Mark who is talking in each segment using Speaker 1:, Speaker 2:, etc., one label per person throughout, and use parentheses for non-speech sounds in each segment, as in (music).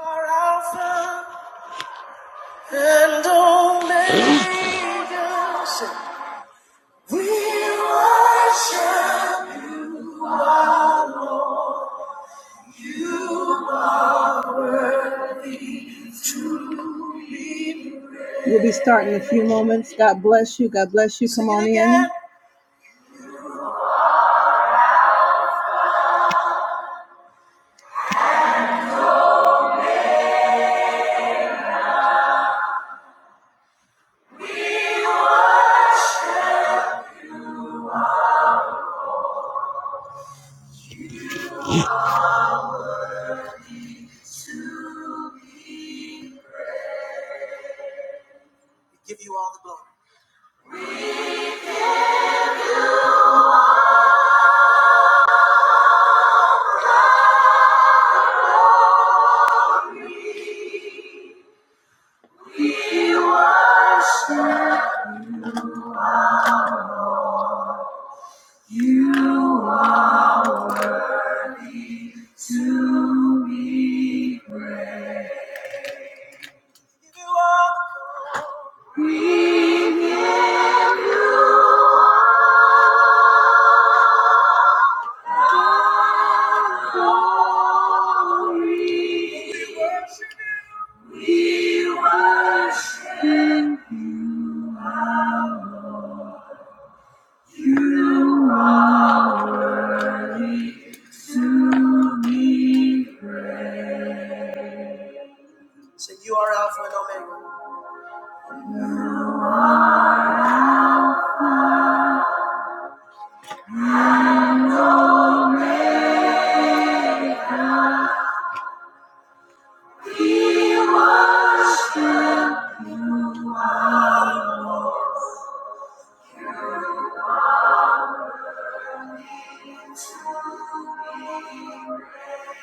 Speaker 1: are and Omega. We worship. We'll be starting in a few moments. God bless you. God bless you. Come on in. We give you all the glory. We give you all the glory. Say, you are Alpha and Omega.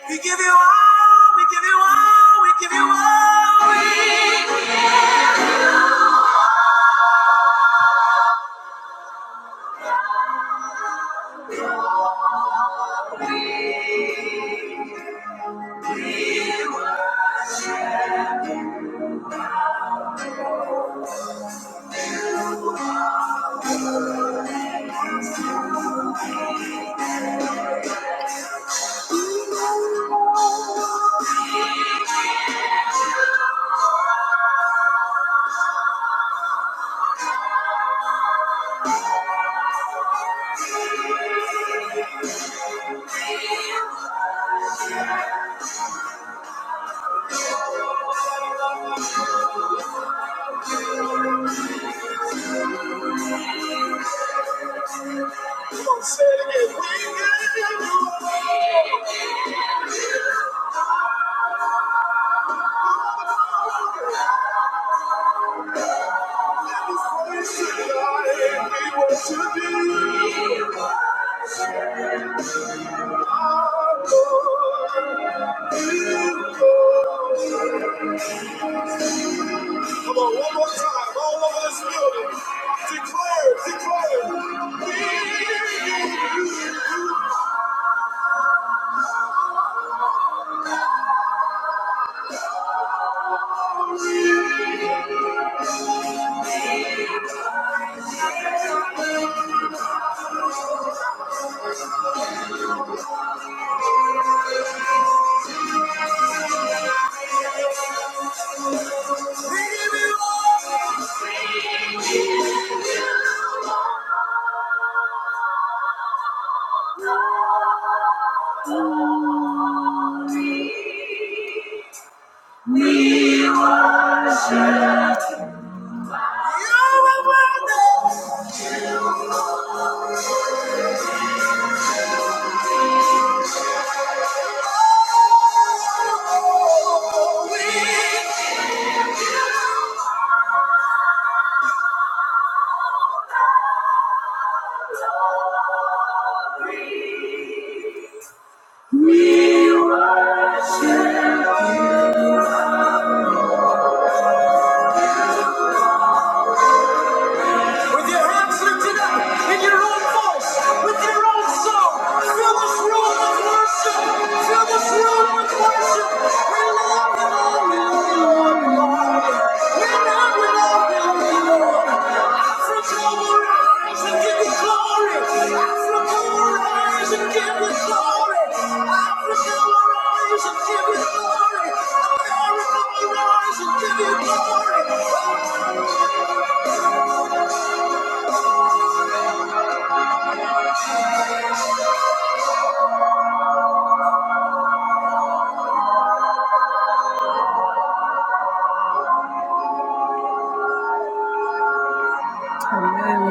Speaker 1: We give you all. We give you all. We give you all. We Don't say it again. We give you all. We sit high and we worship you. Come on, one more time. All of us building. Declare, declare. You're a wonder. Oh, with you. We love you, Lord. you, Lord. We love you. We you, Lord. We rise and give you glory. Africa rise and give you glory. Africa rise and give you glory. America rise and give you glory. Amen.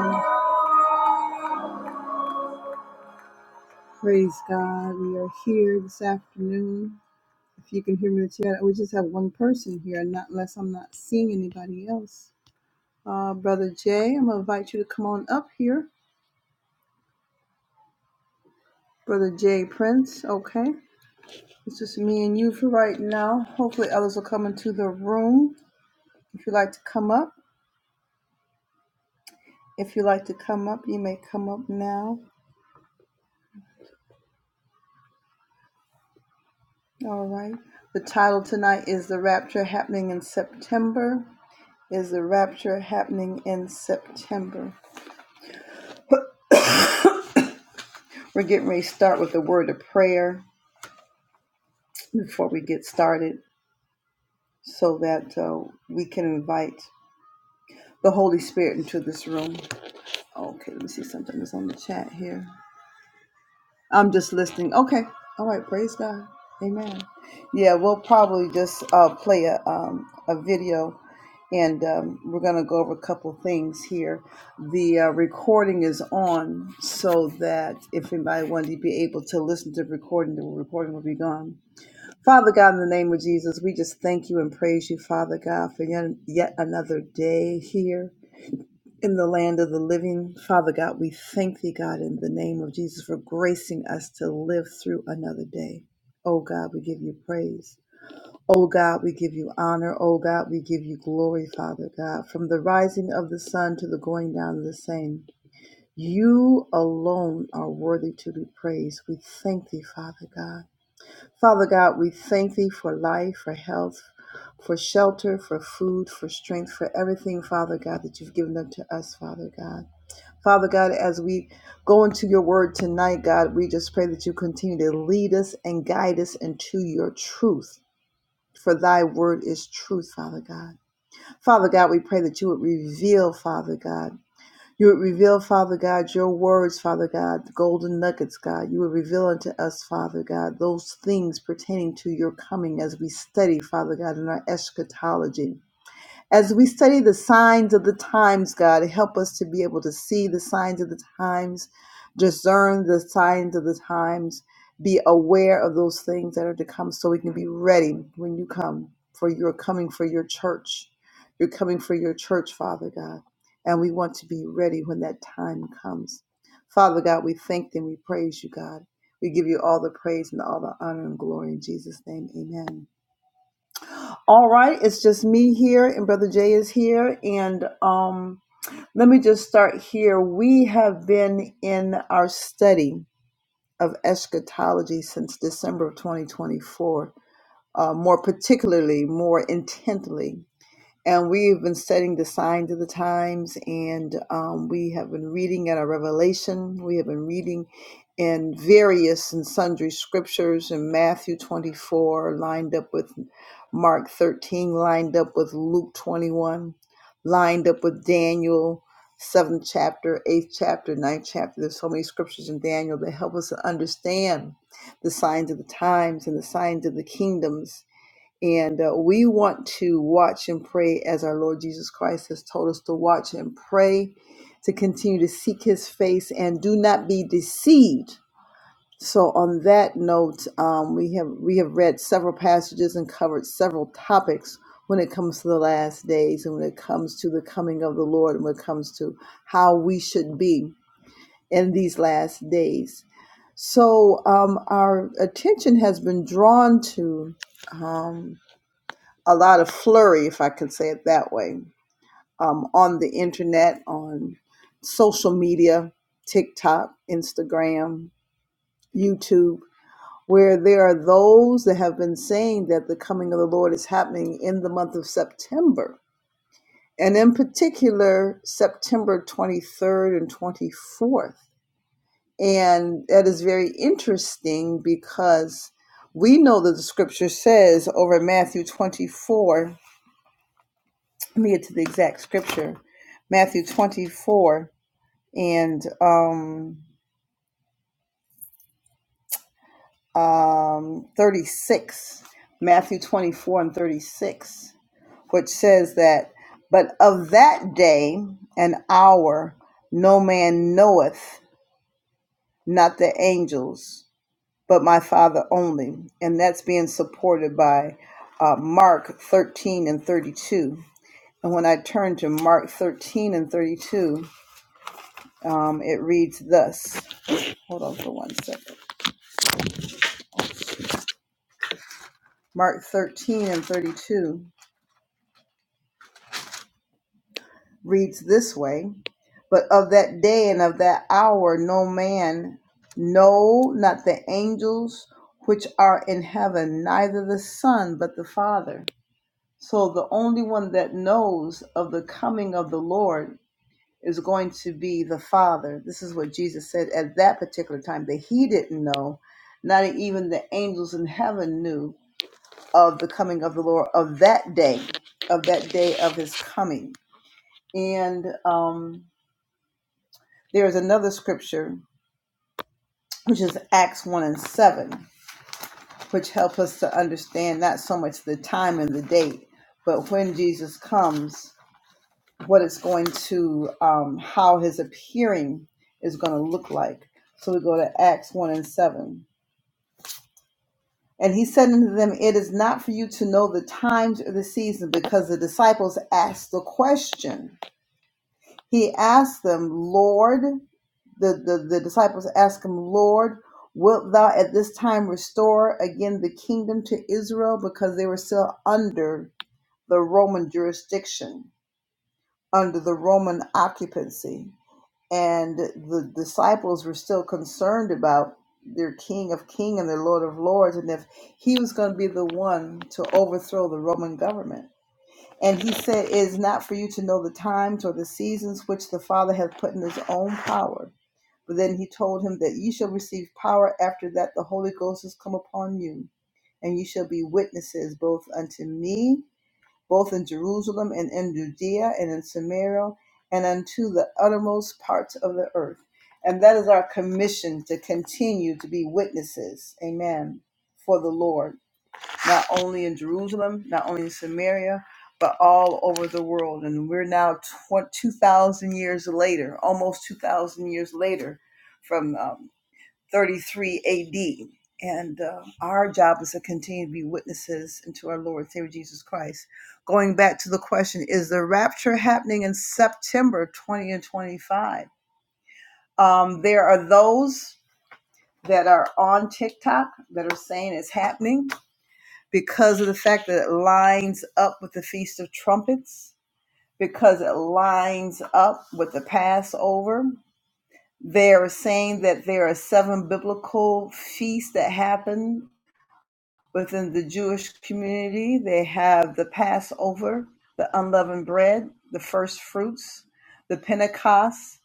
Speaker 1: Amen. Praise God. We are here this afternoon. If you can hear me the chat, we just have one person here, not unless I'm not seeing anybody else. Uh, Brother Jay, I'm going to invite you to come on up here. Brother Jay Prince, okay? It's just me and you for right now. Hopefully, others will come into the room. If you'd like to come up, if you'd like to come up, you may come up now. All right. The title tonight is The Rapture Happening in September. Is the rapture happening in September? We're getting ready to start with a word of prayer before we get started so that uh, we can invite the Holy Spirit into this room. Okay, let me see something that's on the chat here. I'm just listening. Okay, all right, praise God. Amen. Yeah, we'll probably just uh, play a, um, a video and um, we're going to go over a couple things here. The uh, recording is on so that if anybody wanted to be able to listen to the recording, the recording will be gone Father God, in the name of Jesus, we just thank you and praise you, Father God, for yet, yet another day here in the land of the living. Father God, we thank thee, God, in the name of Jesus, for gracing us to live through another day. Oh God, we give you praise. Oh God, we give you honor. Oh God, we give you glory, Father God, from the rising of the sun to the going down of the same. You alone are worthy to be praised. We thank thee, Father God. Father God, we thank thee for life, for health, for shelter, for food, for strength, for everything, Father God, that you've given unto us, Father God. Father God, as we go into your word tonight, God, we just pray that you continue to lead us and guide us into your truth. For thy word is truth, Father God. Father God, we pray that you would reveal, Father God. You would reveal, Father God, your words, Father God, the golden nuggets, God. You would reveal unto us, Father God, those things pertaining to your coming as we study, Father God, in our eschatology. As we study the signs of the times, God, help us to be able to see the signs of the times, discern the signs of the times, be aware of those things that are to come so we can be ready when you come, for you're coming for your church. You're coming for your church, Father God. And we want to be ready when that time comes. Father God, we thank you and we praise you, God. We give you all the praise and all the honor and glory in Jesus' name. Amen. All right, it's just me here, and Brother Jay is here. And um, let me just start here. We have been in our study of eschatology since December of 2024, uh, more particularly, more intently and we've been studying the signs of the times, and um, we have been reading in our Revelation. We have been reading in various and sundry scriptures, in Matthew 24 lined up with Mark 13, lined up with Luke 21, lined up with Daniel. Seventh chapter, eighth chapter, ninth chapter. There's so many scriptures in Daniel that help us to understand the signs of the times and the signs of the kingdoms and uh, we want to watch and pray as our Lord Jesus Christ has told us to watch and pray, to continue to seek his face and do not be deceived. So, on that note, um, we, have, we have read several passages and covered several topics when it comes to the last days and when it comes to the coming of the Lord and when it comes to how we should be in these last days. So, um, our attention has been drawn to. um, a lot of flurry, if I can say it that way, um, on the internet, on social media, TikTok, Instagram, YouTube, where there are those that have been saying that the coming of the Lord is happening in the month of September. And in particular, September 23rd and 24th. And that is very interesting because we know that the scripture says over in Matthew 24 Let me get to the exact scripture. Matthew 24 and um, um, 36. Matthew 24 and 36, which says that, But of that day and hour no man knoweth, not the angels, but my Father only. And that's being supported by uh, Mark 13 and 32. And when I turn to Mark 13 and 32, um, it reads thus Hold on for one second. Mark 13 and 32 reads this way But of that day and of that hour, no man, no, not the angels which are in heaven, neither the Son, but the Father. So the only one that knows of the coming of the Lord is going to be the Father. This is what Jesus said at that particular time that he didn't know. Not even the angels in heaven knew of the coming of the Lord of that day, of that day of his coming. And um, there is another scripture, which is Acts 1 and 7, which help us to understand not so much the time and the date, but when Jesus comes, what it's going to, um, how his appearing is going to look like. So we go to Acts 1 and 7. And he said unto them, It is not for you to know the times or the season, because the disciples asked the question He asked them, Lord, the, the, the disciples asked him, Lord, wilt thou at this time restore again the kingdom to Israel? Because they were still under the Roman jurisdiction, under the Roman occupancy. And the disciples were still concerned about their King of Kings and their Lord of Lords, and if he was going to be the one to overthrow the Roman government. And he said, It is not for you to know the times or the seasons which the Father hath put in his own power. But then he told him that ye shall receive power after that the Holy Ghost has come upon you, and ye shall be witnesses both unto me, both in Jerusalem and in Judea and in Samaria, and unto the uttermost parts of the earth. And that is our commission to continue to be witnesses, amen, for the Lord not only in Jerusalem, not only in Samaria, but all over the world. And we're now tw- 2,000 years later, almost 2,000 years later from um, 33 AD. And uh, our job is to continue to be witnesses into our Lord and Savior Jesus Christ. Going back to the question, is the rapture happening in September 20 and 25? Um, there are those that are on TikTok that are saying it's happening because of the fact that it lines up with the Feast of Trumpets, because it lines up with the Passover. They are saying that there are seven biblical feasts that happen within the Jewish community. They have the Passover, the unleavened bread, the first fruits, the Pentecost,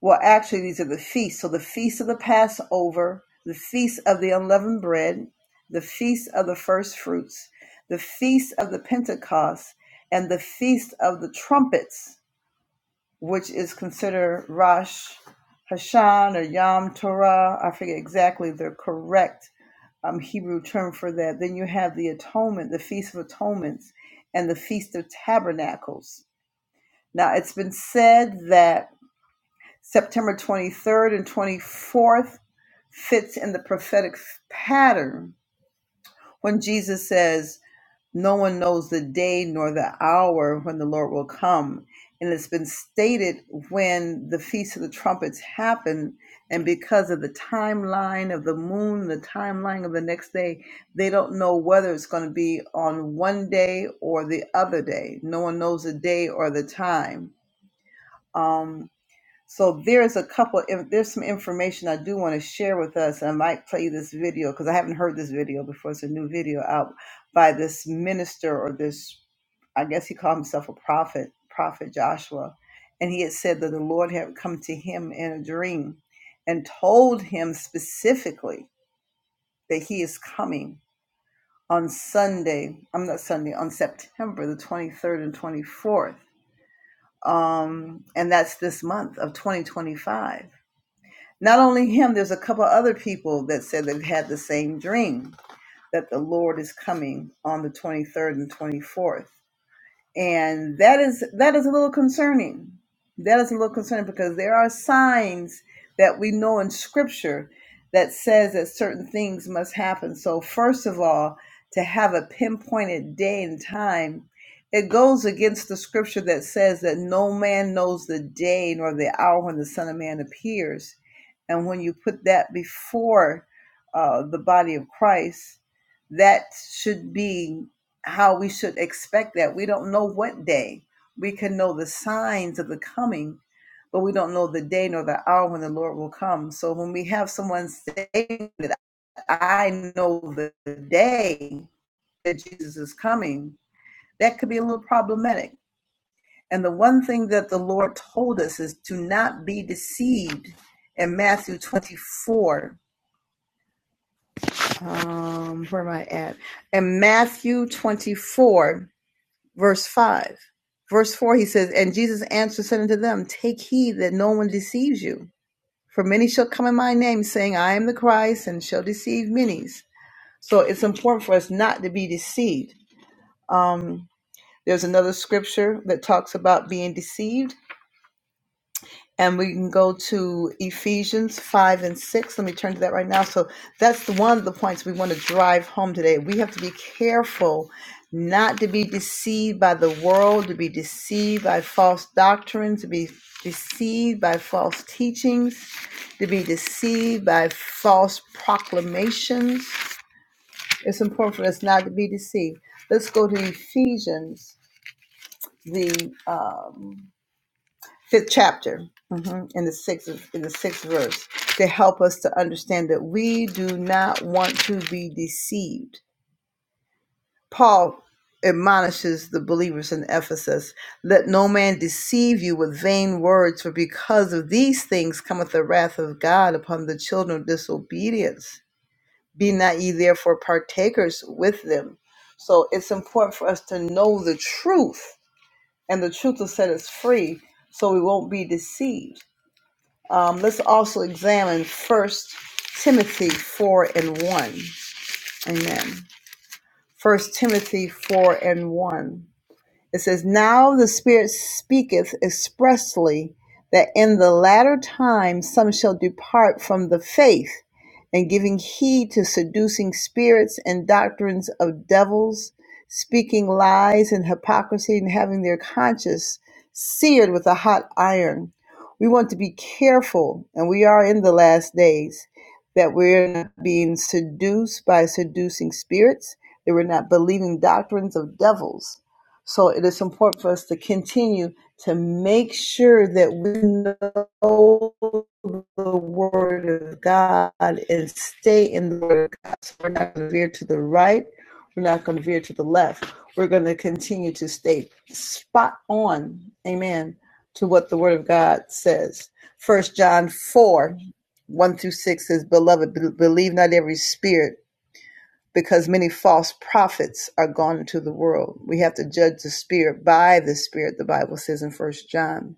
Speaker 1: well, actually, these are the feasts. So the feast of the Passover, the feast of the unleavened bread, the feast of the first fruits, the feast of the Pentecost, and the feast of the trumpets, which is considered Rosh Hashan or Yom Torah. I forget exactly the correct um, Hebrew term for that. Then you have the atonement, the feast of atonements, and the feast of tabernacles. Now, it's been said that September 23rd and 24th fits in the prophetic pattern when Jesus says, No one knows the day nor the hour when the Lord will come. And it's been stated when the Feast of the Trumpets happened. And because of the timeline of the moon, the timeline of the next day, they don't know whether it's going to be on one day or the other day. No one knows the day or the time Um. So there's a couple, in- there's some information I do want to share with us. and I might play this video because I haven't heard this video before. It's a new video out by this minister or this, I guess he called himself a prophet, Prophet Joshua. And he had said that the Lord had come to him in a dream and told him specifically that he is coming on Sunday, I'm not Sunday, on September the 23rd and 24th. Um, and that's this month of 2025 Not only him, there's a couple other people that said they've had the same dream that the Lord is coming on the 23rd and 24th and that is that is a little concerning that is a little concerning because there are signs that we know in scripture that says that certain things must happen so first of all to have a pinpointed day and time it goes against the scripture that says that no man knows the day nor the hour when the son of man appears and when you put that before uh, the body of christ that should be how we should expect that. We don't know what day. We can know the signs of the coming, but we don't know the day nor the hour when the Lord will come. So when we have someone saying that I know the day that Jesus is coming, that could be a little problematic. And the one thing that the Lord told us is to not be deceived in Matthew 24. Um, where am I at? In Matthew 24 verse 5. Verse 4, he says, And Jesus answered, said unto them, Take heed that no one deceives you. For many shall come in my name, saying, I am the Christ, and shall deceive many. So it's important for us not to be deceived. Um, there's another scripture that talks about being deceived and we can go to Ephesians 5 and 6. Let me turn to that right now. So that's the one of the points we want to drive home today. We have to be careful not to be deceived by the world, to be deceived by false doctrines, to be deceived by false teachings, to be deceived by false proclamations. It's important for us not to be deceived. Let's go to Ephesians, the um, fifth chapter mhm, in the sixth in the sixth verse to help us to understand that we do not want to be deceived paul admonishes the believers in ephesus let no man deceive you with vain words for because of these things cometh the wrath of god upon the children of disobedience be not ye therefore partakers with them so it's important for us to know the truth and the truth will set us free so we won't be deceived um, let's also examine First Timothy 4 and 1. Amen. First Timothy 4 and 1. It says, Now the Spirit speaketh expressly that in the latter time some shall depart from the faith, and giving heed to seducing spirits and doctrines of devils, speaking lies and hypocrisy, and having their conscience seared with a hot iron. We want to be careful, and we are in the last days, that we're not being seduced by seducing spirits, that we're not believing doctrines of devils so it is important for us to continue to make sure that we know the Word of God and stay in the Word of God. So we're not going to veer to the right. We're not going to veer to the left. We're going to continue to stay spot on, amen, to what the Word of God says. First John 4 1 through 6 says, Beloved, believe not every spirit because many false prophets are gone into the world. We have to judge the spirit by the spirit, the Bible says in First John.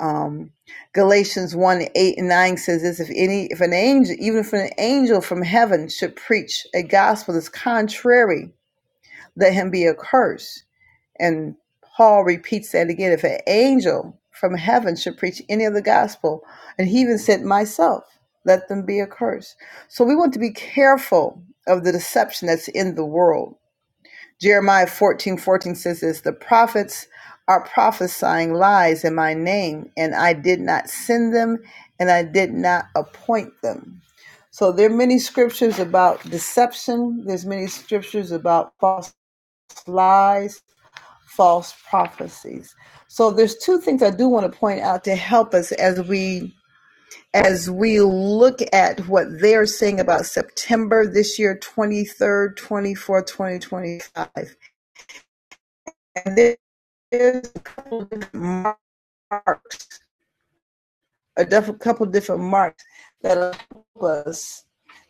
Speaker 1: Um, Galatians 1 8 and 9 says this if any if an angel, even if an angel from heaven should preach a gospel that's contrary, let him be accursed. And Paul repeats that again. If an angel from heaven should preach any of the gospel, and he even said, Myself, let them be accursed. So we want to be careful of the deception that's in the world. Jeremiah fourteen fourteen says this The prophets are prophesying lies in my name, and I did not send them, and I did not appoint them. So there are many scriptures about deception. There's many scriptures about false lies false prophecies. So there's two things I do want to point out to help us as we as we look at what they're saying about September this year, 23rd, 24th, 2025. And there's a couple of different marks, a diff- couple of different marks that help us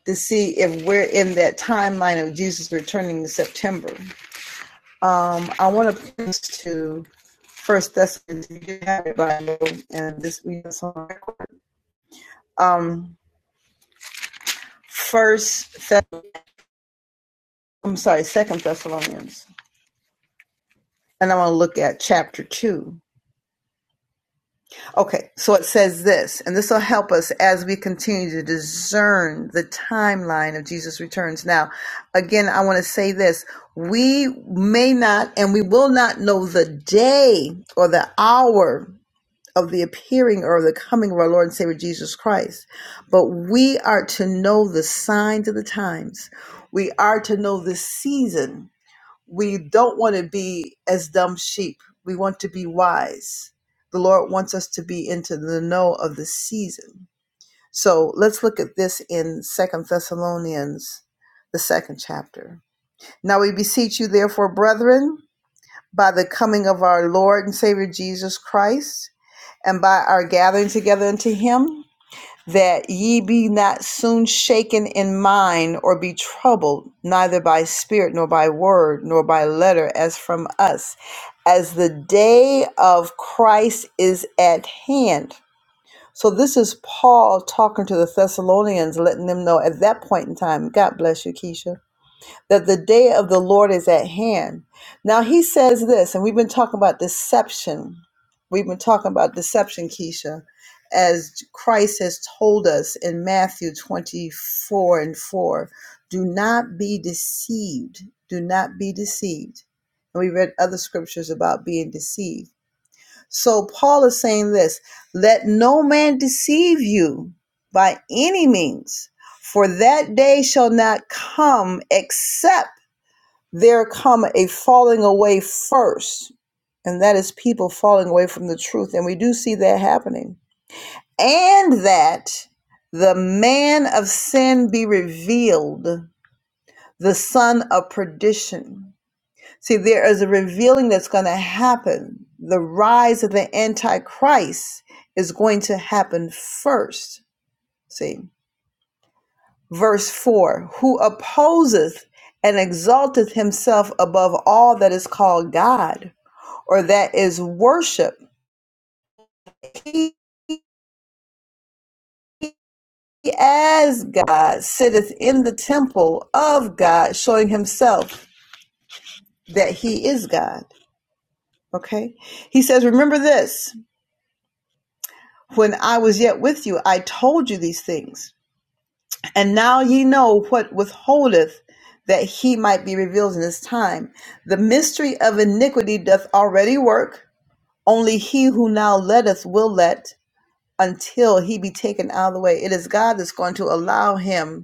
Speaker 1: to see if we're in that timeline of Jesus returning in September. Um, I want to point to First Thessalonians, you can have it by you, and this we have some record. Um, First, Thess- I'm sorry, Second Thessalonians, and I want to look at chapter two. Okay, so it says this, and this will help us as we continue to discern the timeline of Jesus' returns. Now, again, I want to say this: we may not, and we will not know the day or the hour of the appearing or the coming of our Lord and Savior Jesus Christ. But we are to know the signs of the times. We are to know the season. We don't want to be as dumb sheep. We want to be wise. The Lord wants us to be into the know of the season. So let's look at this in Second Thessalonians, the second chapter. Now we beseech you, therefore, brethren, by the coming of our Lord and Savior Jesus Christ and by our gathering together unto him, that ye be not soon shaken in mind or be troubled, neither by spirit, nor by word, nor by letter, as from us, as the day of Christ is at hand. So this is Paul talking to the Thessalonians, letting them know at that point in time. God bless you, Keisha that the day of the Lord is at hand. Now he says this, and we've been talking about deception. We've been talking about deception, Keisha, as Christ has told us in Matthew 24 and 4. Do not be deceived. Do not be deceived. And we read other scriptures about being deceived. So Paul is saying this let no man deceive you by any means, for that day shall not come except there come a falling away first, and that is people falling away from the truth. And we do see that happening. And that the man of sin be revealed, the son of perdition. See, there is a revealing that's going to happen. The rise of the Antichrist is going to happen first. See, verse 4 Who opposeth and exalteth himself above all that is called God or that is worship. He as God sitteth in the temple of God, showing himself that he is God. Okay? He says, Remember this, when I was yet with you, I told you these things, and now ye know what withholdeth that he might be revealed in his time. The mystery of iniquity doth already work, only he who now letteth will let until he be taken out of the way. It is God that's going to allow him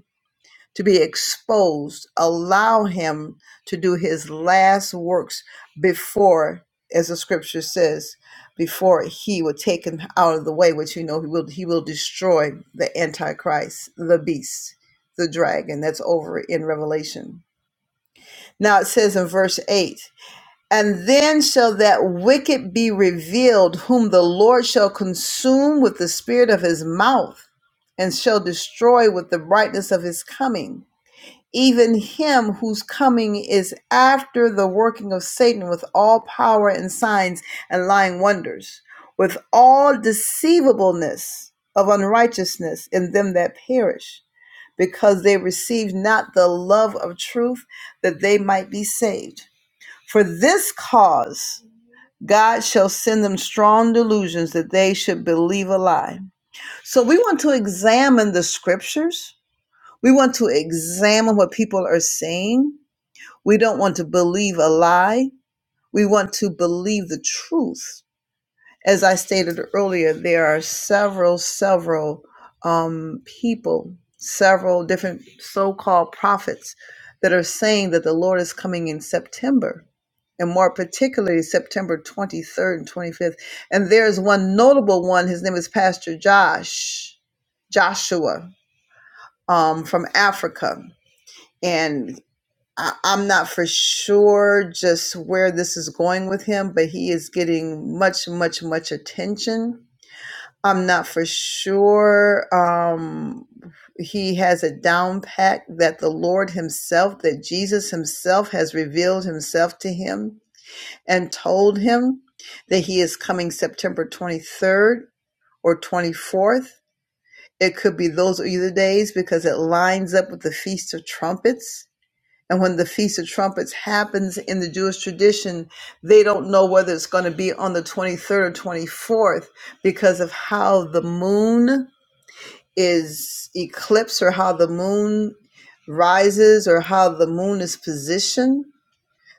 Speaker 1: to be exposed. Allow him to do his last works before, as the scripture says, before he will take him out of the way, which you know he will he will destroy the antichrist, the beast, the dragon. That's over in Revelation. Now it says in verse 8, and then shall that wicked be revealed, whom the Lord shall consume with the spirit of his mouth, and shall destroy with the brightness of his coming even him whose coming is after the working of Satan with all power and signs and lying wonders, with all deceivableness of unrighteousness in them that perish, because they received not the love of truth that they might be saved. For this cause, God shall send them strong delusions that they should believe a lie. So we want to examine the scriptures. We want to examine what people are saying we don't want to believe a lie. We want to believe the truth. As I stated earlier, there are several, several um, people, several different so called prophets that are saying that the Lord is coming in September, and more particularly September 23rd and 25th. And there's one notable one. His name is Pastor Josh, Joshua um, from Africa. And I, I'm not for sure just where this is going with him, but he is getting much, much, much attention. I'm not for sure. Um, he has a down pack that the Lord Himself, that Jesus Himself has revealed Himself to him and told him that He is coming September 23rd or 24th. It could be those either days because it lines up with the Feast of Trumpets and when the Feast of Trumpets happens in the Jewish tradition, they don't know whether it's going to be on the 23rd or 24th because of how the moon is eclipsed or how the moon rises or how the moon is positioned.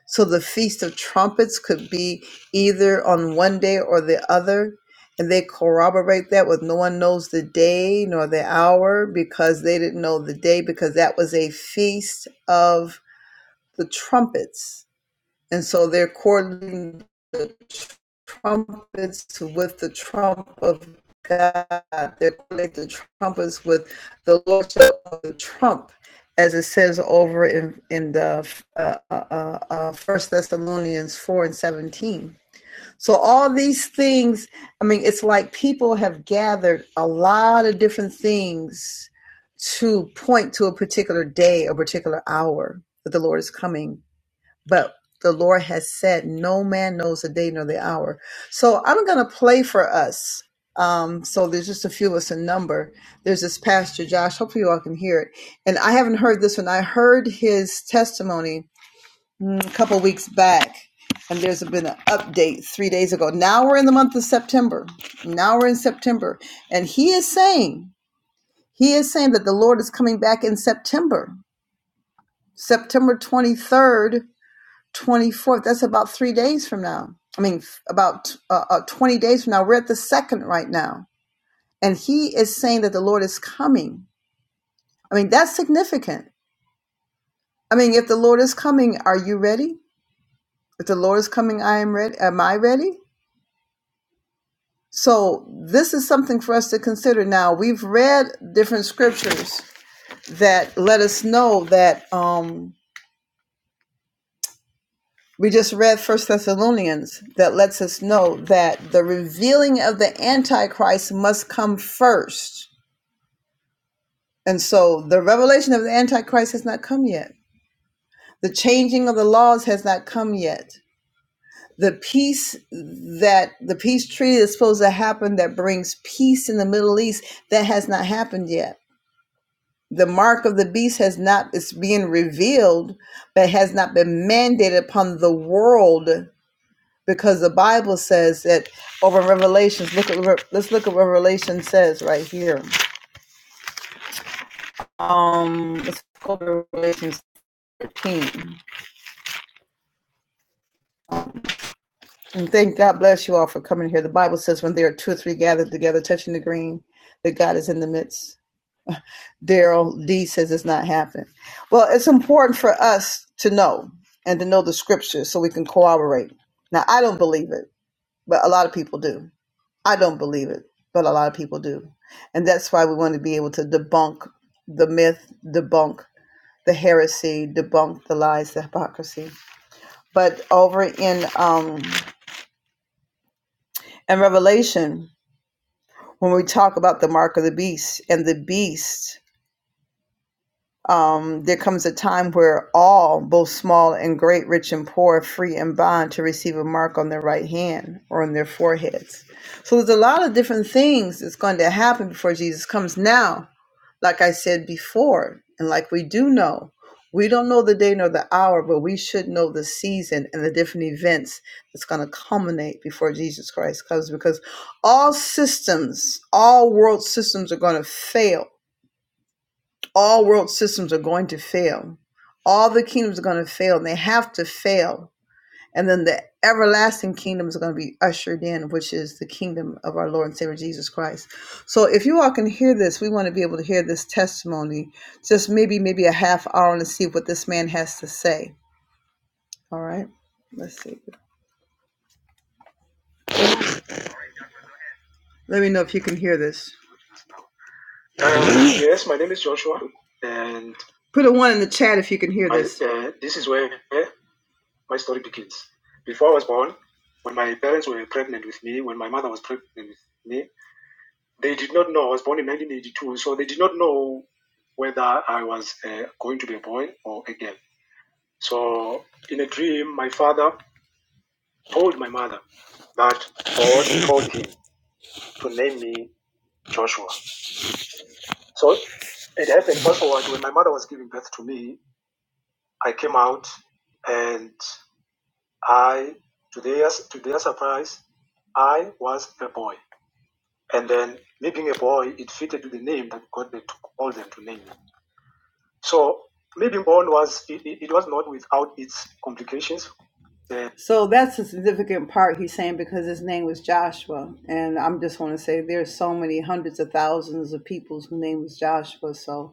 Speaker 1: So the Feast of Trumpets could be either on one day or the other. And they corroborate that with no one knows the day nor the hour because they didn't know the day because that was a feast of the trumpets. And so they're coordinating the trumpets with the trump of God. They're coordinating the trumpets with the lordship of the trump, as it says over in, in the uh, uh, uh, uh, First Thessalonians 4 and 17. So all these things, I mean, it's like people have gathered a lot of different things to point to a particular day, a particular hour that the Lord is coming but the Lord has said, no man knows the day nor the hour. So I'm going to play for us. Um, so there's just a few of us in number. There's this pastor, Josh. Hopefully you all can hear it. And I haven't heard this one. I heard his testimony mm, a couple weeks back. And there's been an update three days ago. Now we're in the month of September. Now we're in September. And he is saying, he is saying that the Lord is coming back in September, September 23rd 24th. That's about three days from now. I mean, about uh, uh, 20 days from now. We're at the second right now. And he is saying that the Lord is coming. I mean, that's significant. I mean, if the Lord is coming, are you ready? If the Lord is coming, I am ready. Am I ready? So this is something for us to consider. Now we've read different scriptures that let us know that. Um, We just read First Thessalonians that lets us know that the revealing of the Antichrist must come first. And so the revelation of the Antichrist has not come yet. The changing of the laws has not come yet. The peace that the peace treaty is supposed to happen that brings peace in the Middle East that has not happened yet. The mark of the beast has not it's being revealed, but has not been mandated upon the world because the Bible says that over in Revelations. Look at Re- let's look at what Revelation says right here. Um, let's go to Revelation thirteen. And thank God bless you all for coming here. The Bible says when there are two or three gathered together, touching the green, that God is in the midst. Daryl D says it's not happening. Well, it's important for us to know and to know the scripture so we can corroborate. Now, I don't believe it, but a lot of people do. I don't believe it, but a lot of people do. And that's why we want to be able to debunk the myth, debunk the heresy, debunk the lies, the hypocrisy. But over in um in Revelation, when we talk about the mark of the beast and the beast, um, there comes a time where all, both small and great, rich and poor, free and bond, to receive a mark on their right hand or on their foreheads. So there's a lot of different things that's going to happen before Jesus comes now like I said before, and like we do know, we don't know the day nor the hour, but we should know the season and the different events that's going to culminate before Jesus Christ comes because all systems, all world systems are going to fail. All world systems are going to fail. All the kingdoms are going to fail, and they have to fail and then the everlasting kingdom is going to be ushered in, which is the kingdom of our Lord and Savior Jesus Christ. So if you all can hear this, we want to be able to hear this testimony, just maybe, maybe a half hour and see what this man has to say. All right. Let's see. Let me know if you can hear this. Put a one in the chat if you can hear. So that's the significant part he's saying because his name was Joshua. And I'm just want to say there's so many hundreds of thousands of people's name was Joshua. So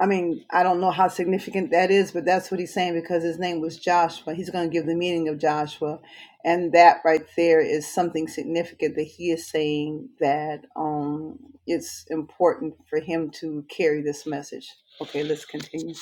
Speaker 1: I mean, I don't know how significant that is, but that's what he's saying because his name was Joshua. He's going to give the meaning of Joshua. And that right there is something significant that he is saying that um, it's important for him to carry this message. Okay, let's continue.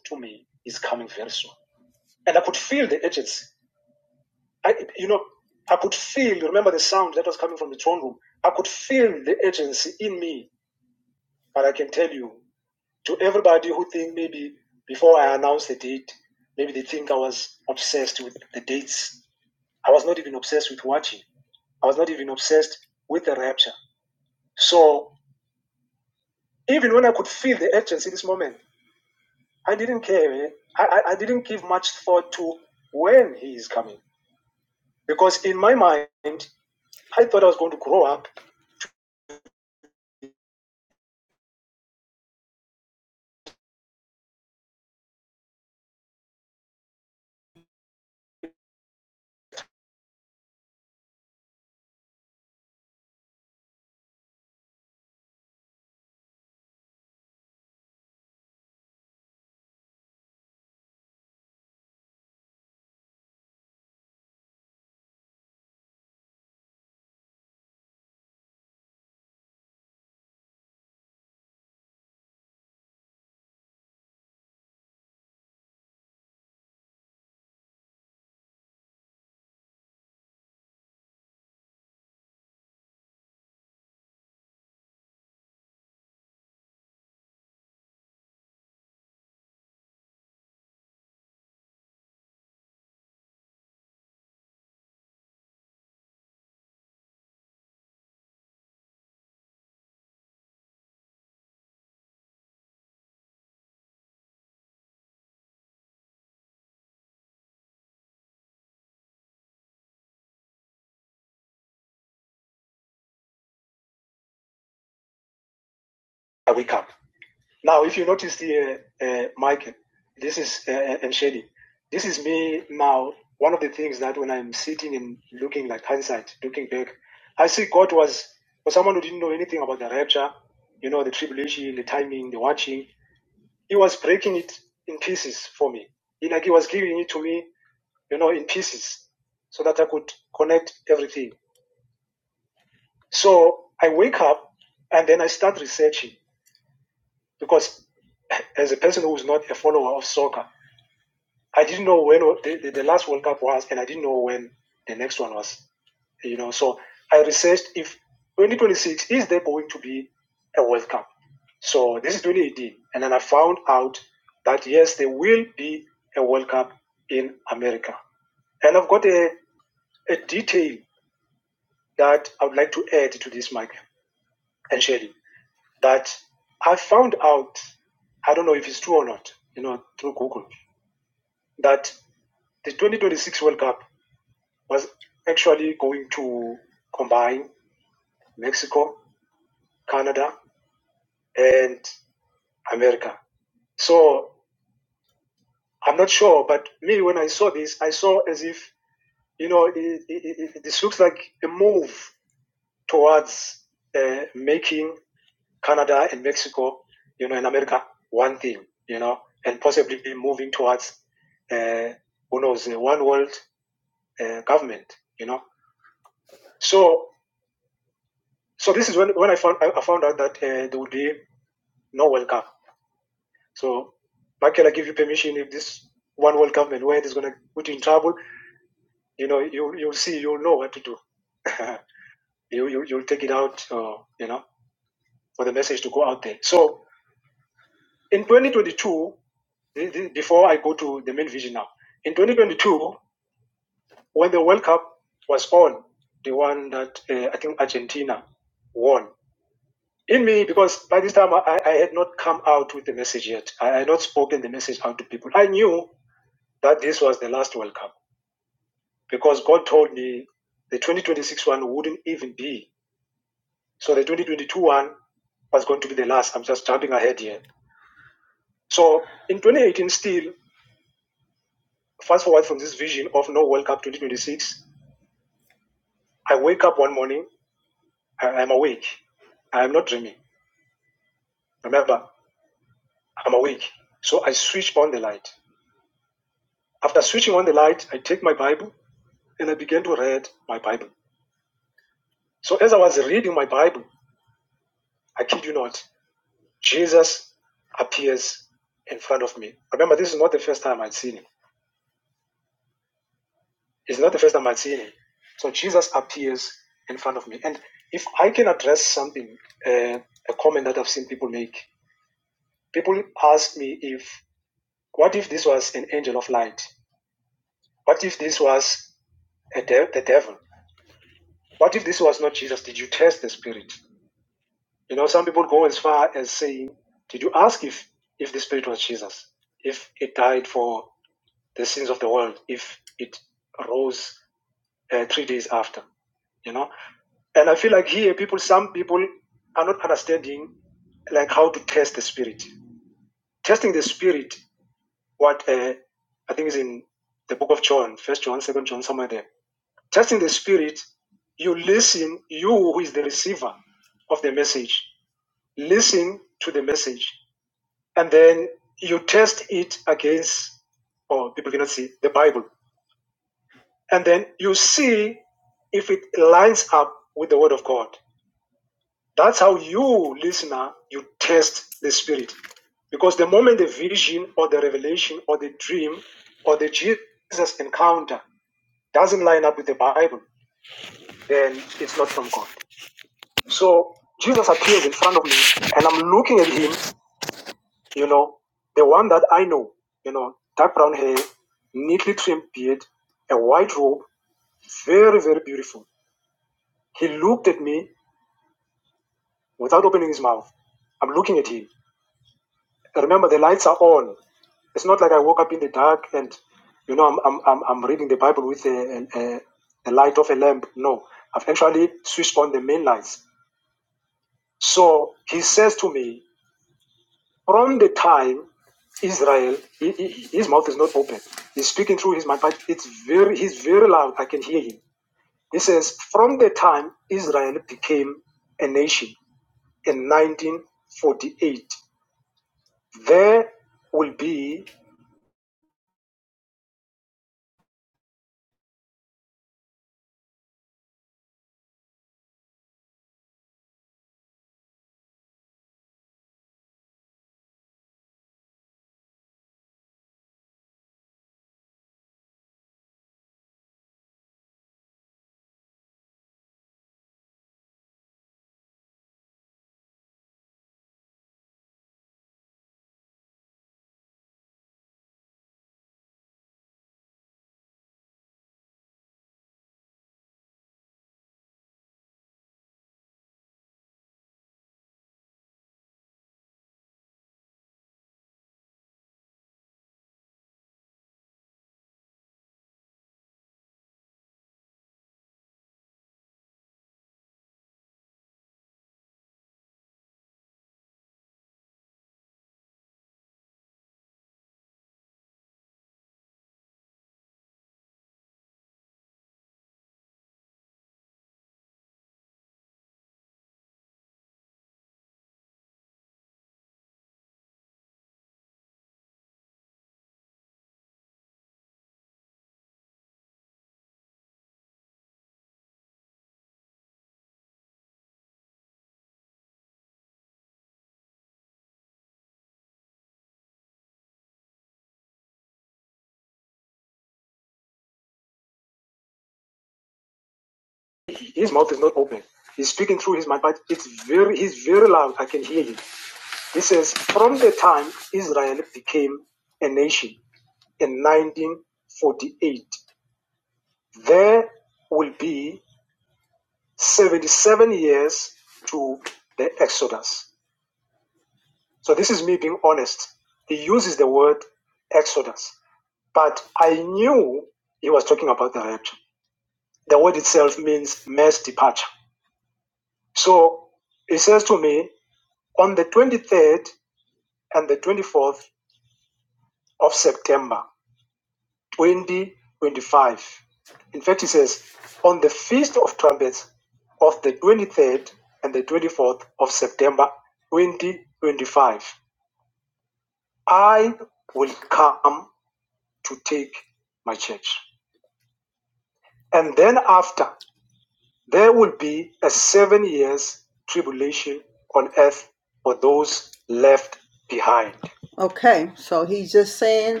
Speaker 1: Okay, so he's just saying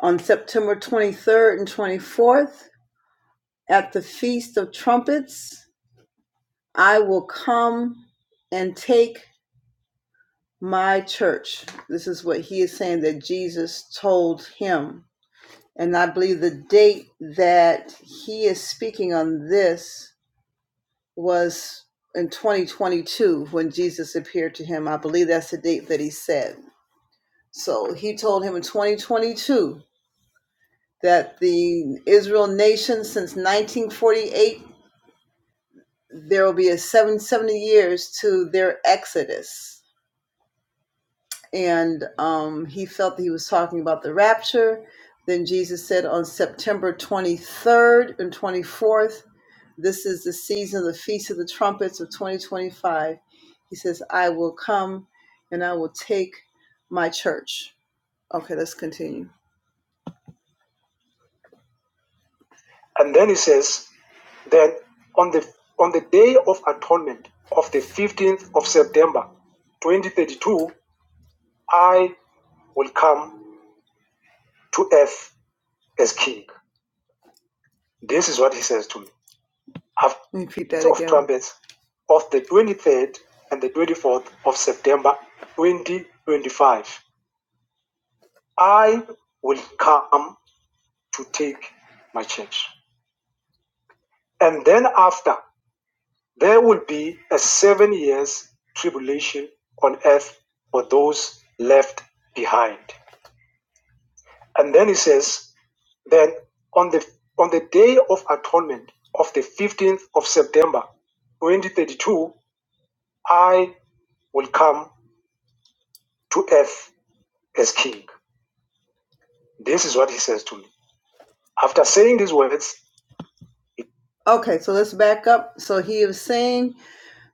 Speaker 1: on September 23rd and 24th at the Feast of Trumpets, I will come and take. my church. This is what he is saying that Jesus told him. And I believe the date that he is speaking on this was in 2022 when Jesus appeared to him. I believe that's the date that he said. So he told him in 2022 that the Israel nation since 1948, there will be a 770 years to their exodus and um, he felt that he was talking about the rapture. Then Jesus said on September 23rd and 24th, this is the season of the Feast of the Trumpets of 2025. He says, I will come and I will take my church. Okay, let's continue. Let me Repeat that. Okay, so let's back up. So he was saying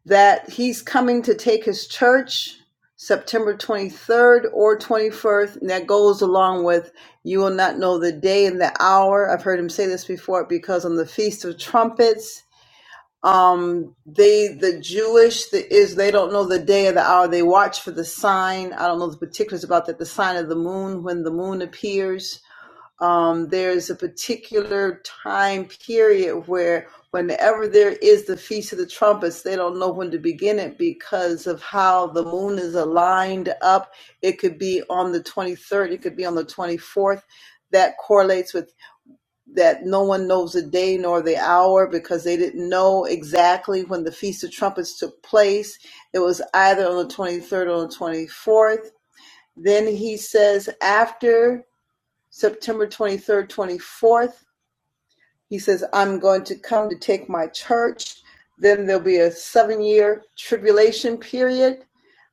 Speaker 1: that he's coming to take his church September 23rd or 21st. And that goes along with you will not know the day and the hour. I've heard him say this before because on the Feast of Trumpets, um, they, the Jewish, the, is they don't know the day or the hour. They watch for the sign. I don't know the particulars about that. The sign of the moon when the moon appears um, there's a particular time period where, whenever there is the Feast of the Trumpets, they don't know when to begin it because of how the moon is aligned up. It could be on the 23rd, it could be on the 24th. That correlates with that no one knows the day nor the hour because they didn't know exactly when the Feast of Trumpets took place. It was either on the 23rd or on the 24th. Then he says, after September 23rd, 24th. He says, I'm going to come to take my church. Then there'll be a seven year tribulation period.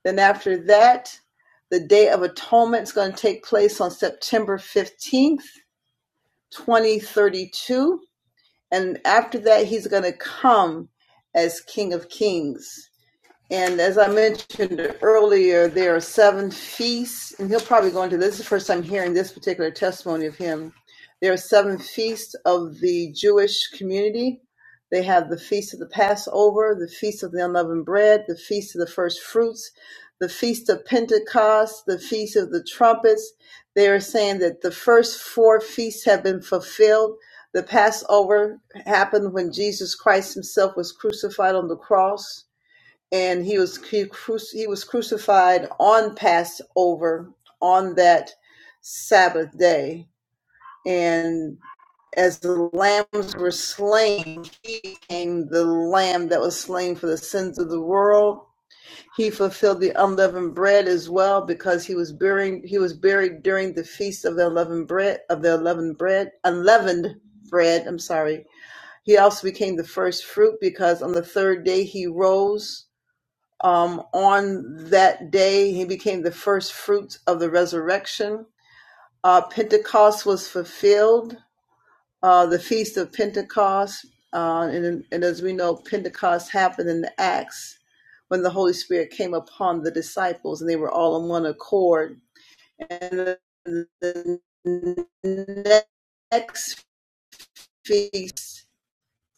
Speaker 1: Then after that, the Day of Atonement is going to take place on September 15th, 2032. And after that, he's going to come as King of Kings. And as I mentioned earlier, there are seven feasts, and he'll probably go into this. This is the first time hearing this particular testimony of him. There are seven feasts of the Jewish community. They have the feast of the Passover, the feast of the unleavened bread, the feast of the first fruits, the feast of Pentecost, the feast of the trumpets. They are saying that the first four feasts have been fulfilled. The Passover happened when Jesus Christ himself was crucified on the cross and he was he, cru- he was crucified on Passover on that Sabbath day, and as the lambs were slain, he became the lamb that was slain for the sins of the world. He fulfilled the unleavened bread as well because he was buried. He was buried during the feast of the unleavened bread of the unleavened bread unleavened bread. I'm sorry. He also became the first fruit because on the third day he rose um, on that day, he became the first fruits of the resurrection. Uh, Pentecost was fulfilled, uh, the feast of Pentecost. Uh, and, and as we know, Pentecost happened in the Acts when the Holy Spirit came upon the disciples and they were all on one accord. And the next feast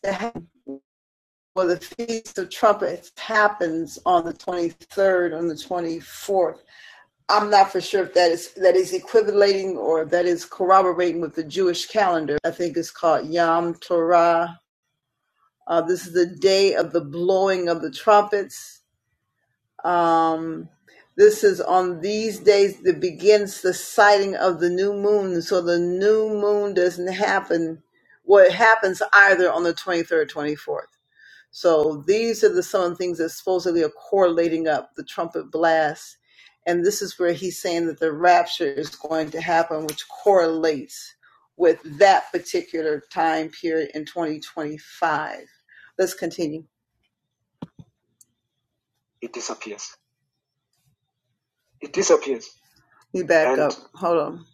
Speaker 1: that or the Feast of Trumpets happens on the 23rd, on the 24th I'm not for sure if that is that is equivalating or that is corroborating with the Jewish calendar. I think it's called Yom Torah. Uh, this is the day of the blowing of the trumpets. Um, this is on these days that begins the sighting of the new moon. So the new moon doesn't happen. What happens either on the 23rd, 24th. So these are the some of the things that supposedly are correlating up the trumpet blast. And this is where he's saying that the rapture is going to happen, which correlates with that particular time period in 2025. Let's continue. You back. Hold on.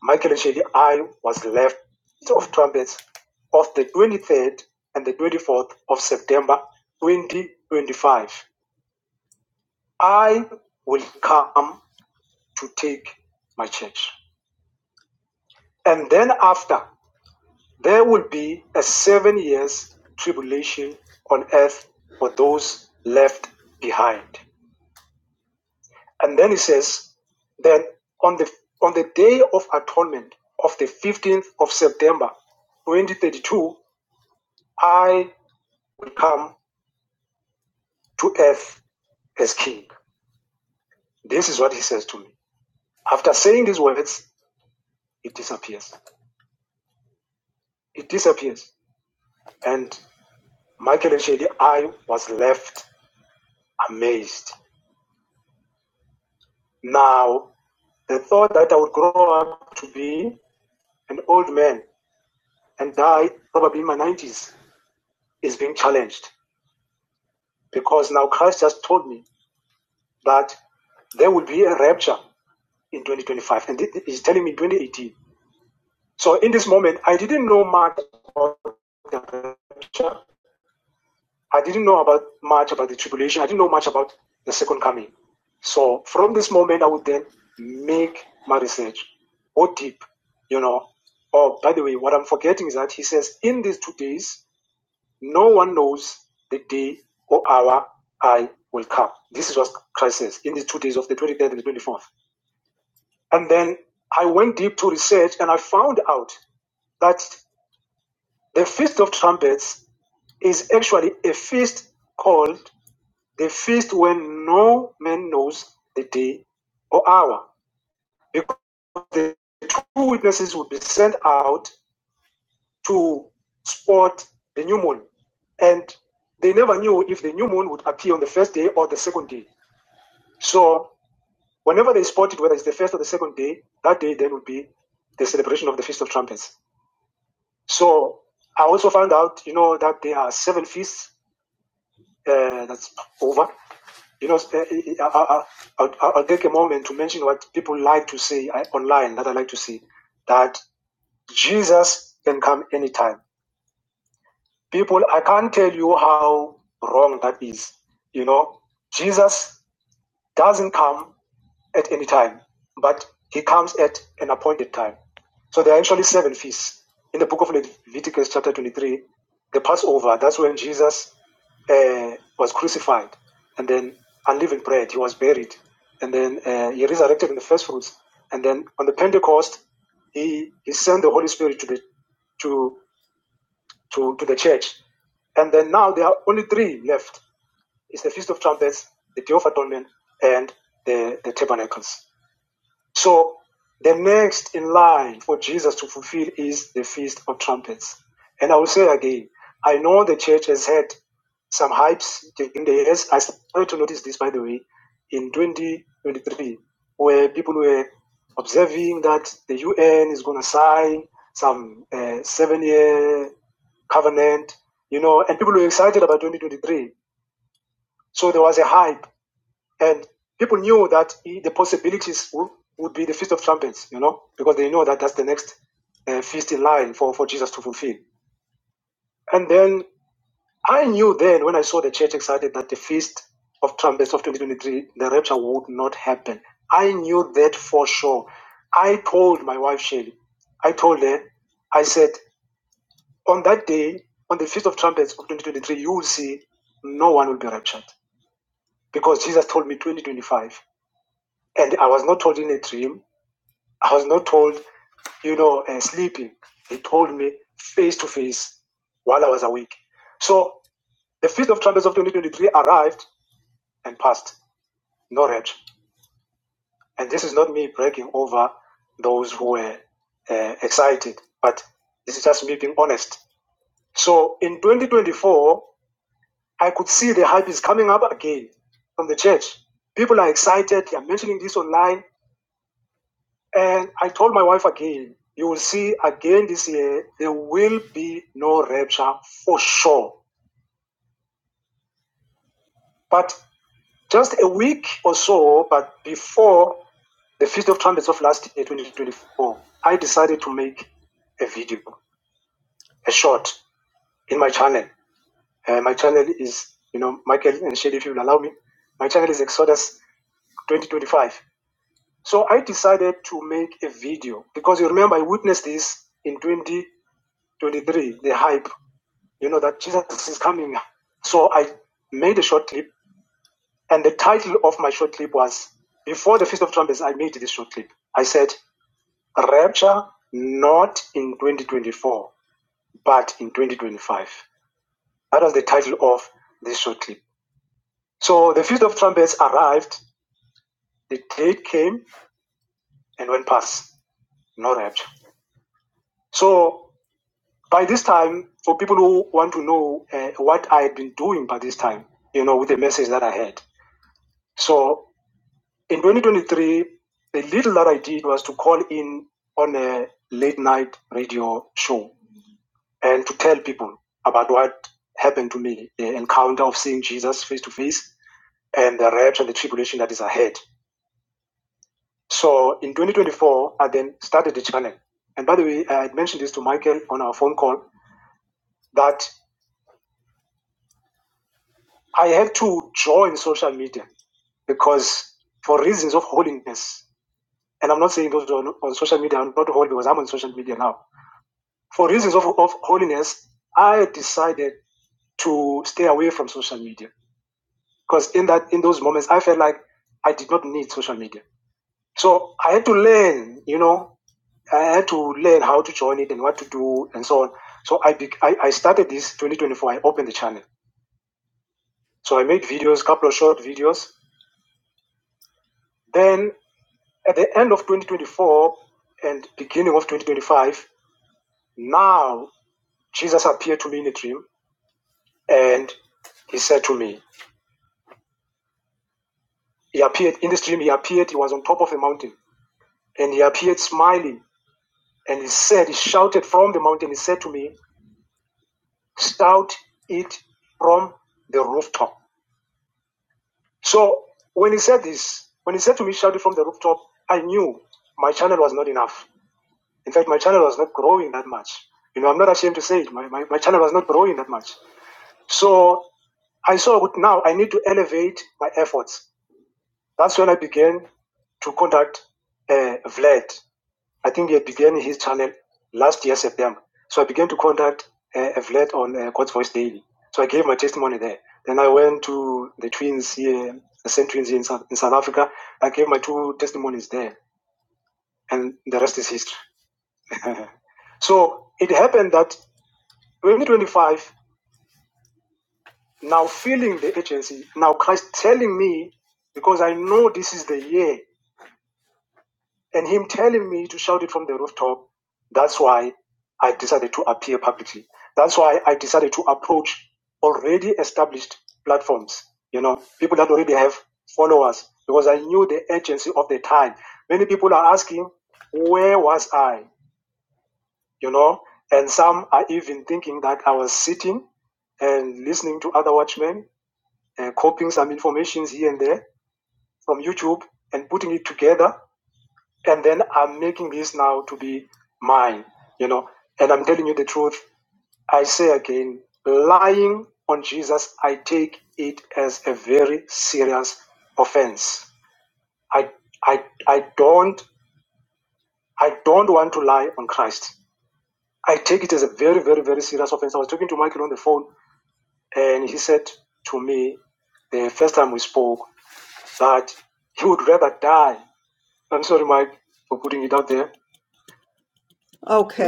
Speaker 1: Okay.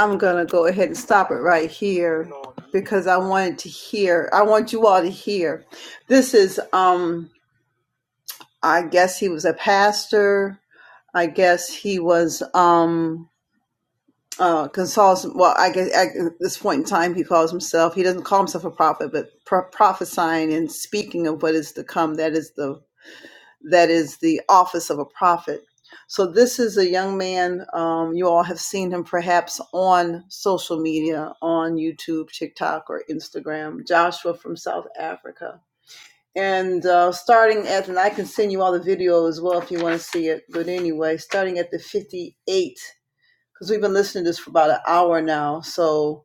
Speaker 1: I'm going to go ahead and stop it right here because I wanted to hear, I want you all to hear. This is, um, I guess he was a pastor. I guess he was, um, uh, consoles. Well, I guess at this point in time, he calls himself. He doesn't call himself a prophet, but pro- prophesying and speaking of what is to come. That is the that is the office of a prophet. So this is a young man. Um, you all have seen him perhaps on social media, on YouTube, TikTok, or Instagram. Joshua from South Africa. And uh, starting at, and I can send you all the video as well if you want to see it. But anyway, starting at the 58 because we've been listening to this for about an hour now. So,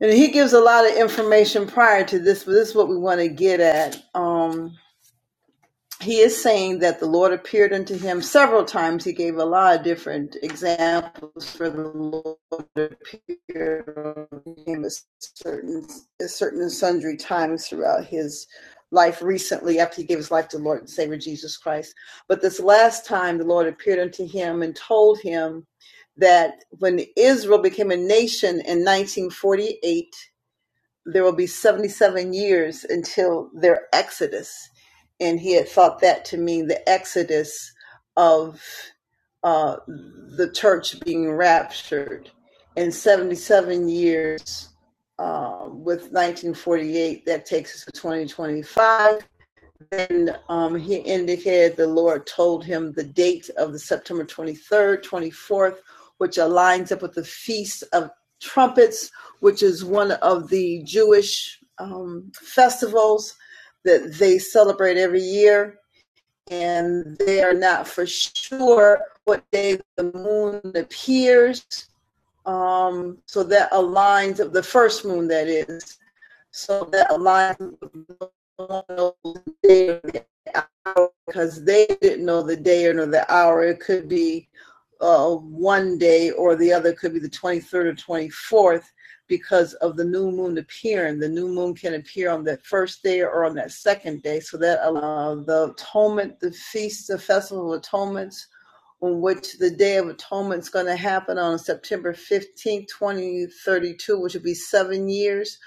Speaker 1: and he gives a lot of information prior to this, but this is what we want to get at. Um, he is saying that the Lord appeared unto him several times. He gave a lot of different examples for the Lord appeared unto him at certain at certain and sundry times throughout his life recently after he gave his life to the Lord and Savior Jesus Christ. But this last time the Lord appeared unto him and told him that when Israel became a nation in 1948 there will be 77 years until their exodus. And he had thought that to mean the exodus of uh, the church being raptured. And 77 years uh, with 1948, that takes us to 2025. And um, he indicated the Lord told him the date of the September 23rd, 24th, which aligns up with the Feast of Trumpets, which is one of the Jewish um, festivals that they celebrate every year. And they are not for sure what day the moon appears. Um, so that aligns up the first moon, that is so that aligns with because they didn't know the day or know the hour. It could be uh, one day or the other. It could be the 23rd or 24th because of the new moon appearing. The new moon can appear on that first day or on that second day. So that uh, the atonement, the feast, the festival of atonements in which the Day of Atonement is going to happen on September 15th, 2032, which will be seven years.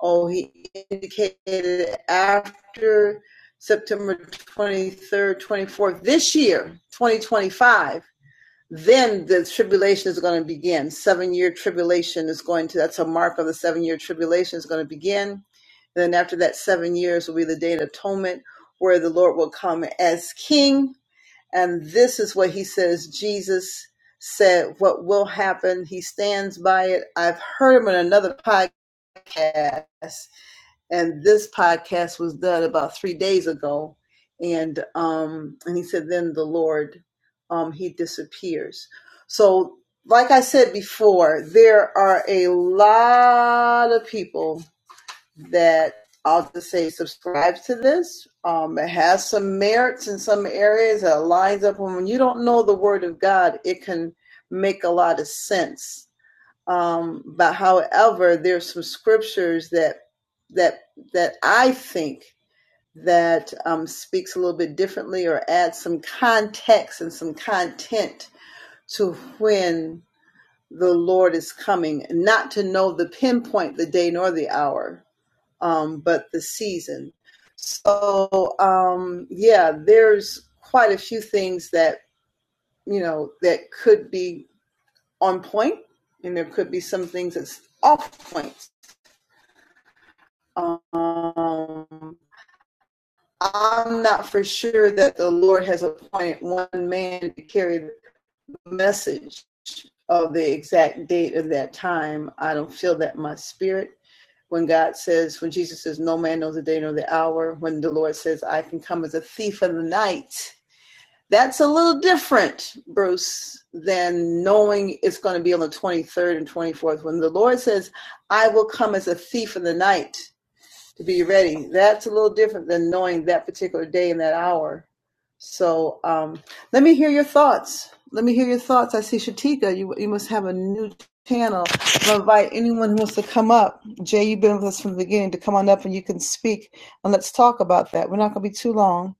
Speaker 1: Oh, he indicated after September 23rd, 24th, this year, 2025, then the tribulation is going to begin. Seven year tribulation is going to, that's a mark of the seven year tribulation is going to begin. Then after that, seven years will be the Day of Atonement where the Lord will come as King and this is what he says Jesus said, What will happen? He stands by it. I've heard him in another podcast, and this podcast was done about three days ago. And um, and he said, Then the Lord um, he disappears. So like I said before, there are a lot of people that I'll just say subscribe to this. Um, it has some merits in some areas. It lines up when you don't know the Word of God. It can make a lot of sense. Um, but however, there's some scriptures that that that I think that um, speaks a little bit differently or adds some context and some content to when the Lord is coming, not to know the pinpoint, the day nor the hour, um, but the season. So um, yeah, there's quite a few things that you know that could be on point, and there could be some things that's off point. Um, I'm not for sure that the Lord has appointed one man to carry the message of the exact date of that time. I don't feel that in my spirit. when God says, when Jesus says, no man knows the day nor the hour, when the Lord says, I can come as a thief in the night, that's a little different, Bruce, than knowing it's going to be on the 23rd and 24th. When the Lord says, I will come as a thief in the night to be ready, that's a little different than knowing that particular day and that hour so um, let me hear your thoughts. Let me hear your thoughts. I see Shatika. You you must have a new channel. I invite anyone who wants to come up. Jay, you've been with us from the beginning to come on up and you can speak and let's talk about that. We're not going to be too long,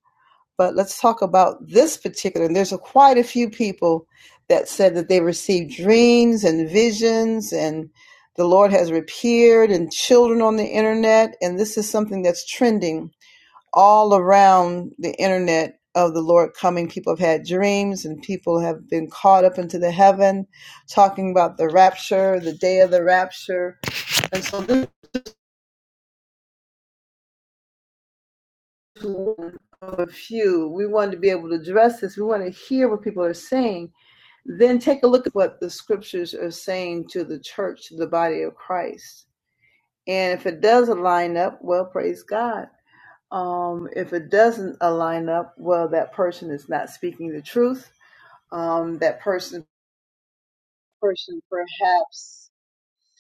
Speaker 1: but let's talk about this particular. And there's a, quite a few people that said that they received dreams and visions and the Lord has appeared and children on the internet and this is something that's trending all around the internet of the Lord coming. People have had dreams and people have been caught up into the heaven, talking about the rapture, the day of the rapture. And so this is one of a few. We wanted to be able to address this. We want to hear what people are saying. Then take a look at what the scriptures are saying to the church, to the body of Christ. And if it does not line up, well, praise God. Um, if it doesn't align up, well, that person is not speaking the truth um, that person person perhaps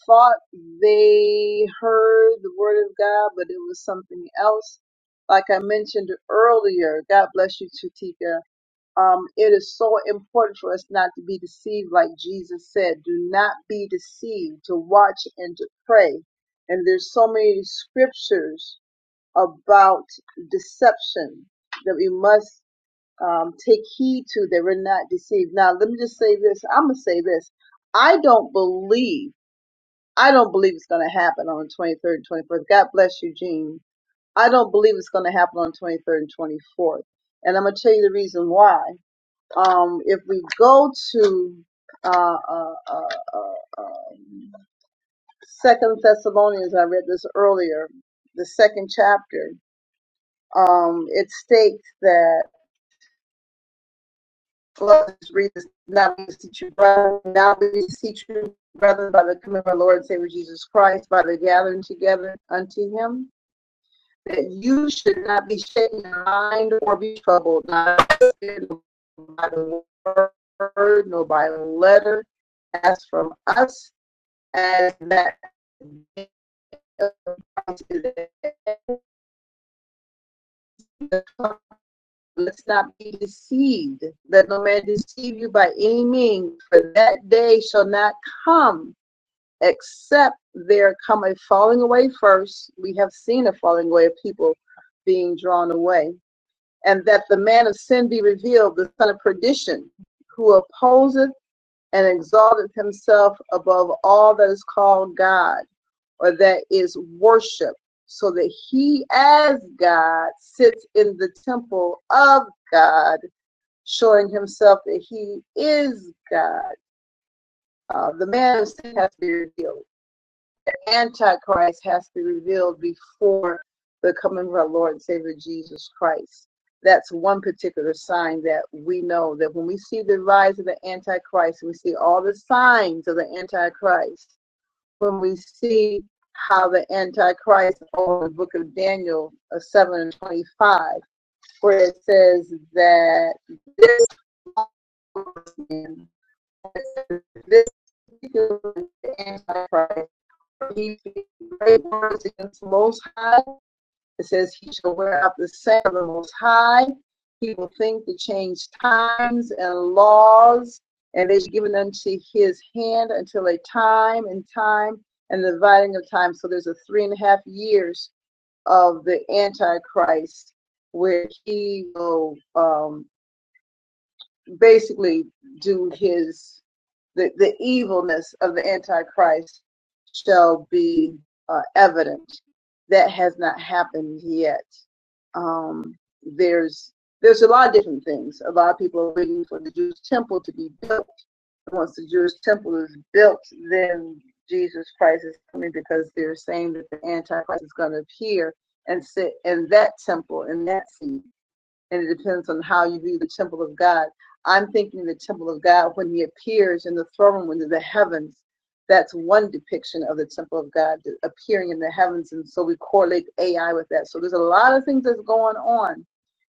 Speaker 1: thought they heard the word of God, but it was something else. Like I mentioned earlier, God bless you, Chatika. Um, it is so important for us not to be deceived, like Jesus said. Do not be deceived. To watch and to pray. And there's so many scriptures about deception that we must um, take heed to that we're not deceived. Now, let me just say this. I'm gonna say this. I don't believe. I don't believe it's gonna happen on the 23rd and 24th. God bless you, Gene. I don't believe it's gonna happen on the 23rd and 24th. And I'm gonna tell you the reason why. Um, if we go to uh, uh, uh, uh, um, Second Thessalonians, I read this earlier, the second chapter. Um, it states that. Let's read this. Now we beseech you, brethren, now we beseech you, brethren, by the coming of our Lord and Savior Jesus Christ, by the gathering together unto him, that you should not be shaken in mind or be troubled, not by the word, nor by the letter, as from us, as that day Let's not be deceived. Let no man deceive you by any means, for that day shall not come except there come a falling away first. We have seen a falling away of people being drawn away, and that the man of sin be revealed, the son of perdition, who opposeth and exalteth himself above all that is called God or that is worship, so that he as God sits in the temple of God showing himself that he is God. Uh, the man of sin has to be revealed. The Antichrist has to be revealed before the coming of our Lord and Savior Jesus Christ. That's one particular sign that we know that when we see the rise of the Antichrist, we see all the signs of the Antichrist. When we see how the Antichrist over the book of Daniel uh, 7 and 25, where it says that this man. This is Antichrist. He speaks great words against the Most High. It says he shall wear out the sand of the Most High. He will think to change times and laws, and it is given unto his hand until a time and time and the dividing of time. So there's a three and a half years of the Antichrist where he will um, basically do his the, the evilness of the Antichrist shall be uh, evident. That has not happened yet. Um, there's there's a lot of different things. A lot of people are waiting for the Jewish temple to be built. once the Jewish temple is built, then Jesus Christ is coming because they're saying that the Antichrist is going to appear and sit in that temple in that seat and it depends on how you view the temple of God. I'm thinking the temple of God when he appears in the throne room in the heavens. That's one depiction of the temple of God appearing in the heavens. And so we correlate AI with that. So there's a lot of things that's going on,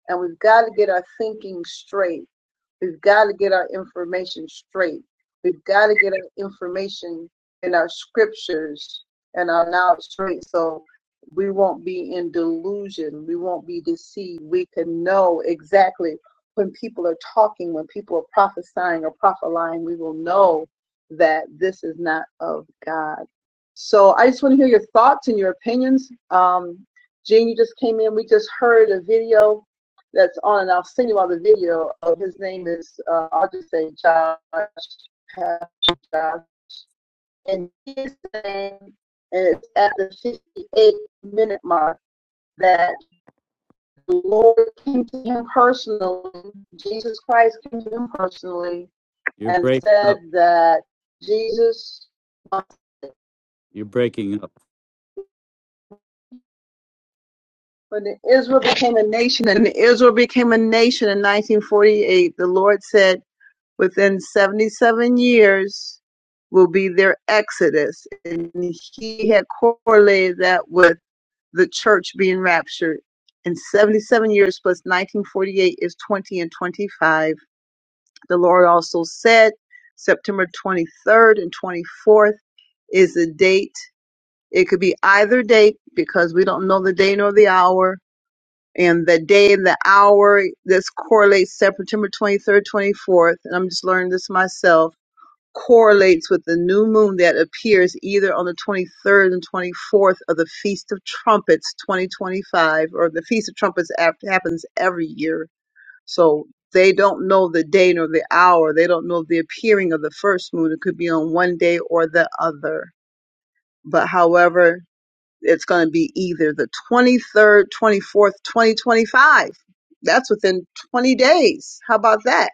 Speaker 1: and we've got to get our thinking straight We've got to get our information straight. We've got to get our information and our scriptures and our knowledge straight so we won't be in delusion. We won't be deceived. We can know exactly when people are talking, when people are prophesying or prophesying, we will know that this is not of God. So I just want to hear your thoughts and your opinions. Um, Gene, you just came in. We just heard a video that's on, and I'll send you all the video. Of his name is, uh, I'll just say Josh, and his name, and it's at the 58 minute mark that the Lord came to him personally. Jesus Christ came to him personally
Speaker 2: You're
Speaker 1: and
Speaker 2: breaking
Speaker 1: said
Speaker 2: up.
Speaker 1: that Jesus wants
Speaker 2: You're breaking up.
Speaker 1: When Israel became a nation, and Israel became a nation in 1948, the Lord said, within 77 years will be their exodus. And he had correlated that with the church being raptured. And 77 years plus 1948 is 20 and 25. The Lord also said September 23rd and 24th is the date. It could be either date because we don't know the day nor the hour and the day and the hour this correlates september 23rd 24th and i'm just learning this myself correlates with the new moon that appears either on the 23rd and 24th of the feast of trumpets 2025 or the feast of trumpets after, happens every year so they don't know the day nor the hour they don't know the appearing of the first moon it could be on one day or the other but however it's going to be either the 23rd, 24th, 2025. That's within 20 days. How about that?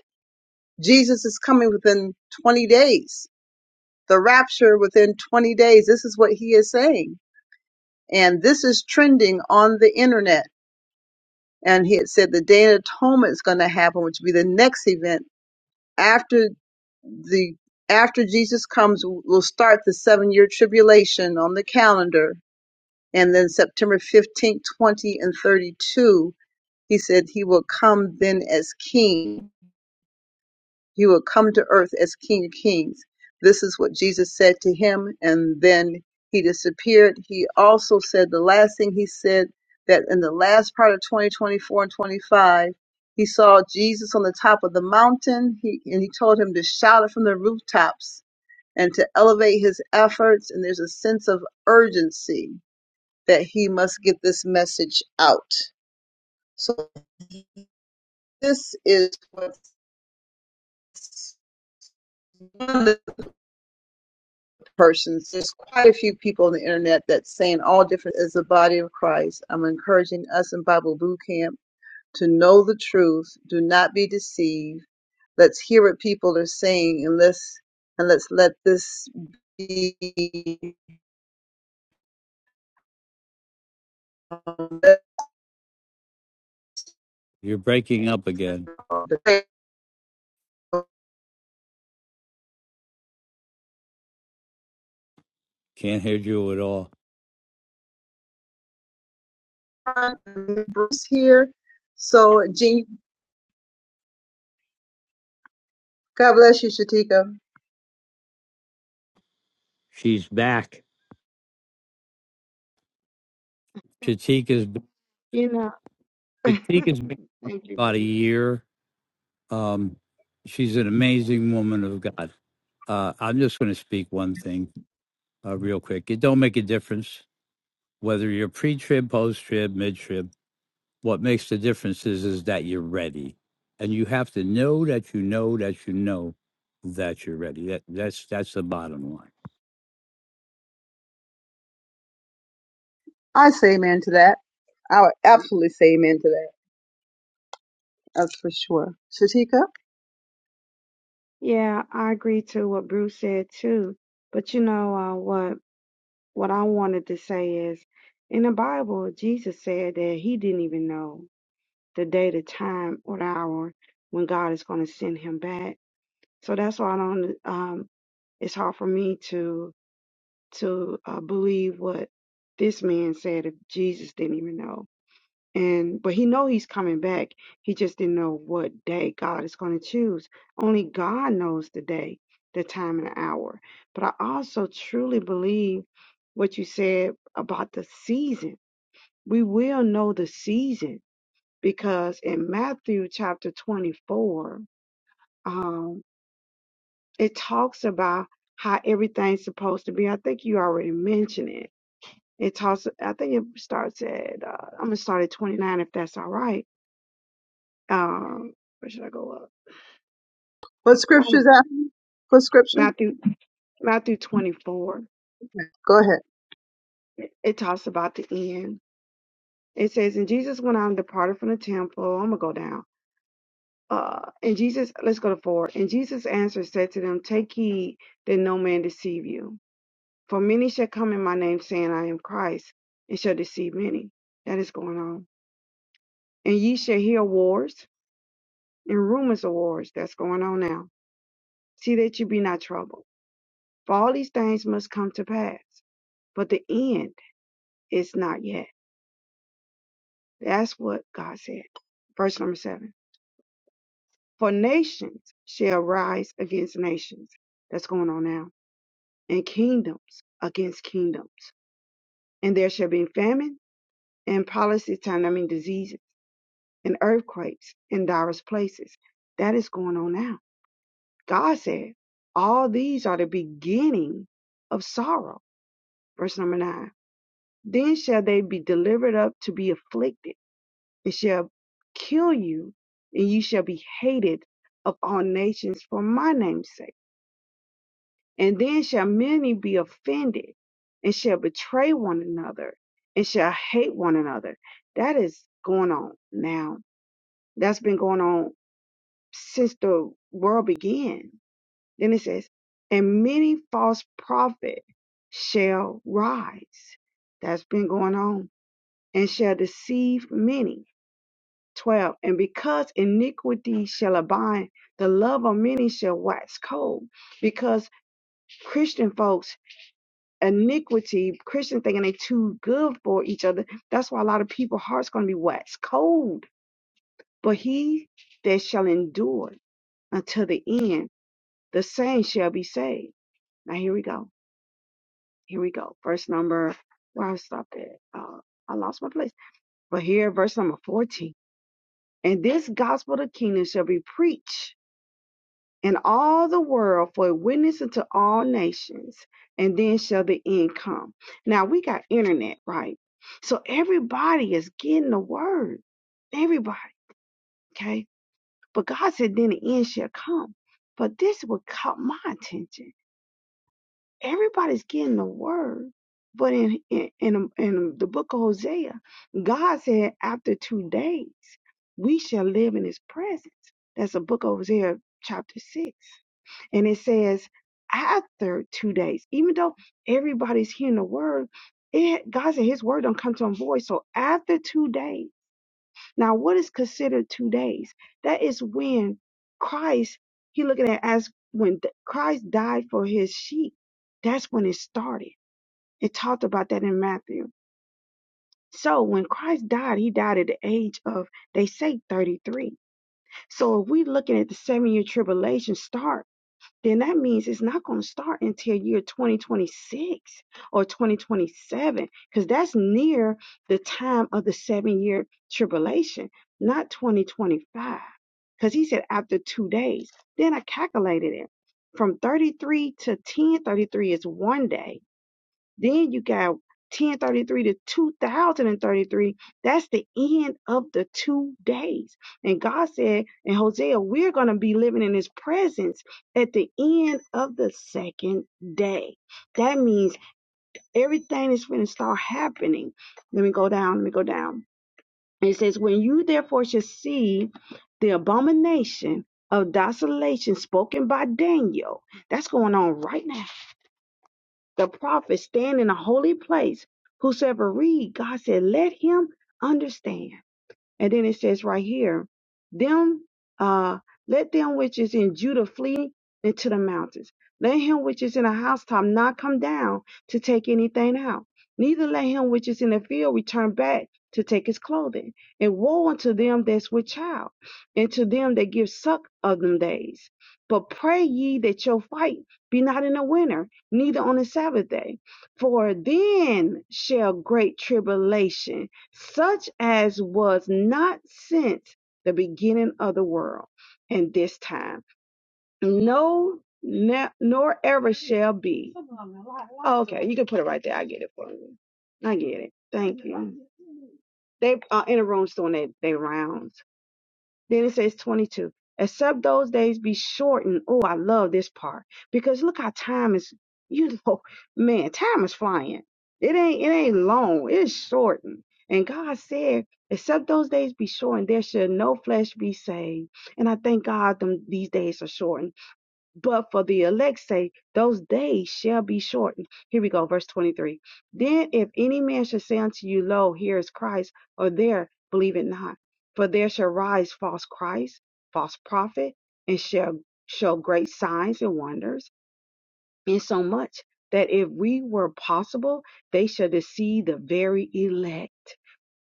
Speaker 1: Jesus is coming within 20 days. The rapture within 20 days. This is what he is saying. And this is trending on the internet. And he had said the Day of Atonement is going to happen, which will be the next event after the after Jesus comes, we'll start the seven year tribulation on the calendar. And then September 15th, 20, and 32 He said he will come then as king. He will come to earth as king of kings. This is what Jesus said to him, and then he disappeared. He also said the last thing he said that in the last part of 2024 and 25, he saw Jesus on the top of the mountain, he, and he told him to shout it from the rooftops and to elevate his efforts. And there's a sense of urgency that he must get this message out. So this is what one of the persons. There's quite a few people on the internet that's saying all different as the body of Christ. I'm encouraging us in Bible Boot Camp to know the truth. Do not be deceived. Let's hear what people are saying, and let's and let's let this be
Speaker 2: You're breaking up again. Can't hear you at all.
Speaker 1: Bruce (laughs) here. So, Jean, God bless you, Shatika.
Speaker 2: She's back. Chatika's
Speaker 3: You know, (laughs)
Speaker 2: Chatika's been
Speaker 3: thank you,
Speaker 2: about a
Speaker 3: Bruce.
Speaker 2: year. Um, she's an amazing woman of God. Uh, I'm just going to speak one thing uh, real quick. It don't make a difference whether you're pre-trib, post-trib, mid-trib. What makes the difference is is that you're ready, and you have to know that you know that you know that you're ready. That that's that's the bottom line.
Speaker 1: I say amen to that. I would absolutely say amen to that. That's for sure. Shatika.
Speaker 3: Yeah, I agree to what Bruce said too. But you know, uh, what what I wanted to say is, in the Bible, Jesus said that he didn't even know the day, the time, or the hour when God is going to send him back. So that's why I don't. Um, it's hard for me to to uh, believe what this man said if Jesus didn't even know. and but he know he's coming back he just didn't know what day god is going to choose only god knows the day the time and the hour but i also truly believe what you said about the season we will know the season because in matthew chapter 24 um it talks about how everything's supposed to be i think you already mentioned it it talks i think it starts at uh, i'm gonna start at 29 if that's all right um where should I go up?
Speaker 1: What
Speaker 3: Not I'm
Speaker 1: scripture's
Speaker 3: going
Speaker 1: that? What scripture?
Speaker 3: Matthew Matthew twenty four.
Speaker 1: Go ahead.
Speaker 3: It talks about the end. It says, And Jesus went out and departed from the temple. I'm gonna go down. Uh and Jesus let's go to four. And Jesus answered said to them, Take heed that no man deceive you. For many shall come in my name saying, I am Christ, and shall deceive many. That is going on. And ye shall hear wars and rumors of wars. That's going on now. See that you be not troubled. For all these things must come to pass but the end is not yet. That's what God said. Verse number seven. For nations shall rise against nations. That's going on now. And kingdoms against kingdoms. And there shall be famine and policy time, I mean diseases and earthquakes in diverse places. That is going on now. God said, all these are the beginning of sorrow. Verse number nine. Then shall they be delivered up to be afflicted It shall kill you, and you shall be hated of all nations for my name's sake. And then shall many be offended, and shall betray one another, and shall hate one another. That is going on now. That's been going on since the world began. Then it says, and many false prophets shall rise. That's been going on, and shall deceive many 12. And because iniquity shall abide, the love of many shall wax cold. Because Christian folks, iniquity, Christian thinking they too good for each other. That's why a lot of people hearts going to be waxed cold. But he that shall endure until the end, the same shall be saved. Now here we go. Here we go. Verse number, where I stopped at? Uh, I lost my place. But here, verse number 14. And this gospel of the kingdom shall be preached and all the world for a witness unto all nations, and then shall the end come. Now we got internet, right? So everybody is getting the word. Everybody, okay? But God said, then the end shall come. But this would caught my attention. Everybody's getting the word. But in, in in in the book of Hosea, God said, after two days, we shall live in his presence. That's the book of Hosea chapter six. And it says after two days, even though everybody's hearing the word, it God said his word don't come to him void. So after two days, now what is considered two days? That is when Christ, he looking at it as when th- Christ died for his sheep. That's when it started. It talked about that in Matthew. So when Christ died, he died at the age of, they say 33. So if we looking at the seven year tribulation start, then that means it's not going to start until year 2026 or 2027 because that's near the time of the seven year tribulation, not 2025. Because he said after two days. Then I calculated it from 33 to 10, 33 is one day. Then you got 1033 to 2033. That's the end of the two days. And God said in Hosea, we're going to be living in his presence at the end of the second day. That means everything is going to start happening. Let me go down. Let me go down. It says, When you therefore shall see the abomination of desolation spoken by Daniel, that's going on right now the prophets stand in a holy place. Whosoever read, God said, let him understand. And then it says right here, them uh let them which is in Judah flee into the mountains. Let him which is in a housetop not come down to take anything out. Neither let him which is in the field return back to take his clothing. And woe unto them that's with child, and to them that give suck of them days. But pray ye that your fight be not in the winter, neither on the Sabbath day. For then shall great tribulation such as was not since the beginning of the world and this time, no, ne- nor ever shall be. Okay, you can put it right there. I get it for you. I get it. Thank you. They are in a room doing their they rounds. Then it says 22. Except those days be shortened. Oh, I love this part because look how time is, (laughs) you know, man, time is flying. It ain't, it ain't long. It's shortened. And God said, except those days be shortened, there shall no flesh be saved. And I thank God them, these days are shortened but for the elect's sake, those days shall be shortened. Here we go, verse 23. Then if any man shall say unto you, Lo, here is Christ, or there, believe it not. For there shall rise false Christ, false prophet, and shall show great signs and wonders, insomuch that if we were possible, they shall deceive the very elect.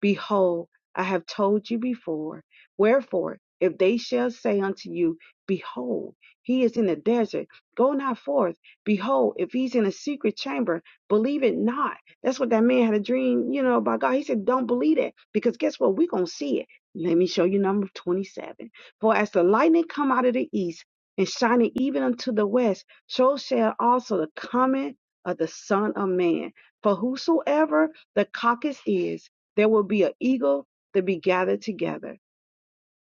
Speaker 3: Behold, I have told you before. Wherefore, if they shall say unto you, Behold, he is in the desert, go not forth. Behold, if he's in a secret chamber, believe it not. That's what that man had a dream, you know, about God. He said, Don't believe it, because guess what? We're going to see it. Let me show you number 27. For as the lightning come out of the east and shining even unto the west, so shall also the coming of the Son of Man. For whosoever the caucus is, there will be an eagle to be gathered together.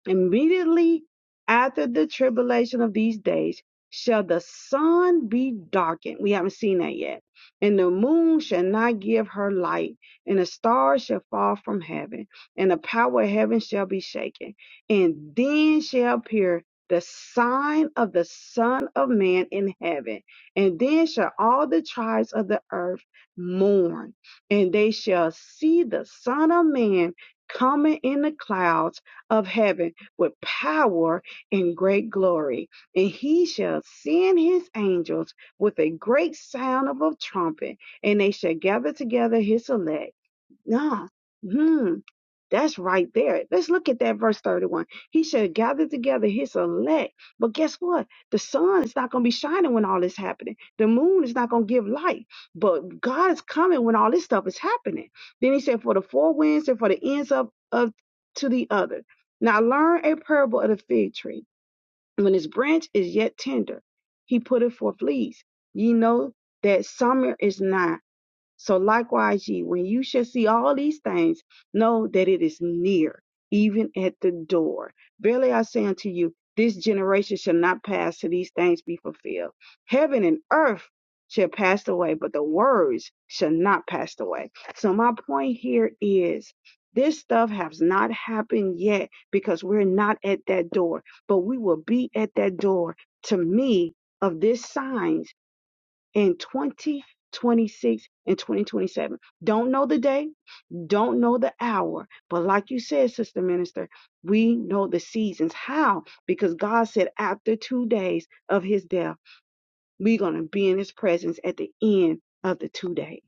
Speaker 3: Immediately after the tribulation of these days shall the sun be darkened. We haven't seen that yet. And the moon shall not give her light, and the stars shall fall from heaven, and the power of heaven shall be shaken. And then shall appear the sign of the Son of Man in heaven. And then shall all the tribes of the earth mourn, and they shall see the Son of Man coming in the clouds of heaven with power and great glory. And he shall send his angels with a great sound of a trumpet, and they shall gather together his elect. Nah. Hmm. That's right there. Let's look at that verse 31. He shall gather together his elect. But guess what? The sun is not going to be shining when all this happening. The moon is not going to give light. But God is coming when all this stuff is happening. Then he said, For the four winds and for the ends of, of to the other. Now learn a parable of the fig tree. When its branch is yet tender, he put it forth leaves. Ye know that summer is nigh. So likewise, ye, when you shall see all these things, know that it is near, even at the door. Verily I say unto you, this generation shall not pass till these things be fulfilled. Heaven and earth shall pass away, but the words shall not pass away. So my point here is this stuff has not happened yet because we're not at that door, but we will be at that door to me of this signs in 2026 and 2027. Don't know the day, don't know the hour, but like you said, Sister Minister, we know the seasons. How? Because God said after two days of his death, we're going to be in his presence at the end of the two days.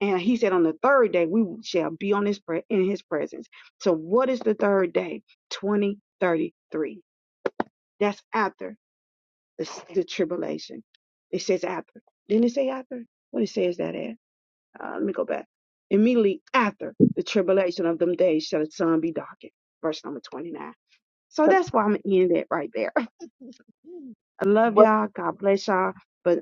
Speaker 3: And he said on the third day, we shall be on his pre- in his presence. So what is the third day? 2033. That's after the, the tribulation. It says after. Didn't it say after? What it says that at? uh, let me go back. Immediately after the tribulation of them days shall the sun be darkened. Verse number 29. So
Speaker 1: Yep.
Speaker 3: that's why I'm going to end it right there. (laughs) I love
Speaker 1: What?
Speaker 3: y'all. God bless y'all. But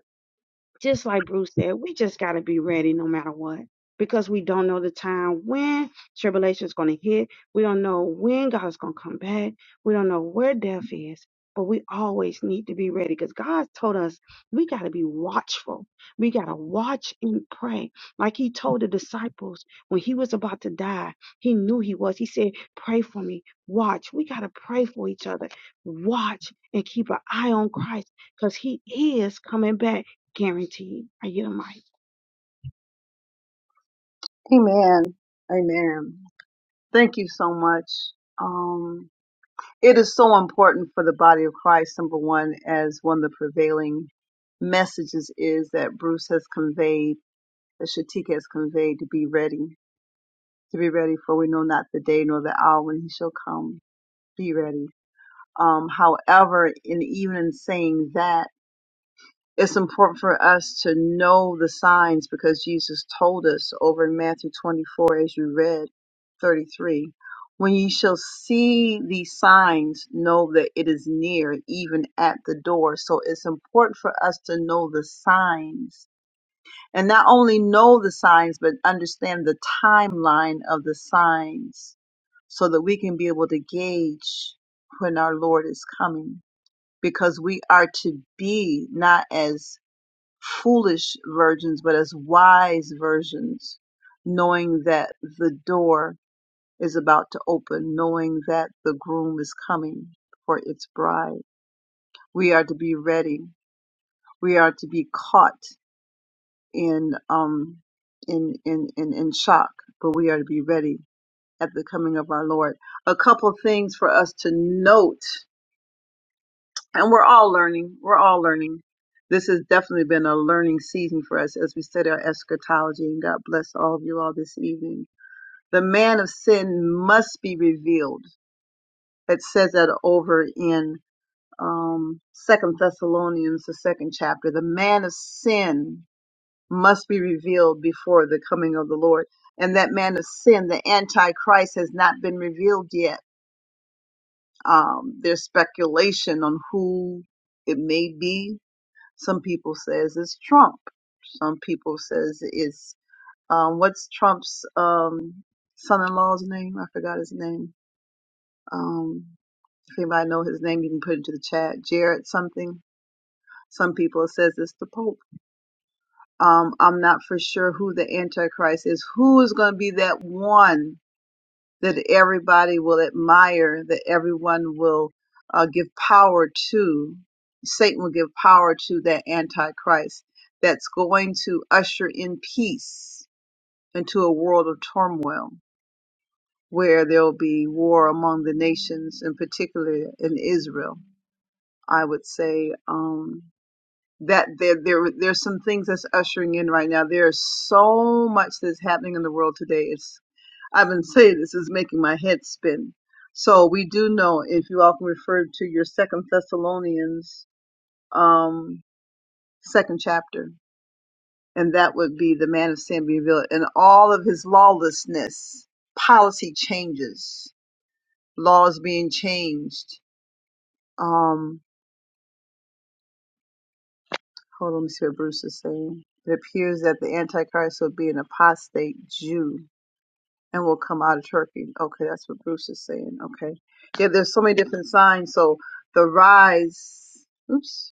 Speaker 3: just like Bruce said, we just got to be ready no matter what because we don't know the time when tribulation is going to hit. We don't know when God's going to come back. We don't know where death is, but we always need to be ready because God told us we got to be watchful. We got to watch and pray. Like he told the disciples when he was about to die, he knew he was. He said, Pray for me, watch. We got to pray for each other, watch and keep an eye on Christ because he is coming back Guaranteed. I get a mic.
Speaker 1: Amen. Amen. Thank you so much. Um, it is so important for the body of Christ, number one, as one of the prevailing messages is that Bruce has conveyed, that Shatika has conveyed to be ready, to be ready for we know not the day nor the hour when he shall come. Be ready. Um, however, in even in saying that, It's important for us to know the signs because Jesus told us over in Matthew 24, as you read 33, when ye shall see these signs, know that it is near, even at the door. So it's important for us to know the signs and not only know the signs, but understand the timeline of the signs so that we can be able to gauge when our Lord is coming because we are to be not as foolish virgins, but as wise virgins, knowing that the door is about to open, knowing that the groom is coming for its bride. We are to be ready. We are to be caught in um in in in, in shock, but we are to be ready at the coming of our Lord. A couple things for us to note and we're all learning. We're all learning. This has definitely been a learning season for us as we study our eschatology. And God bless all of you all this evening. The man of sin must be revealed. It says that over in um, Second Thessalonians, the second chapter. The man of sin must be revealed before the coming of the Lord. And that man of sin, the Antichrist, has not been revealed yet. Um, there's speculation on who it may be, Some people says it's Trump. Some people says it's um, what's Trump's um, son-in-law's name? I forgot his name. Um, if anybody know his name, you can put it into the chat. Jared something. Some people says it's the Pope. Um, I'm not for sure who the Antichrist is. Who is going to be that one? that everybody will admire, that everyone will uh, give power to, Satan will give power to that Antichrist that's going to usher in peace into a world of turmoil where there'll be war among the nations, in particular in Israel. I would say um, that there, there there's some things that's ushering in right now. There is so much that's happening in the world today. It's I've been saying this is making my head spin. So we do know if you all can refer to your Second Thessalonians um, second chapter, and that would be the man of sin being revealed and all of his lawlessness, policy changes, laws being changed. Um, hold on, let me see what Bruce is saying. It appears that the Antichrist will be an apostate Jew and will come out of Turkey. Okay, that's what Bruce is saying. Okay. Yeah, there's so many different signs. So the rise. Oops.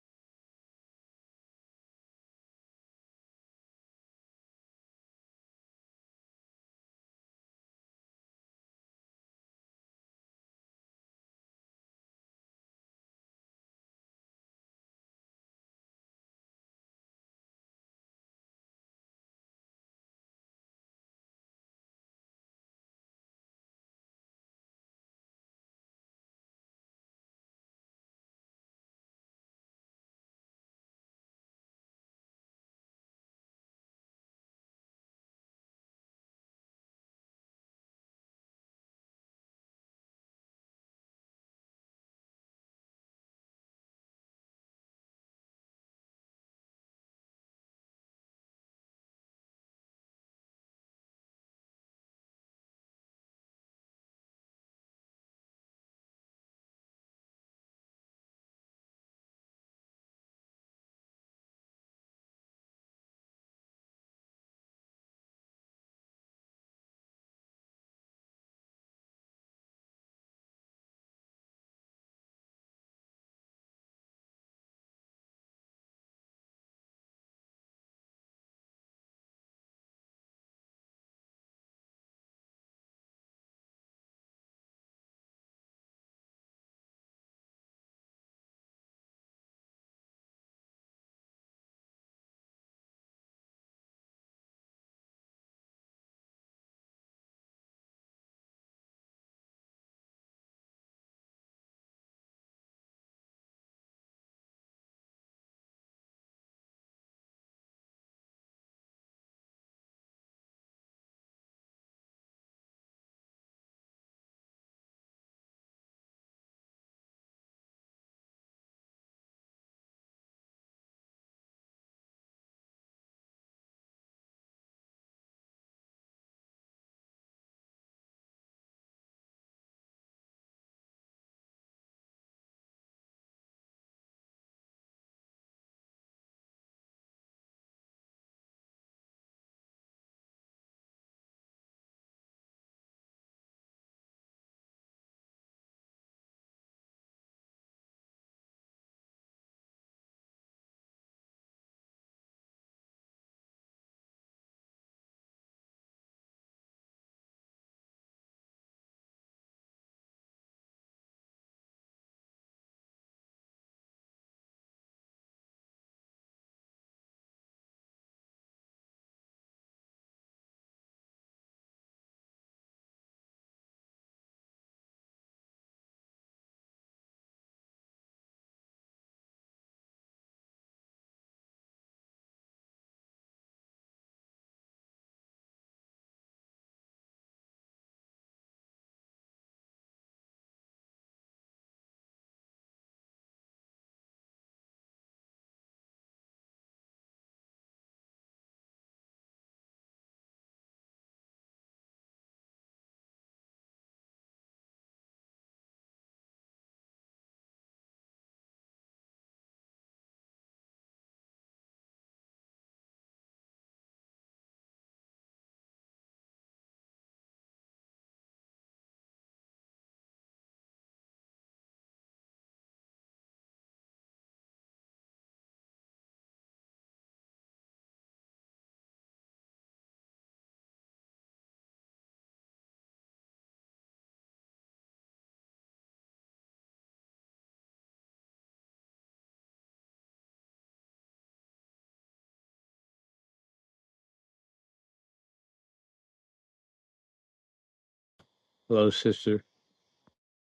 Speaker 2: Hello, sister.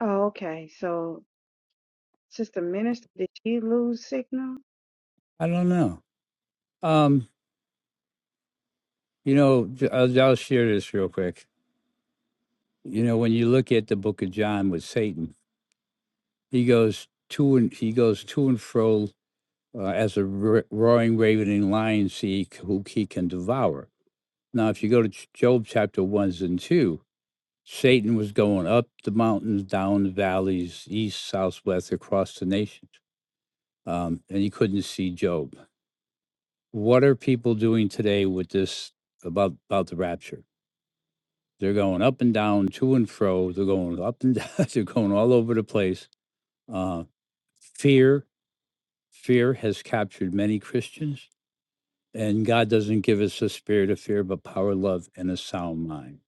Speaker 3: Oh, okay. So, Sister Minister, did she lose signal?
Speaker 2: I don't know. Um, you know, j- I'll, I'll share this real quick. You know, when you look at the Book of John with Satan, he goes to and he goes to and fro uh, as a ro- roaring, ravening lion, seek who he can devour. Now, if you go to Ch- Job chapter one, and two, Satan was going up the mountains, down the valleys, east, south, west, across the nations, um, and he couldn't see Job. What are people doing today with this about about the rapture? They're going up and down, to and fro. They're going up and (laughs) down. They're going all over the place. Uh, fear, fear has captured many Christians, and God doesn't give us a spirit of fear, but power, love, and a sound mind.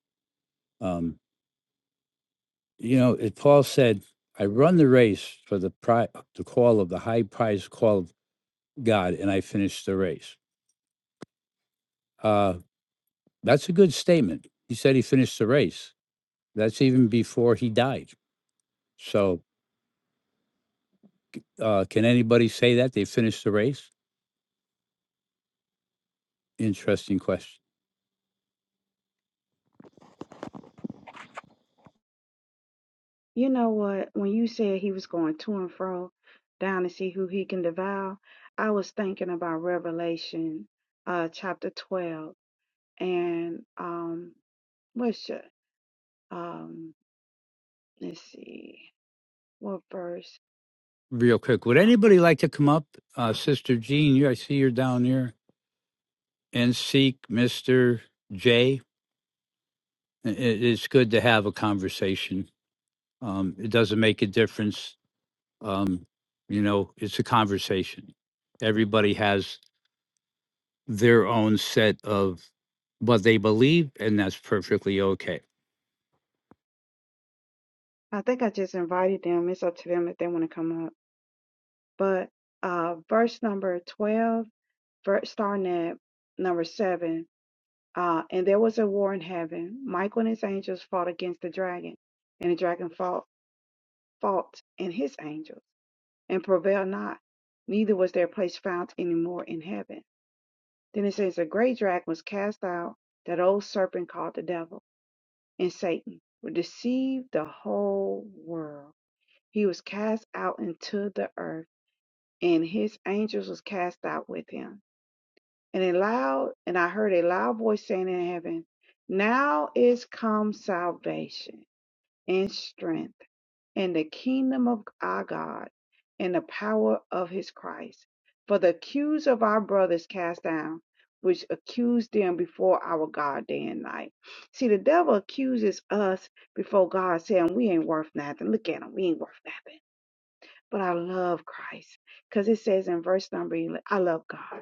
Speaker 2: Um, you know, it, Paul said, "I run the race for the pri- the call of the high prize call of God, and I finished the race." Uh, that's a good statement. He said he finished the race. That's even before he died. So, uh, can anybody say that they finished the race? interesting question.
Speaker 3: You know what? When you said he was going to and fro down to see who he can devour, I was thinking about Revelation, uh, chapter twelve, and um, what's your um? Let's see, what verse?
Speaker 2: Real quick, would anybody like to come up, uh, Sister Jean? You, I see you're down there, and seek Mister J. I- i- It's good to have a conversation. Um, it doesn't make a difference. Um, you know, it's a conversation. Everybody has their own set of what they believe, and that's perfectly okay.
Speaker 3: I think I just invited them. It's up to them if they want to come up. But uh, verse number twelve, verse starting at number seven Uh, and there was a war in heaven. Michael and his angels fought against the dragon, and the dragon fought, fought and his angels, and prevailed not. Neither was their place found any more in heaven. Then it says, A great dragon was cast out, that old serpent called the devil and Satan, who deceived the whole world. He was cast out into the earth, and his angels was cast out with him. and a loud and I heard a loud voice saying in heaven, Now is come salvation and strength and the kingdom of our God and the power of his Christ. For the accuse of our brothers cast down, which accused them before our God day and night. See, the devil accuses us before God, saying we ain't worth nothing. Look at him, we ain't worth nothing but I love Christ. Because it says in verse number 11, I love God.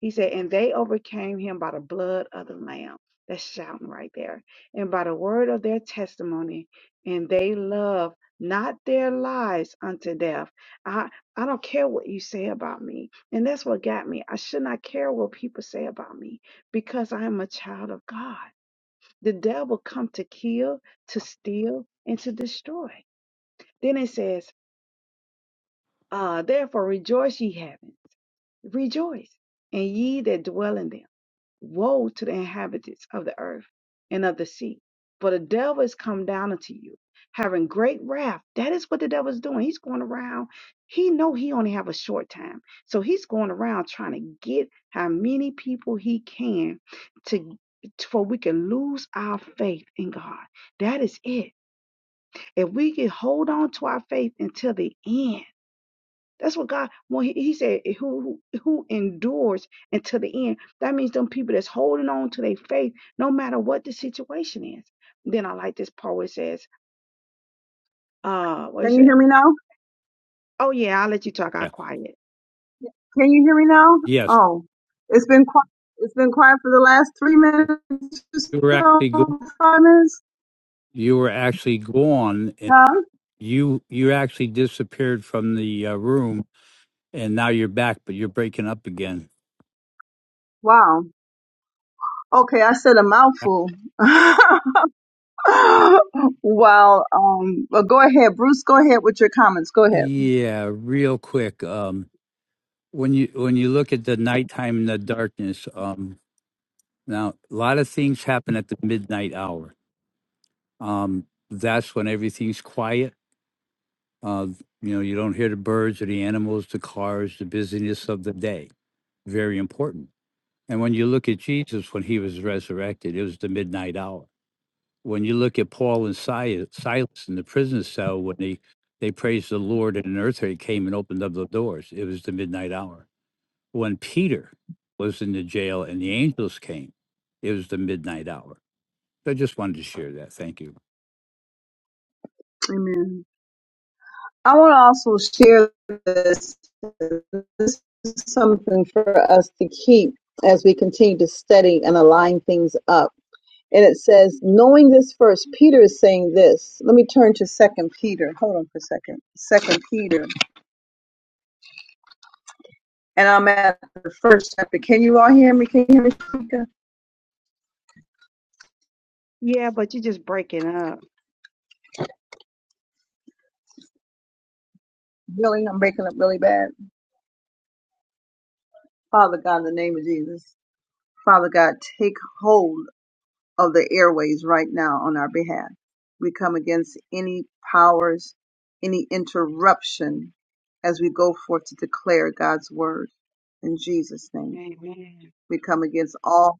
Speaker 3: He said, and they overcame him by the blood of the Lamb. That's shouting right there. And by the word of their testimony, and they love not their lives unto death. I, I don't care what you say about me. And that's what got me. I should not care what people say about me because I am a child of God. The devil come to kill, to steal, and to destroy. Then it says, uh, therefore rejoice, ye heavens, rejoice, and ye that dwell in them. Woe to the inhabitants of the earth and of the sea, for the devil is come down unto you, having great wrath. That is what the devil is doing. He's going around. He know he only have a short time, so he's going around trying to get how many people he can to for we can lose our faith in God. That is it. If we can hold on to our faith until the end that's what God when He, he said, "Who who who endures until the end?" That means them people that's holding on to their faith, no matter what the situation is. Then I like this part where it says, "Uh, what
Speaker 1: Can
Speaker 3: is
Speaker 1: you
Speaker 3: it?
Speaker 1: hear me now?
Speaker 3: Oh yeah, I'll let you talk. I'll
Speaker 2: Yeah.
Speaker 3: quiet.
Speaker 1: Can you hear me now?
Speaker 2: Yes,
Speaker 1: Oh, it's been quiet. It's been quiet for the last three minutes
Speaker 2: you were
Speaker 1: or
Speaker 2: actually going
Speaker 1: so, five minutes.
Speaker 2: you were actually gone and
Speaker 1: Huh?
Speaker 2: you you actually disappeared from the uh, room and now you're back but you're breaking up again
Speaker 1: Wow. Okay, I said a mouthful. (laughs) well, um, well, go ahead, Bruce. Go ahead with your comments. Go ahead.
Speaker 2: yeah real quick um when you when you look at the nighttime and the darkness um now a lot of things happen at the midnight hour um that's when everything's quiet uh you know you don't hear the birds or the animals the cars the busyness of the day very important and when you look at jesus when he was resurrected it was the midnight hour when you look at Paul and Si- Silas in the prison cell, when they, they praised the Lord and an earthquake came and opened up the doors, it was the midnight hour. When Peter was in the jail and the angels came, it was the midnight hour. So I just wanted to share that. Thank you.
Speaker 1: Amen. I want to also share this. This is something for us to keep as we continue to study and align things up. And it says, knowing this first, Peter is saying this. Let me turn to Second Peter. Hold on for a second. Second Peter, and I'm at the first chapter. Can you all hear me? Can you hear me? Shanika?
Speaker 3: Yeah, but you're just breaking up."
Speaker 1: Really, I'm breaking up really bad. Father God, in the name of Jesus, Father God, take hold of the airways right now on our behalf. We come against any powers, any interruption as we go forth to declare God's word in Jesus' name.
Speaker 3: Amen.
Speaker 1: We come against all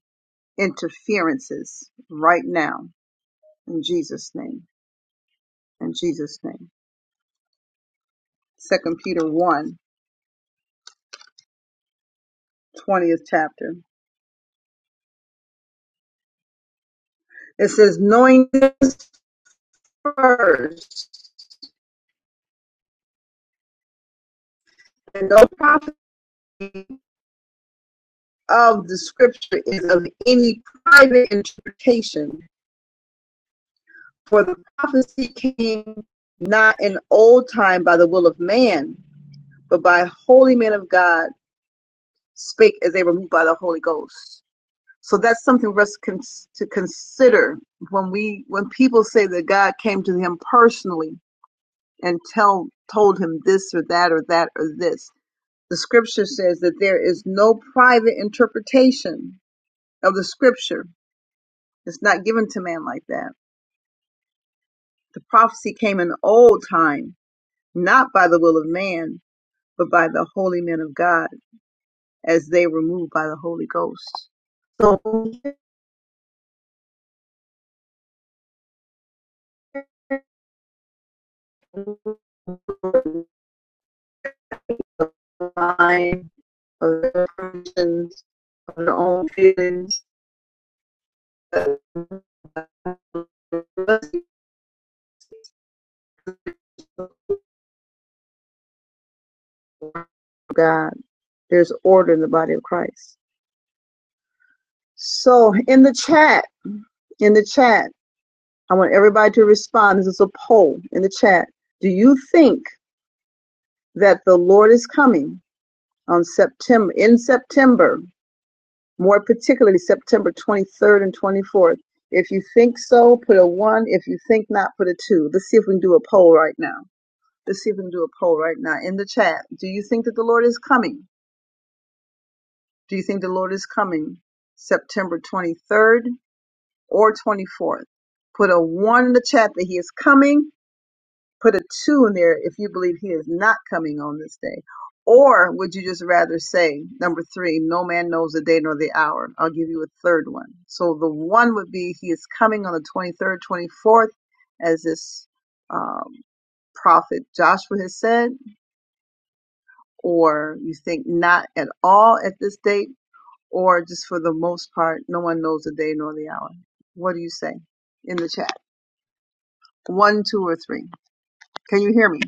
Speaker 1: interferences right now in Jesus' name. In Jesus' name. Second Peter one twentieth chapter. It says, knowing first that no prophecy of the scripture is of any private interpretation For the prophecy came not in old time by the will of man, but by holy men of God spake as they were moved by the Holy Ghost. So that's something for us to consider when we when people say that God came to him personally and tell told him this or that or that or this. The scripture says that there is no private interpretation of the scripture. It's not given to man like that. The prophecy came in old time, not by the will of man, but by the holy men of God, as they were moved by the Holy Ghost. So the mind of their emotions, of their own feelings, of God. There's order in the body of Christ. So in the chat, in the chat, I want everybody to respond. This is a poll in the chat. Do you think that the Lord is coming on September in September? more particularly September 23rd and 24th. If you think so, put a one. If you think not, put a two. Let's see if we can do a poll right now. Let's see if we can do a poll right now in the chat. Do you think that the Lord is coming? Do you think the Lord is coming September 23rd or 24th? Put a one in the chat that he is coming put a two in there if you believe he is not coming on this day? Or would you just rather say, number three, no man knows the day nor the hour? I'll give you a third one. So the one would be he is coming on the 23rd, 24th, as this um, prophet Joshua has said, or you think not at all at this date, or just for the most part, no one knows the day nor the hour. What do you say in the chat? One, two, or three? Can you hear me?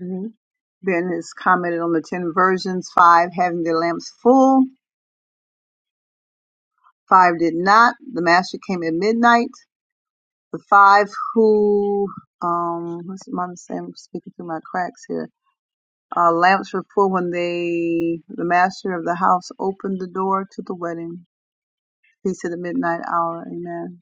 Speaker 1: Mhm. Ben has commented on the 10 versions, five having their lamps full, five did not. The master came at midnight. The five who, um, what's mom saying? I'm speaking through my cracks here. Uh, lamps were full when they, the master of the house opened the door to the wedding. He said the midnight hour. Amen.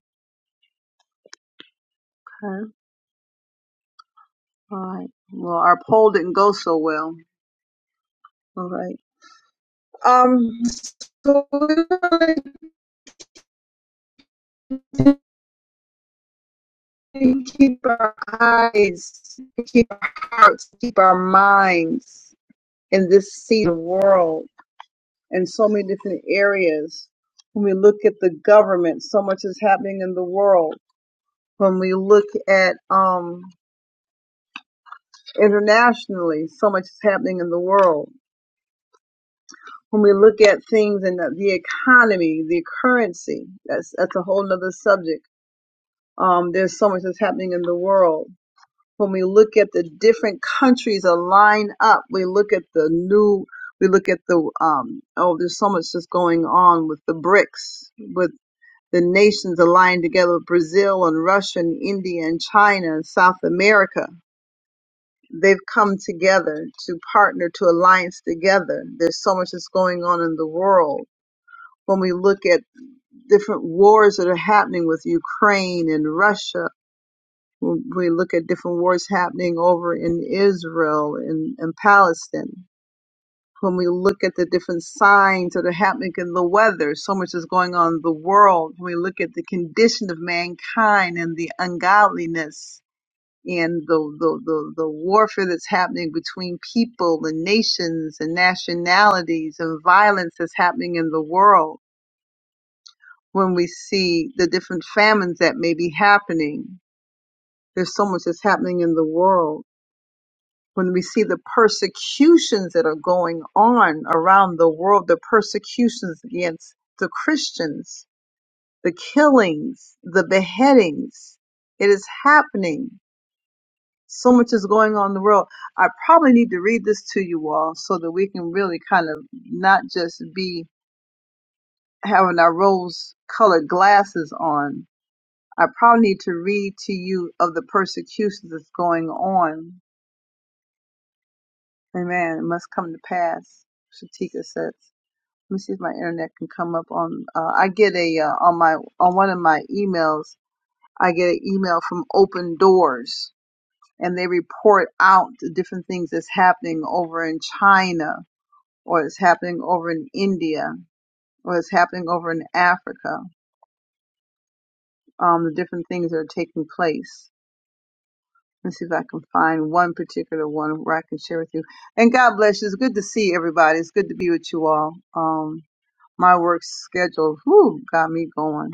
Speaker 1: All right. Well, our poll didn't go so well. All right. Um, so we're going to keep our eyes, keep our hearts, keep our minds in this season world in so many different areas. When we look at the government, so much is happening in the world. When we look at um, internationally, so much is happening in the world. when we look at things in the, the economy, the currency, that's that's a whole nother subject. Um, there's so much that's happening in the world. When we look at the different countries that line up, we look at the new, we look at the um, oh, there's so much that's going on with the BRICS, with the nations aligned together, with Brazil and Russia and India and China and South America. They've come together to partner, to alliance together. There's so much that's going on in the world when we look at different wars that are happening with Ukraine and Russia, when we look at different wars happening over in Israel and, and Palestine, when we look at the different signs that are happening in the weather, so much is going on in the world, when we look at the condition of mankind and the ungodliness and the, the, the, the warfare that's happening between people and nations and nationalities and violence that's happening in the world when we see the different famines that may be happening. There's so much that's happening in the world. When we see the persecutions that are going on around the world, the persecutions against the Christians, the killings, the beheadings, it is happening. So much is going on in the world. I probably need to read this to you all so that we can really kind of not just be having our rose colored glasses on, I probably need to read to you of the persecutions that's going on. Amen. It must come to pass. Shatika says. Let me see if my internet can come up on. Uh, I get a uh, on my on one of my emails. I get an email from Open Doors, and they report out the different things that's happening over in China, or it's happening over in India, or it's happening over in Africa. Um, the different things that are taking place Let's see if I can find one particular one where I can share with you. And God bless you. It's good to see everybody. It's good to be with you all. Um, my work schedule, whew, got me going.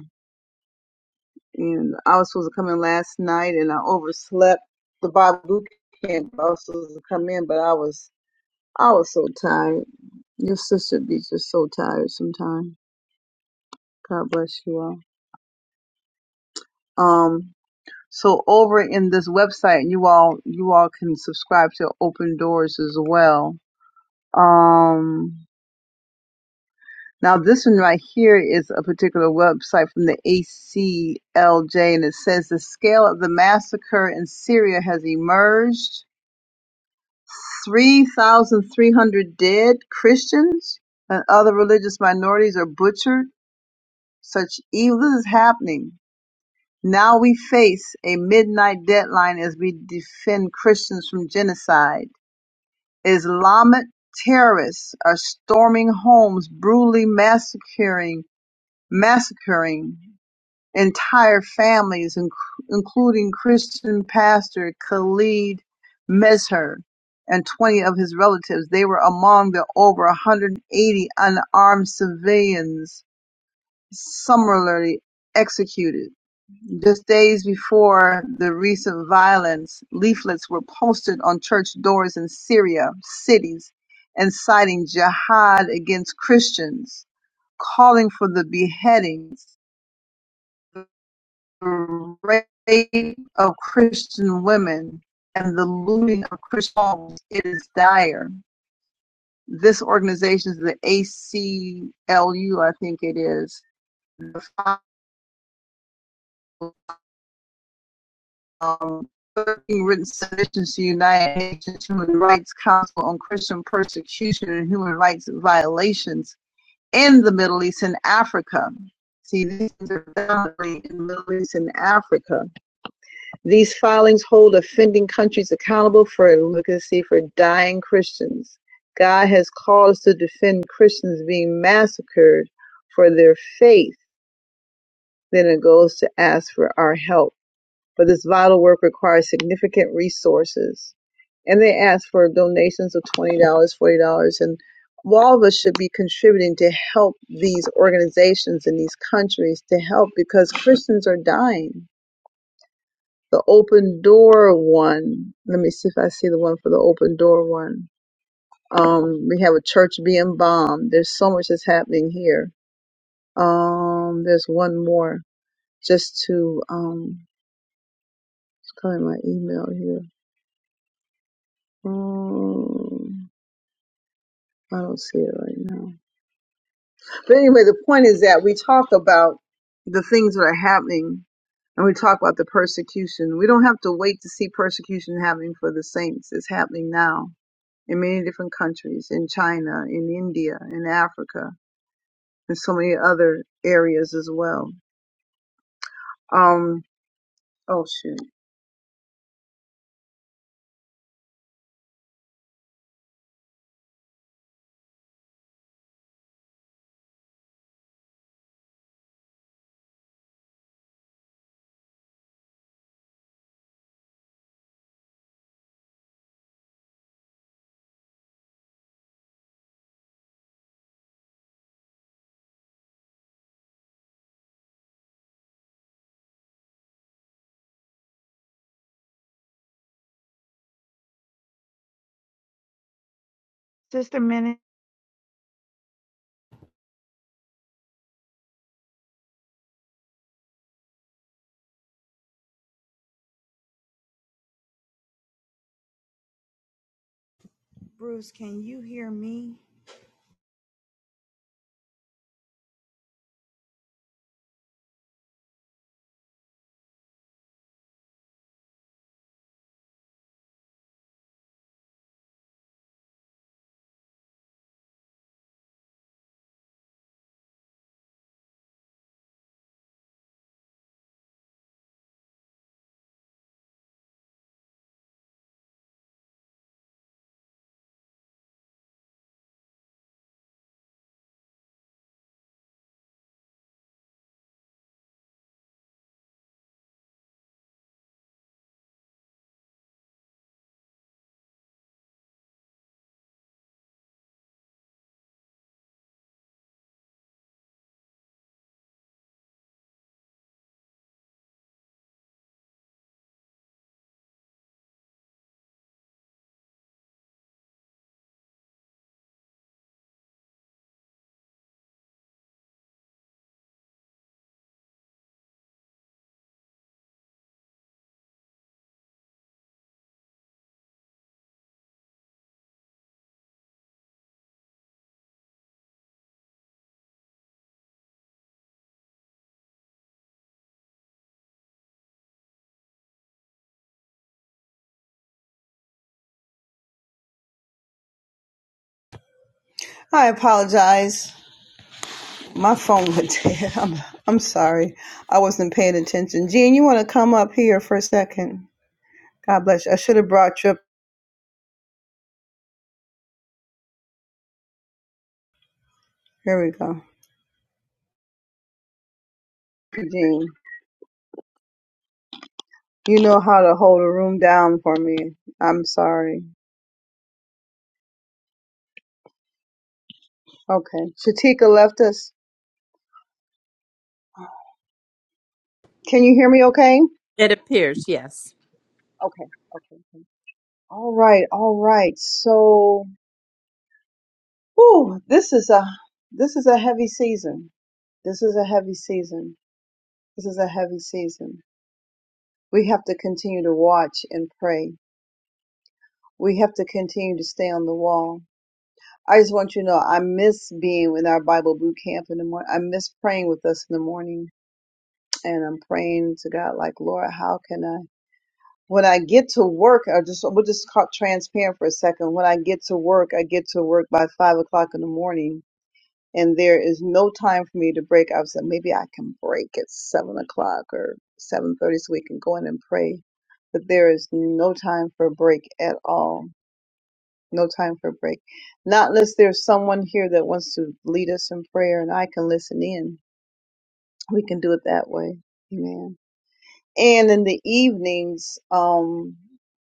Speaker 1: And I was supposed to come in last night and I overslept the Bible boot camp. I was supposed to come in, but I was, I was so tired. Your sister be just so tired sometimes. God bless you all. Um, so over in this website, you all, you all can subscribe to Open Doors as well Um, now this one right here is a particular website from the ACLJ and it says the scale of the massacre in Syria has emerged. 3,300 dead Christians and other religious minorities are butchered. Such evil is happening. Now we face a midnight deadline as we defend Christians from genocide. Islamic terrorists are storming homes, brutally massacring massacring entire families, inc- including Christian pastor Khalid Mesher and 20 of his relatives. They were among the over 180 unarmed civilians summarily executed. Just days before the recent violence, leaflets were posted on church doors in Syria cities inciting jihad against Christians, calling for the beheadings the rape of Christian women and the looting of Christian homes it is dire. This organization is the ACLU, I think it is. The um, 13 written submissions to United Nations Human Rights Council on Christian persecution and human rights violations in the Middle East and Africa. See, these things are in the Middle East and Africa. These filings hold offending countries accountable for advocacy for dying Christians. God has called us to defend Christians being massacred for their faith. Then it goes to ask for our help. But this vital work requires significant resources. And they ask for donations of $20, dollars, $40, and all of us should be contributing to help these organizations in these countries to help because Christians are dying the open door one. Let me see if I see the one for the open door one. Um, we have a church being bombed. There's so much that's happening here. Um, there's one more just to um, it's calling my email here. Um, I don't see it right now. But anyway, the point is that we talk about the things that are happening. And we talk about the persecution. We don't have to wait to see persecution happening for the saints. It's happening now in many different countries, in China, in India, in Africa, and so many other areas as well. Um, oh shoot.
Speaker 3: Sister Minute. Bruce, can you hear me?
Speaker 1: I apologize. My phone went (laughs) dead. I'm, I'm sorry. I wasn't paying attention. Jean, you want to come up here for a second? God bless you. I should have brought you up. Here we go. Jean, you know how to hold a room down for me. I'm sorry. Okay. Shatika left us. Can you hear me okay? Okay. Okay. All right, all right. So, whew, this is a this is a heavy season. This is a heavy season. This is a heavy season. We have to continue to watch and pray. We have to continue to stay on the wall. I just want you to know I miss being in our Bible boot camp in the morning. I miss praying with us in the morning. And I'm praying to God, like, Lord, how can I? When I get to work, I just, we'll just call it transparent for a second. When I get to work, I get to work by five o'clock in the morning and there is no time for me to break. I was like, maybe I can break at seven o'clock or seven thirty, so we can go in and pray. But there is no time for a break at all. No time for a break. Not unless there's someone here that wants to lead us in prayer, and I can listen in. We can do it that way. Amen and in the evenings, um,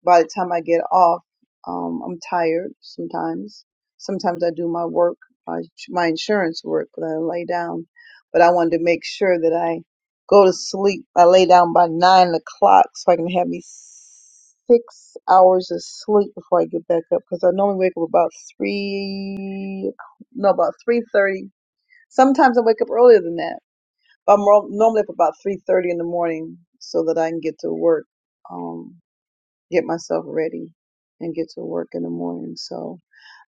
Speaker 1: by the time I get off, um, I'm tired sometimes. Sometimes I do my work, my, my insurance work, but I lay down. But I wanted to make sure that I go to sleep. I lay down by nine o'clock so I can have me six hours of sleep before I get back up because I normally wake up about three, no, about three thirty. Sometimes I wake up earlier than that but I'm ro- normally up about three thirty in the morning so that I can get to work, um, get myself ready, and get to work in the morning. So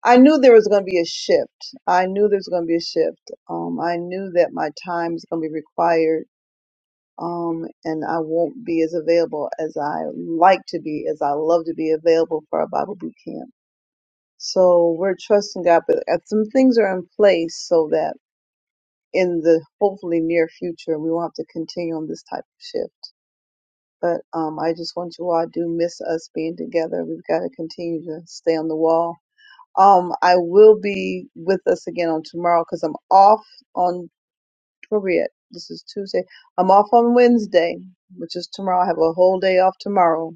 Speaker 1: I knew there was going to be a shift. I knew there was going to be a shift. Um, I knew that my time is going to be required, um, and I won't be as available as I like to be, as I love to be available for a Bible boot camp. So we're trusting God, but uh, some things are in place so that in the hopefully near future we won't have to continue on this type of shift but um, i just want you all i do miss us being together we've got to continue to stay on the wall um, i will be with us again on tomorrow because i'm off on Period. this is tuesday i'm off on wednesday which is tomorrow i have a whole day off tomorrow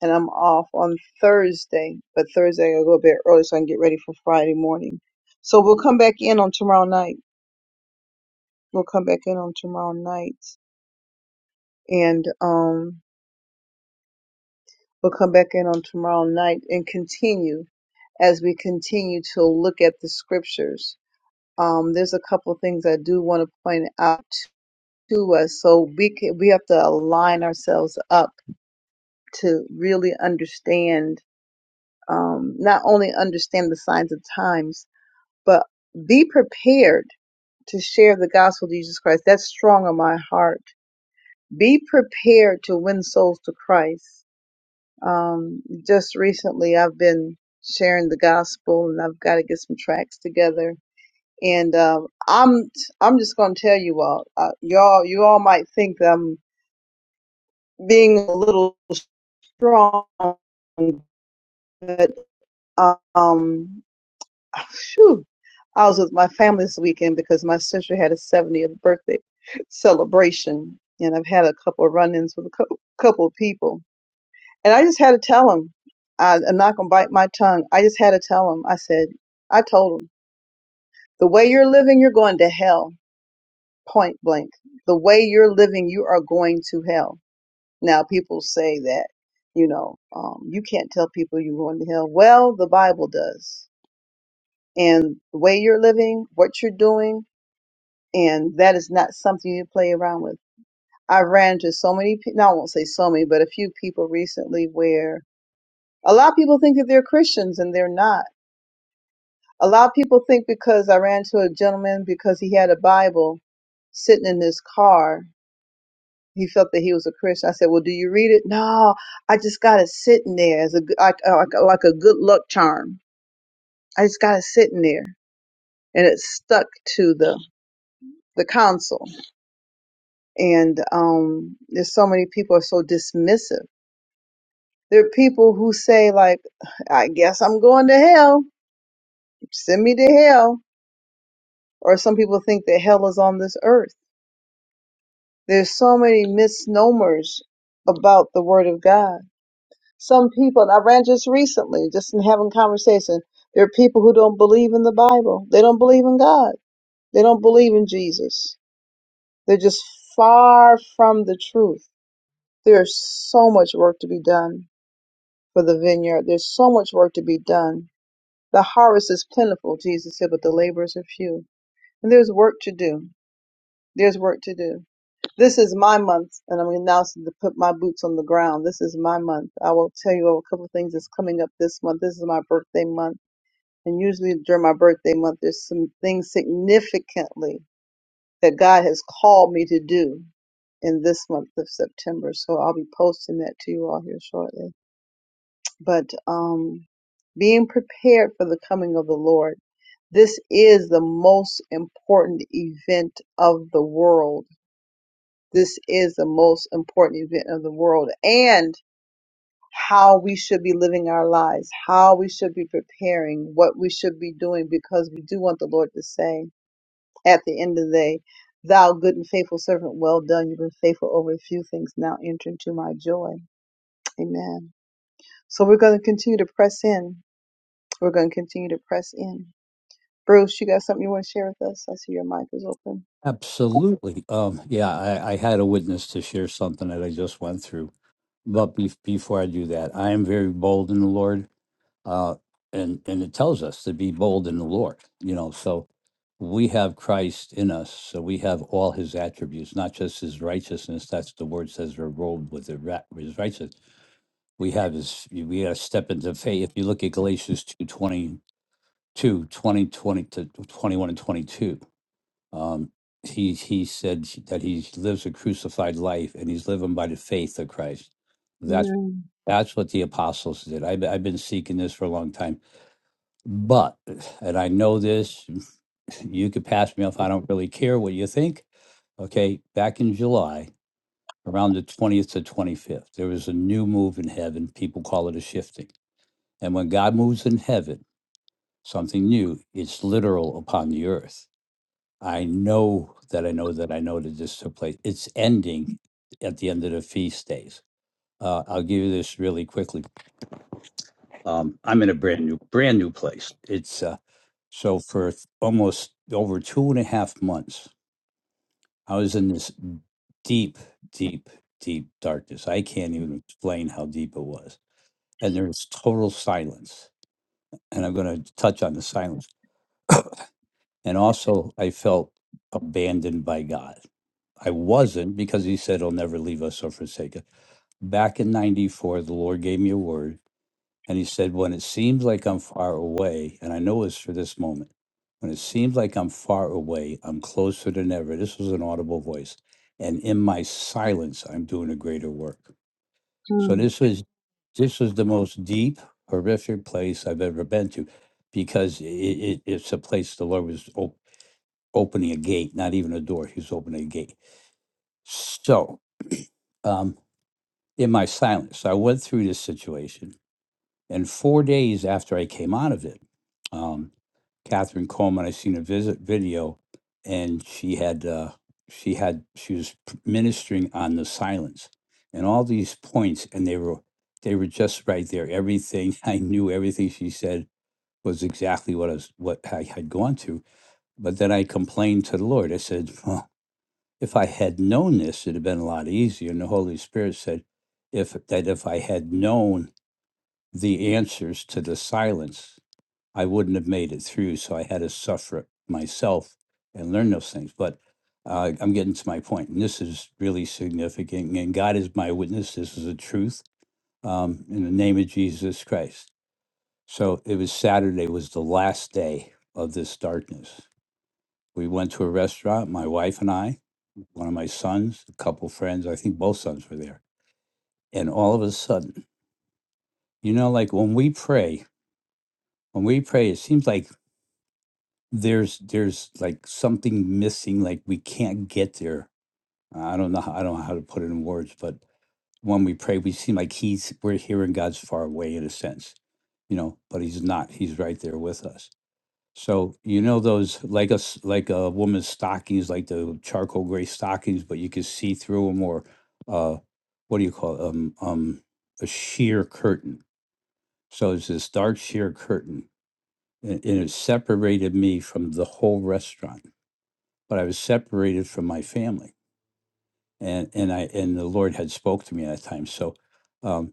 Speaker 1: and i'm off on thursday but thursday i'll go a bit early so i can get ready for friday morning so we'll come back in on tomorrow night we'll come back in on tomorrow night and um, we'll come back in on tomorrow night and continue as we continue to look at the scriptures. Um, there's a couple of things I do want to point out to us, so we can, we have to align ourselves up to really understand, um, not only understand the signs of times, but be prepared to share the gospel of Jesus Christ. That's strong on my heart. Be prepared to win souls to Christ Um, just recently, I've been sharing the gospel, and I've got to get some tracks together. And um, I'm I'm just gonna tell you all, uh, y'all you all might think that I'm being a little strong, but um, phew, I was with my family this weekend because my sister had a 70th birthday celebration, and I've had a couple of run-ins with a cou- couple of people And I just had to tell him. I, I'm not going to bite my tongue. I just had to tell him. I said, I told him, the way you're living, you're going to hell, point blank. The way you're living, you are going to hell. Now, people say that, you know, um, you can't tell people you're going to hell. Well, the Bible does. And the way you're living, what you're doing, and that is not something you play around with. I ran into so many, pe- no, I won't say so many, but a few people recently where a lot of people think that they're Christians and they're not A lot of people think because I ran to a gentleman because he had a Bible sitting in his car, he felt that he was a Christian. I said, "Well, do you read it?" No, I just got it sitting there as a g- like, uh, like like a good luck charm. I just got it sitting there, and it stuck to the the console. And um, there's so many people are so dismissive. There are people who say like, "I guess I'm going to hell. Send me to hell." Or some people think that hell is on this earth There's so many misnomers about the Word of God. Some people, and I ran just recently, just in having conversation, there are people who don't believe in the Bible. They don't believe in God. They don't believe in Jesus. They're just far from the truth. There's so much work to be done for the vineyard. There's so much work to be done. The harvest is plentiful, Jesus said, but the laborers are few. And there's work to do. There's work to do. This is my month, and I'm announcing to put my boots on the ground. This is my month. I will tell you a couple of things that's coming up this month. This is my birthday month, and usually during my birthday month, there's some things significantly that God has called me to do in this month of September. So I'll be posting that to you all here shortly. But um, being prepared for the coming of the Lord. This is the most important event of the world this is the most important event of the world and how we should be living our lives, how we should be preparing, what we should be doing, because we do want the Lord to say at the end of the day, Thou good and faithful servant, well done. You've been faithful over a few things. Now enter into my joy. Amen. So we're going to continue to press in. We're going to continue to press in. Bruce, you got something you want to share with us? I see your mic is open.
Speaker 2: Absolutely. Um, yeah, I, I had a witness to share something that I just went through. But be- before I do that, I am very bold in the Lord. uh, and and it tells us to be bold in the Lord. You know, so we have Christ in us, so we have all His attributes, not just His righteousness. That's the word says we're robed with the ra- His righteousness. We have His. We have step into faith. If you look at Galatians two twenty two twenty twenty to twenty one and twenty two. Um, he he said that he lives a crucified life and he's living by the faith of Christ. That's
Speaker 1: Amen.
Speaker 2: that's what the apostles did. I've, I've been seeking this for a long time but, and I know this, you could pass me off. I don't really care what you think. Okay, back in July, around the 20th to 25th, there was a new move in heaven. People call it a shifting. And when God moves in heaven, something new, it's literal upon the earth. I know that I know that I know that this took place. It's ending at the end of the feast days. Uh, I'll give you this really quickly Um, I'm in a brand new brand new place. It's uh, so for th- almost over two and a half months, I was in this deep, deep, deep darkness. I can't even explain how deep it was. And there was total silence. And I'm going to touch on the silence. And also, I felt abandoned by God. I wasn't because He said He'll never leave us or forsake us. Back in '94, the Lord gave me a word And he said, When it seems like I'm far away, and I know it's for this moment, when it seems like I'm far away, I'm closer than ever. This was an audible voice. And in my silence, I'm doing a greater work. So
Speaker 1: Mm.
Speaker 2: this was this was the most deep, horrific place I've ever been to because it, it, it's a place the Lord was op- opening a gate, not even a door. He was opening a gate. So um, in my silence, so I went through this situation And four days after I came out of it, um, Catherine Coleman, I seen a visit video, and she had uh, she had she was p- ministering on the silence, and all these points, and they were they were just right there. Everything (laughs) I knew, everything she said was exactly what I was what I had gone through. But then I complained to the Lord. I said, well, if I had known this, it'd have been a lot easier. And the Holy Spirit said, if that if I had known the answers to the silence, I wouldn't have made it through. So I had to suffer it myself and learn those things. But uh, I'm getting to my point, and this is really significant. And God is my witness. This is a truth um, in the name of Jesus Christ. So it was Saturday, was the last day of this darkness. We went to a restaurant, my wife and I, one of my sons, a couple friends, I think both sons were there. And all of a sudden, you know, like when we pray, when we pray, it seems like there's there's like something missing like we can't get there i don't know how, i don't know how to put it in words but when we pray we seem like he's we're hearing god's far away in a sense you know but he's not he's right there with us so you know those like us like a woman's stockings like the charcoal gray stockings but you can see through them or uh what do you call it? um um a sheer curtain so it's this dark sheer curtain and, and it separated me from the whole restaurant but I was separated from my family, and and I and the Lord had spoke to me at that time. So, um,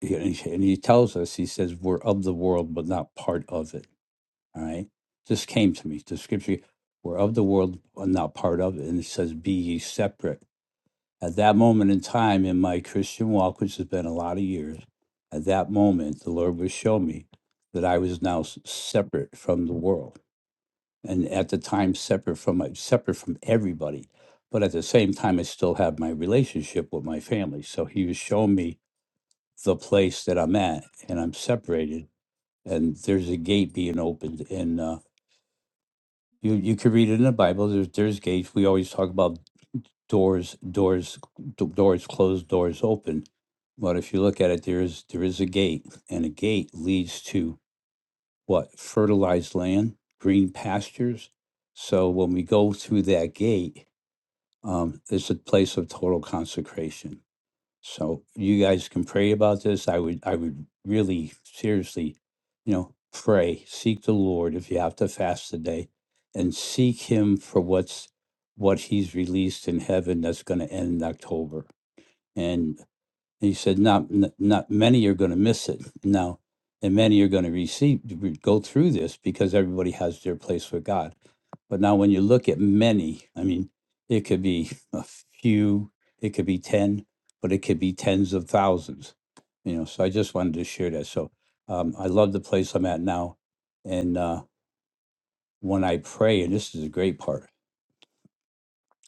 Speaker 2: he- and he and he tells us, he says, "We're of the world, but not part of it." All right, this came to me. The scripture, "We're of the world, but not part of it," and it says, "Be ye separate." At that moment in time in my Christian walk, which has been a lot of years, at that moment, the Lord would show me that I was now s- separate from the world and at the time separate from my separate from everybody but at the same time i still have my relationship with my family so he was showing me the place that i'm at and i'm separated and there's a gate being opened and uh, you you can read it in the bible there's there's gates we always talk about doors doors d- doors closed doors open but if you look at it there is there is a gate and a gate leads to what fertilized land green pastures so when we go through that gate um, it's a place of total consecration. So you guys can pray about this. I would, I would really seriously, you know, pray, seek the Lord if you have to fast today, and seek Him for what's what He's released in heaven that's going to end in October. And he said, not, n- not many are going to miss it now, and many are going to receive, go through this because everybody has their place with God. But now, when you look at many, I mean, it could be a few, it could be 10, but it could be tens of thousands, you know. So I just wanted to share that. So um, I love the place I'm at now. And uh, when I pray, and this is a great part,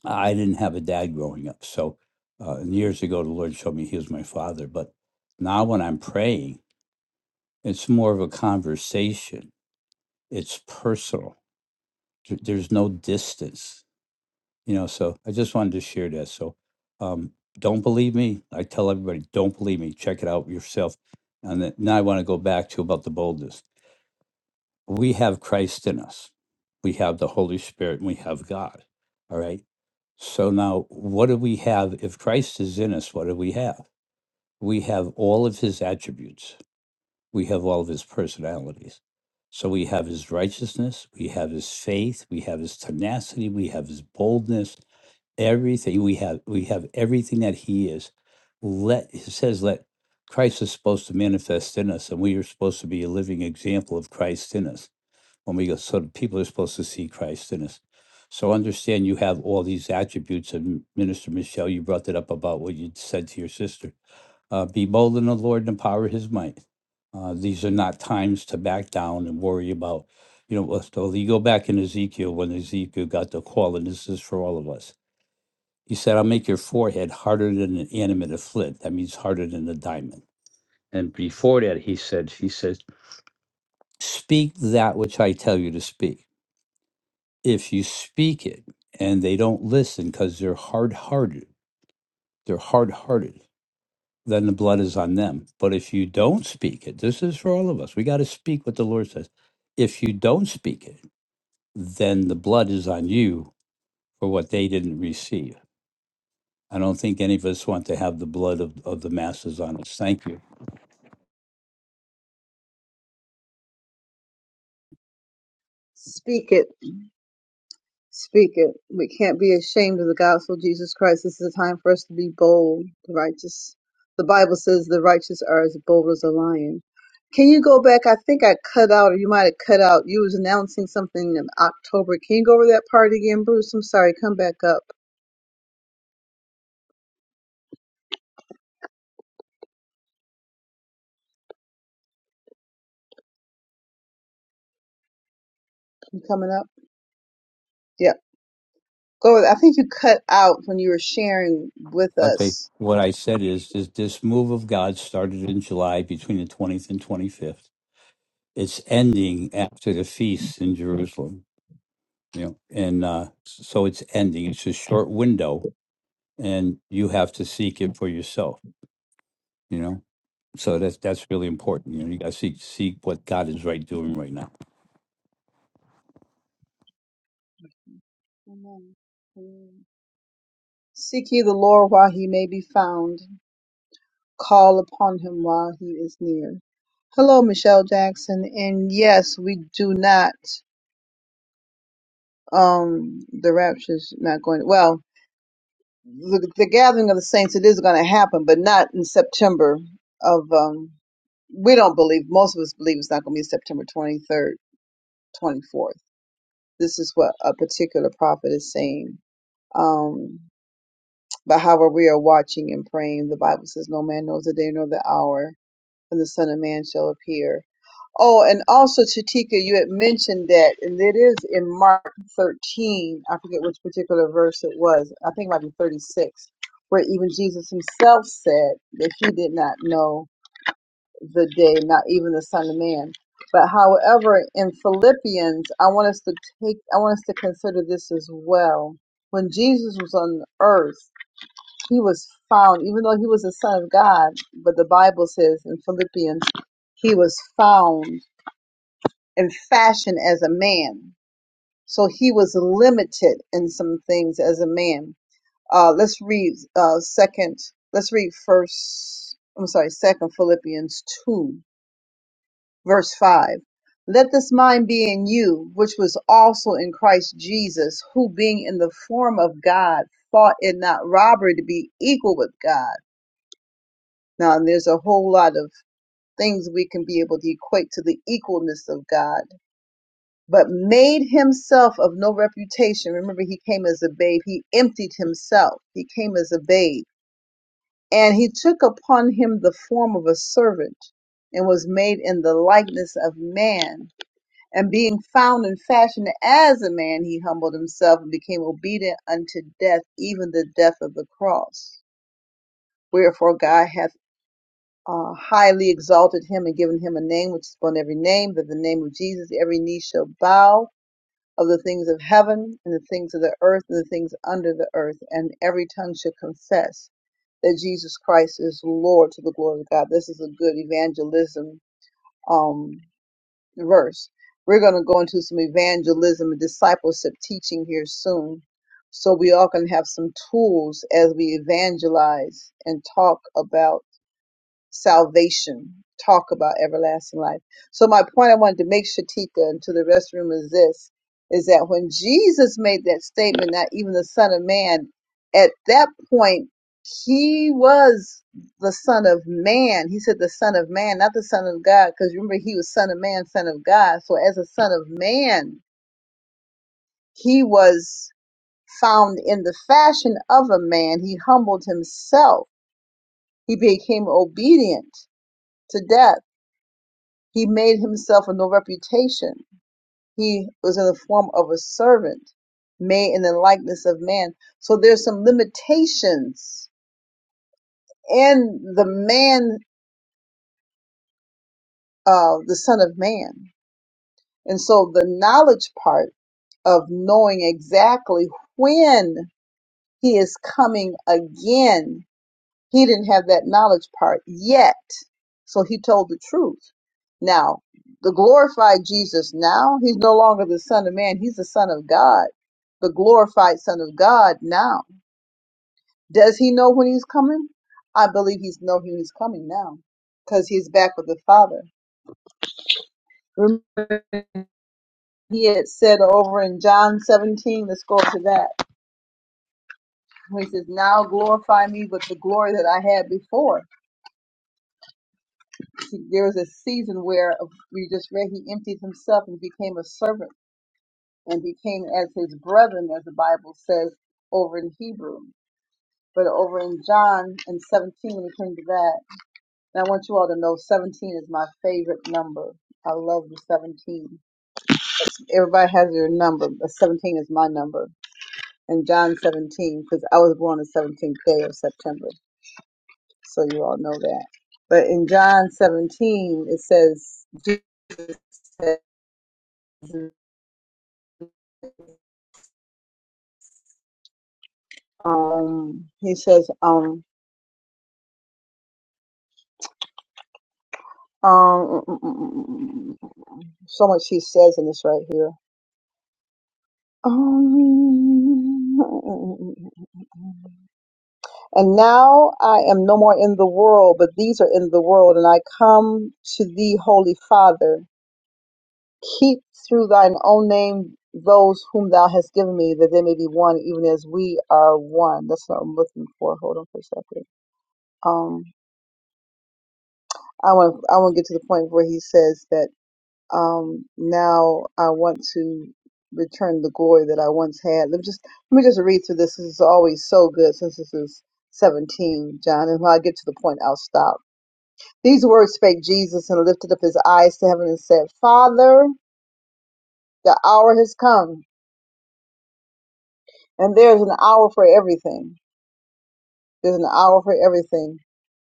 Speaker 2: I didn't have a dad growing up. So uh, and years ago, the Lord showed me he was my father. But now when I'm praying, it's more of a conversation, it's personal. Th- There's no distance, you know. So I just wanted to share that. So um, don't believe me. I tell everybody, don't believe me. Check it out yourself. And then, now I want to go back to about the boldness. we have Christ in us. We have the Holy Spirit and we have God. All right. So now, what do we have? If Christ is in us, what do we have? We have all of his attributes, we have all of his personalities. So we have his righteousness, we have his faith, we have his tenacity, we have his boldness, everything we have, we have everything that he is. Let it says, let Christ is supposed to manifest in us, and we are supposed to be a living example of Christ in us when we go, so the people are supposed to see Christ in us. So understand you have all these attributes. And Minister Michelle, you brought that up about what you said to your sister. Uh, be bold in the Lord and the power of his might. Uh, these are not times to back down and worry about, you know, well, so you go back in Ezekiel when Ezekiel got the call, and this is for all of us. He said, I'll make your forehead harder than an animate of flint. That means harder than a diamond. And before that, he said, he said, speak that which I tell you to speak if you speak it and they don't listen because they're hard hearted, they're hard hearted, then the blood is on them. But if you don't speak it, this is for all of us. We got to speak what the Lord says. If you don't speak it, then the blood is on you for what they didn't receive. I don't think any of us want to have the blood of, of the masses on us. Thank you.
Speaker 1: Speak it. Speak it. We can't be ashamed of the gospel of Jesus Christ. This is a time for us to be bold, the righteous. The Bible says the righteous are as bold as a lion. Can you go back? I think I cut out, or you might have cut out. You was announcing something in October. Can you go over that part again, Bruce? I'm sorry. Come back up. You coming up? Yeah. Go with, I think you cut out when you were sharing with
Speaker 2: Okay.
Speaker 1: us.
Speaker 2: What I said is, is this move of God started in July between the 20th and 25th. It's ending after the feast in Jerusalem you know, and uh, so it's ending. It's a short window, and you have to seek it for yourself. You know, so that's that's really important. You know, you got to seek seek what God is right doing right now.
Speaker 1: Amen. Amen. Seek ye the Lord while he may be found. Call upon him while he is near. Hello, Michelle Jackson. And yes, we do not, um, the rapture's not going, well, the, the gathering of the saints, it is going to happen, but not in September of, um, we don't believe, most of us believe it's not going to be September 23rd, 24th. This is what a particular prophet is saying. Um, but however, we are watching and praying. The Bible says, no man knows the day nor the hour when the Son of Man shall appear. Oh, and also, Chatika, you had mentioned that, and it is in Mark 13. I forget which particular verse it was. I think it might be 36, where even Jesus himself said that he did not know the day, not even the Son of Man. But however, in Philippians, I want us to take, I want us to consider this as well. When Jesus was on earth, he was found, even though he was the son of God, but the Bible says in Philippians, he was found and fashioned as a man. So he was limited in some things as a man. Uh, let's read uh, second. Let's read first. I'm sorry, second Philippians two, verse five. Let this mind be in you, which was also in Christ Jesus, who being in the form of God, thought it not robbery to be equal with God Now, there's a whole lot of things we can be able to equate to the equalness of God, but made himself of no reputation. Remember, he came as a babe. He emptied himself. He came as a babe. And he took upon him the form of a servant and was made in the likeness of man. And being found and fashioned as a man, he humbled himself and became obedient unto death, even the death of the cross. Wherefore God hath uh, highly exalted him and given him a name which is upon every name, that the name of Jesus every knee shall bow of the things of heaven and the things of the earth and the things under the earth, and every tongue shall confess that Jesus Christ is Lord to the glory of God. This is a good evangelism um, verse. We're going to go into some evangelism and discipleship teaching here soon. So we all can have some tools as we evangelize and talk about salvation, talk about everlasting life. So my point I wanted to make Shatika and to the rest of the room is this is that when Jesus made that statement, not even the Son of Man, at that point he was the Son of Man. He said the Son of Man, not the Son of God, because remember he was Son of Man, Son of God. So as a Son of Man, he was found in the fashion of a man. He humbled himself. He became obedient to death He made himself of no reputation. He was in the form of a servant, made in the likeness of man. So there's some limitations in the man, uh, the Son of Man. And so the knowledge part of knowing exactly when he is coming again He didn't have that knowledge part yet. So he told the truth. Now, the glorified Jesus now, he's no longer the Son of Man, he's the Son of God, the glorified Son of God now. Does he know when he's coming? I believe he's know when he's coming now because he's back with the Father. Remember, he had said over in John 17, let's go to that, he says, Now glorify me with the glory that I had before. He, there was a season where we just read he emptied himself and became a servant and became as his brethren, as the Bible says over in Hebrew. But over in John and 17, when it came to that, and I want you all to know 17 is my favorite number. I love the 17. Everybody has their number, but 17 is my number. And John 17, because I was born the 17th day of September. So you all know that. But in John 17, it says, Jesus Um, he says, um, um, mm, mm, mm, mm, mm, mm, mm, mm, mm, mm, mm. so much he says in this right here. Um, (laughs) and now I am no more in the world, but these are in the world, and I come to thee, Holy Father. Keep through thine own name those whom thou hast given me, that they may be one, even as we are one. That's what I'm looking for. Hold on for a second. Um, I want I want to get to the point where he says that. um, now I want to return the glory that I once had. Let me just let me just read through this. This is always so good since this is 17, John. And when I get to the point, I'll stop. These words spake Jesus and lifted up his eyes to heaven and said, Father, the hour has come, and there is an hour for everything. There's an hour for everything.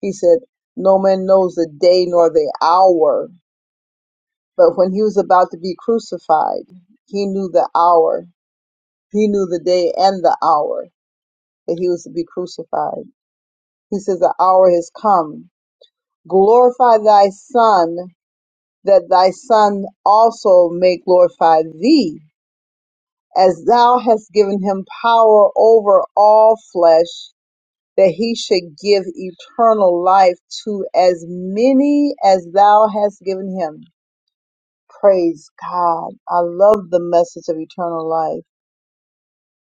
Speaker 1: He said, No man knows the day nor the hour. But when he was about to be crucified, he knew the hour He knew the day and the hour that he was to be crucified. He says, The hour has come. Glorify thy Son, that thy Son also may glorify thee, as thou hast given him power over all flesh, that he should give eternal life to as many as thou hast given him. Praise God. I love the message of eternal life.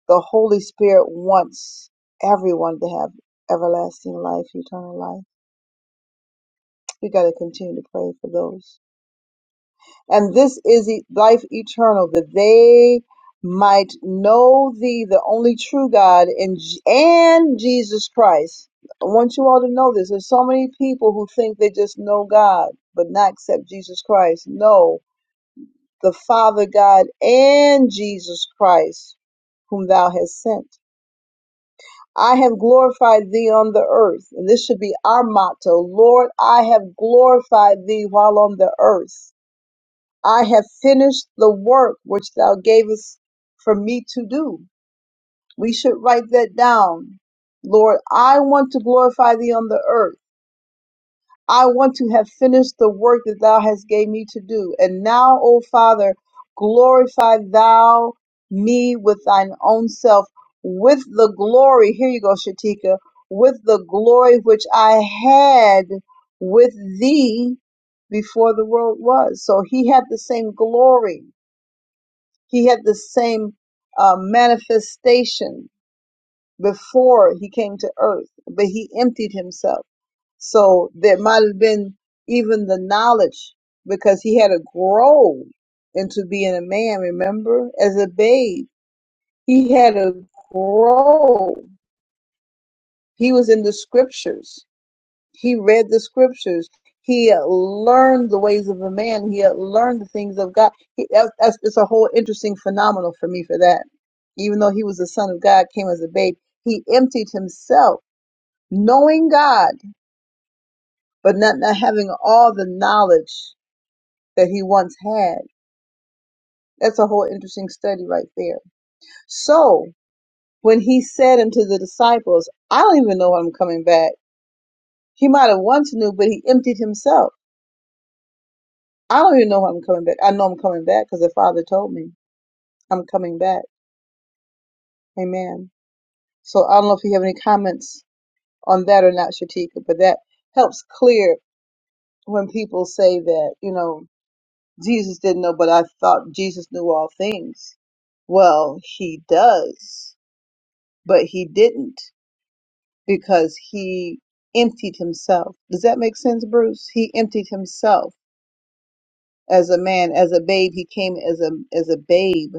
Speaker 1: The Holy Spirit wants everyone to have everlasting life, eternal life. We got to continue to pray for those. And this is e- life eternal, that they might know thee, the only true God, and, J- and Jesus Christ. I want you all to know this. There's so many people who think they just know God, but not accept Jesus Christ. No, the Father God and Jesus Christ, whom thou hast sent. I have glorified thee on the earth. And this should be our motto. Lord, I have glorified thee while on the earth. I have finished the work which thou gavest for me to do. We should write that down. Lord, I want to glorify thee on the earth. I want to have finished the work that thou hast gave me to do. And now, O Father, glorify thou me with thine own self, with the glory, here you go, Shatika, with the glory which I had with thee before the world was. So he had the same glory. He had the same uh, manifestation before he came to earth, but he emptied himself so there might have been even the knowledge because he had to grow into being a man, remember? As a babe, he had to grow. He was in the scriptures, he read the scriptures. He had learned the ways of a man. He had learned the things of God. He, that's, that's, it's a whole interesting phenomenon for me for that. Even though he was the son of God, came as a babe, he emptied himself, knowing God, but not, not having all the knowledge that he once had. That's a whole interesting study right there. So when he said unto the disciples, I don't even know when I'm coming back. He might have once knew, but he emptied himself. I don't even know when I'm coming back. I know I'm coming back because the Father told me I'm coming back. Amen. So I don't know if you have any comments on that or not, Shatika, but that helps clear when people say that, you know, Jesus didn't know, but I thought Jesus knew all things. Well, he does, but he didn't. because he emptied himself. Does that make sense, Bruce? He emptied himself as a man, as a babe. He came as a as a babe,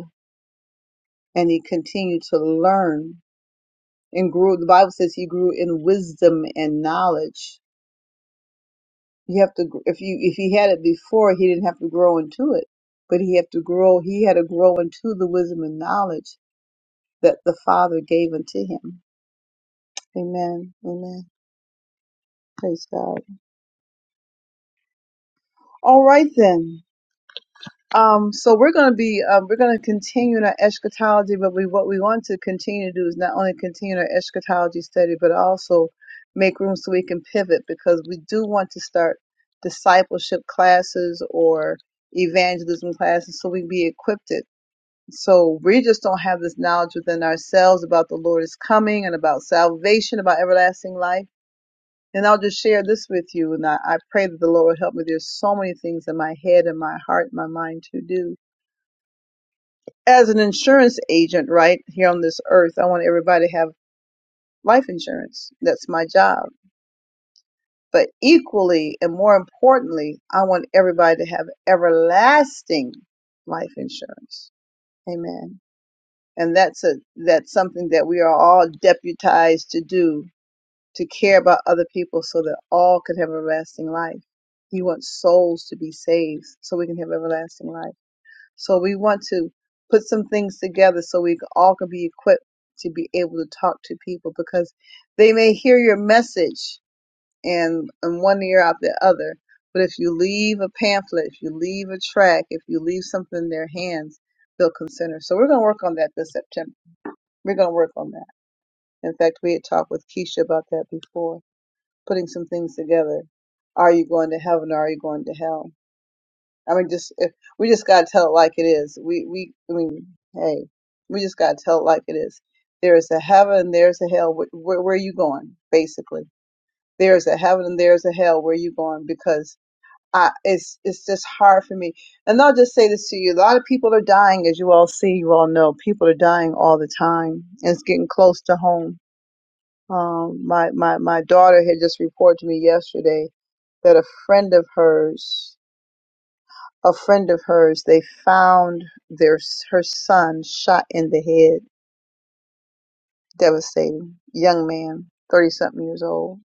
Speaker 1: and he continued to learn and grew. The Bible says he grew in wisdom and knowledge. You have to gr- if you if he had it before, he didn't have to grow into it, but he had to grow. He had to grow into the wisdom and knowledge that the Father gave unto him. Amen. Amen. Praise God. All right then. Um, so we're going to be, um, we're going to continue in our eschatology, but we, what we want to continue to do is not only continue our eschatology study, but also make room so we can pivot because we do want to start discipleship classes or evangelism classes so we can be equipped. It. So we just don't have this knowledge within ourselves about the Lord is coming and about salvation, about everlasting life. And I'll just share this with you. And I, I pray that the Lord will help me. There's so many things in my head and my heart and my mind to do as an insurance agent, right here on this earth, I want everybody to have life insurance. That's my job. But equally and more importantly, I want everybody to have everlasting life insurance. Amen. And that's a that's something that we are all deputized to do to care about other people so that all can have everlasting life. He wants souls to be saved so we can have everlasting life. So we want to put some things together so we all can be equipped to be able to talk to people because they may hear your message and in one ear out the other. But if you leave a pamphlet, if you leave a track, if you leave something in their hands, they'll consider. So we're going to work on that this September. We're going to work on that. In fact, we had talked with Keisha about that before, putting some things together. Are you going to heaven or are you going to hell? I mean, just if we just gotta tell it like it is. We we I mean, hey, we just gotta tell it like it is. There is a heaven, there's a hell. Wh- Where, where are you going? Basically, there is a heaven and there's a hell. Where are you going? Because I it's it's just hard for me. And I'll just say this to you: a lot of people are dying, as you all see, you all know. People are dying all the time, and it's getting close to home. Um, my my my daughter had just reported to me yesterday that a friend of hers a friend of hers, they found their her son shot in the head. Devastating. Young man, thirty something years old.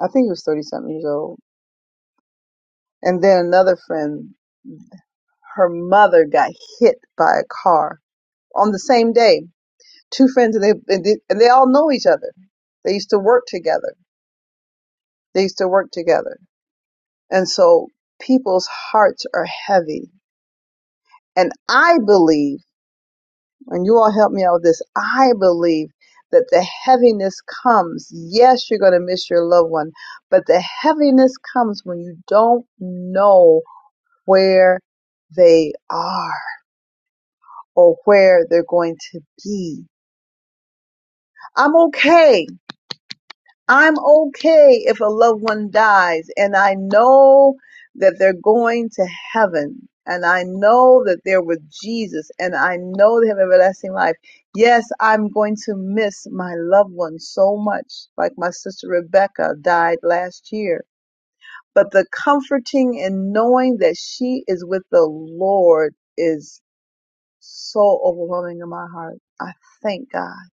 Speaker 1: I think he was thirty something years old. And then another friend, her mother got hit by a car on the same day. Two friends, and they and they, and they all know each other. They used to work together. They used to work together. And so people's hearts are heavy. And I believe and you all help me out with this. I believe that the heaviness comes. Yes, you're going to miss your loved one, but the heaviness comes when you don't know where they are or where they're going to be. I'm okay. I'm okay if a loved one dies and I know that they're going to heaven and I know that they're with Jesus and I know they have everlasting life. Yes, I'm going to miss my loved one so much, like my sister Rebecca died last year. But the comforting in knowing that she is with the Lord is so overwhelming in my heart. I thank God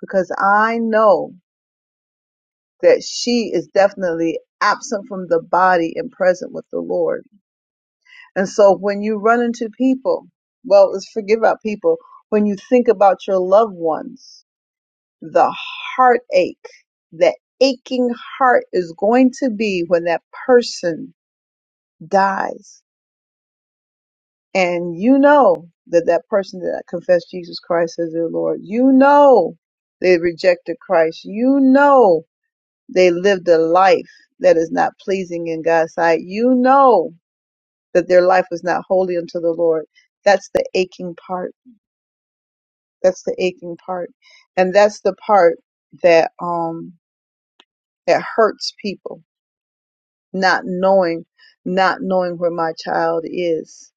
Speaker 1: because I know that she is definitely absent from the body and present with the Lord. And so when you run into people, well, let's forget about people. When you think about your loved ones, the heartache, that aching heart is going to be when that person dies. And you know that that person that confessed Jesus Christ as their Lord, you know they rejected Christ. You know They lived a life that is not pleasing in God's sight. You know that their life was not holy unto the Lord. That's the aching part. That's the aching part. And that's the part that, um, that hurts people, not knowing, not knowing where my child is.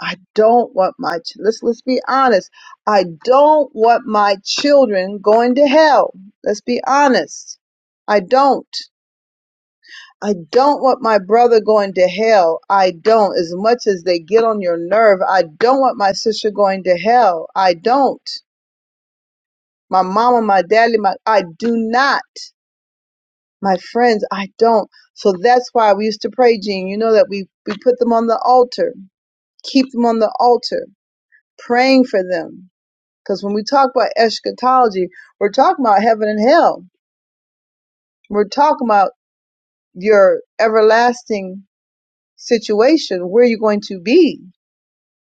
Speaker 1: I don't want my, ch- let's, let's be honest. I don't want my children going to hell. Let's be honest. I don't. I don't want my brother going to hell. I don't. As much as they get on your nerve, I don't want my sister going to hell. I don't. My mama, my daddy, my I do not. My friends, I don't. So that's why we used to pray, Gene. You know that we we put them on the altar, keep them on the altar, praying for them. Because when we talk about eschatology, we're talking about heaven and hell. We're talking about your everlasting situation, where you're going to be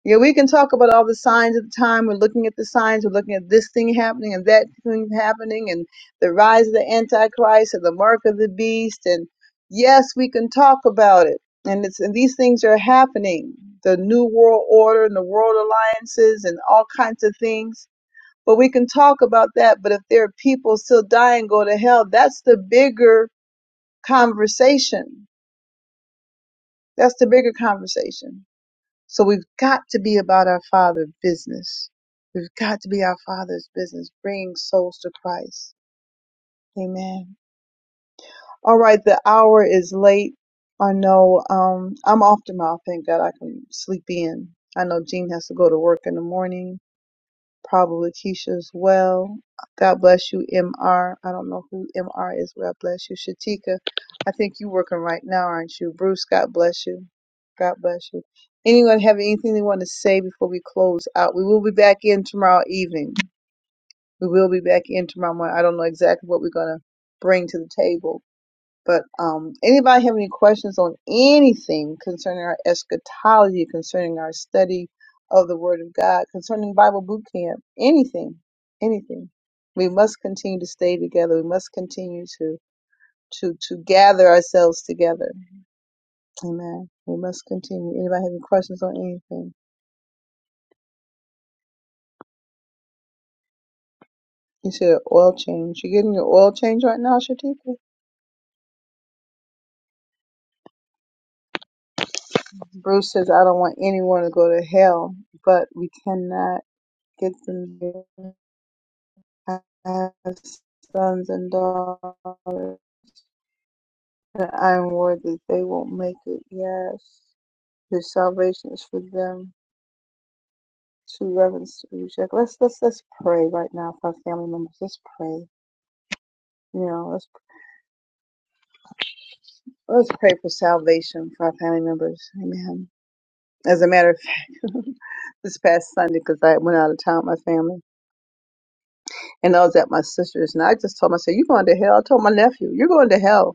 Speaker 1: Yeah, we can talk about all the signs of the time. We're looking at the signs. We're looking at this thing happening and that thing happening and the rise of the Antichrist and the mark of the beast. And yes, we can talk about it. And it's and these things are happening. The New World Order and the world alliances and all kinds of things. But we can talk about that. But if there are people still dying, go to hell, that's the bigger conversation. That's the bigger conversation. So we've got to be about our Father's business. We've got to be our Father's business, bringing souls to Christ. Amen. All right, the hour is late. I know um, I'm off tomorrow. Thank God I can sleep in. I know Jean has to go to work in the morning probably Keisha as well. God bless you, MR. I don't know who MR is. God bless you, Shatika. I think you're working right now, aren't you? Bruce, God bless you. God bless you. Anyone have anything they want to say before we close out? We will be back in tomorrow evening. We will be back in tomorrow morning. I don't know exactly what we're going to bring to the table, but um, anybody have any questions on anything concerning our eschatology, concerning our study of the Word of God, concerning Bible boot camp, anything, anything? We must continue to stay together. We must continue to to to gather ourselves together. Amen. We must continue. Anybody have any questions on anything? You said oil change. You getting your oil change right now, Shatika? Bruce says I don't want anyone to go to hell, but we cannot get them. there. I have sons and daughters that I am worthy. They won't make it. Yes. The salvation is for them to reverence to reject. Let's let's let's pray right now for our family members. Let's pray. You know, let's let's pray for salvation for our family members. Amen. As a matter of fact, (laughs) this past Sunday, because I went out of town with my family, and I was at my sister's, and I just told myself, "You're going to hell." I told my nephew, "You're going to hell."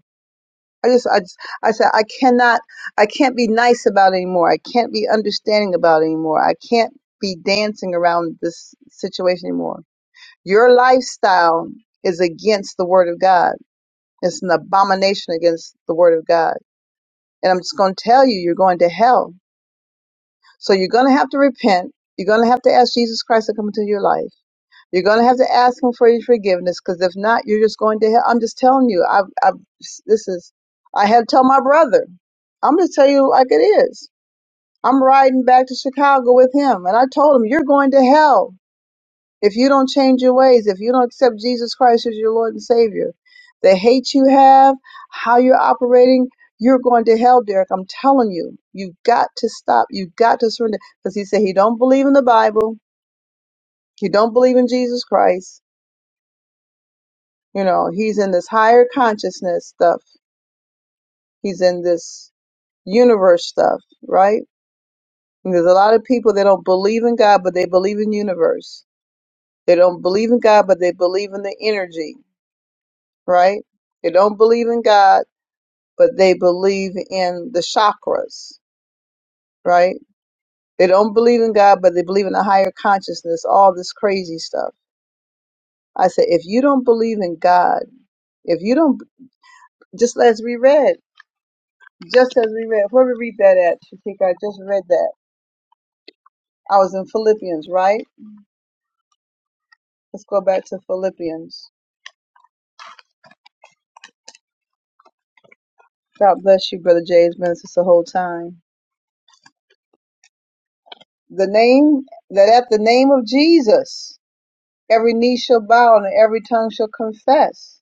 Speaker 1: I just, I just, I said, I cannot, I can't be nice about it anymore. I can't be understanding about it anymore. I can't be dancing around this situation anymore. Your lifestyle is against the word of God. It's an abomination against the word of God. And I'm just going to tell you, you're going to hell. So you're going to have to repent. You're going to have to ask Jesus Christ to come into your life. You're going to have to ask him for your forgiveness because if not, you're just going to hell. I'm just telling you. I, I, this is, I had to tell my brother. I'm going to tell you like it is. I'm riding back to Chicago with him, and I told him, You're going to hell if you don't change your ways, if you don't accept Jesus Christ as your Lord and Savior. The hate you have, how you're operating, you're going to hell, Derek. I'm telling you, you've got to stop. You've got to surrender. Because he said he don't believe in the Bible. He don't believe in Jesus Christ You know, he's in this higher consciousness stuff. He's in this universe stuff, right? And there's a lot of people that don't believe in God, but they believe in universe. They don't believe in God, but they believe in the energy, right? They don't believe in God, but they believe in the chakras, right? They don't believe in God, but they believe in a higher consciousness, all this crazy stuff. I said, if you don't believe in God, if you don't, just as we read. Just as we read, where we read that at, Shatika, I just read that. I was in Philippians, right? Let's go back to Philippians. God bless you, Brother Jay. It's been since the whole time. The name, that at the name of Jesus, every knee shall bow and every tongue shall confess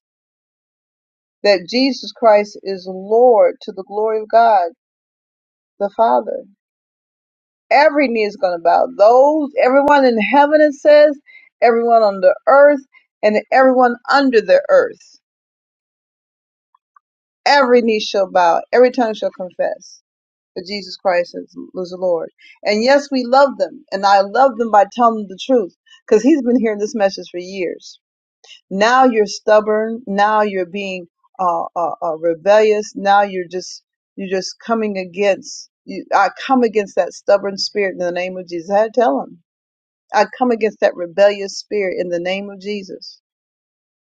Speaker 1: that Jesus Christ is Lord to the glory of God the Father. Every knee is going to bow. Those, everyone in heaven, it says, everyone on the earth, and everyone under the earth every knee shall bow, every tongue shall confess that Jesus Christ is, is the Lord. And yes, we love them, and I love them by telling them the truth, because he's been hearing this message for years. Now you're stubborn. Now you're being uh, uh, uh, rebellious. Now you're just you're just coming against. You, I come against that stubborn spirit in the name of Jesus. I had to tell him. I come against that rebellious spirit in the name of Jesus.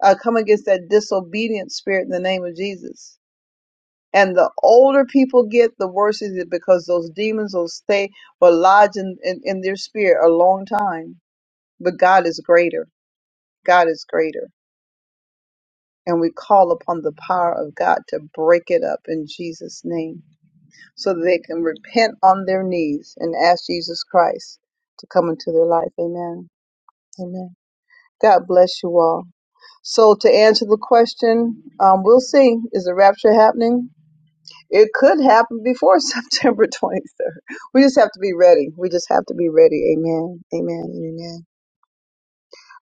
Speaker 1: I come against that disobedient spirit in the name of Jesus. And the older people get, the worse it is because those demons will stay or lodge in, in, in their spirit a long time. But God is greater. God is greater. And we call upon the power of God to break it up in Jesus' name so that they can repent on their knees and ask Jesus Christ to come into their life. Amen. Amen. God bless you all. So to answer the question, um, we'll see. Is the rapture happening? It could happen before (laughs) September 23rd. We just have to be ready. We just have to be ready. Amen. Amen. and Amen.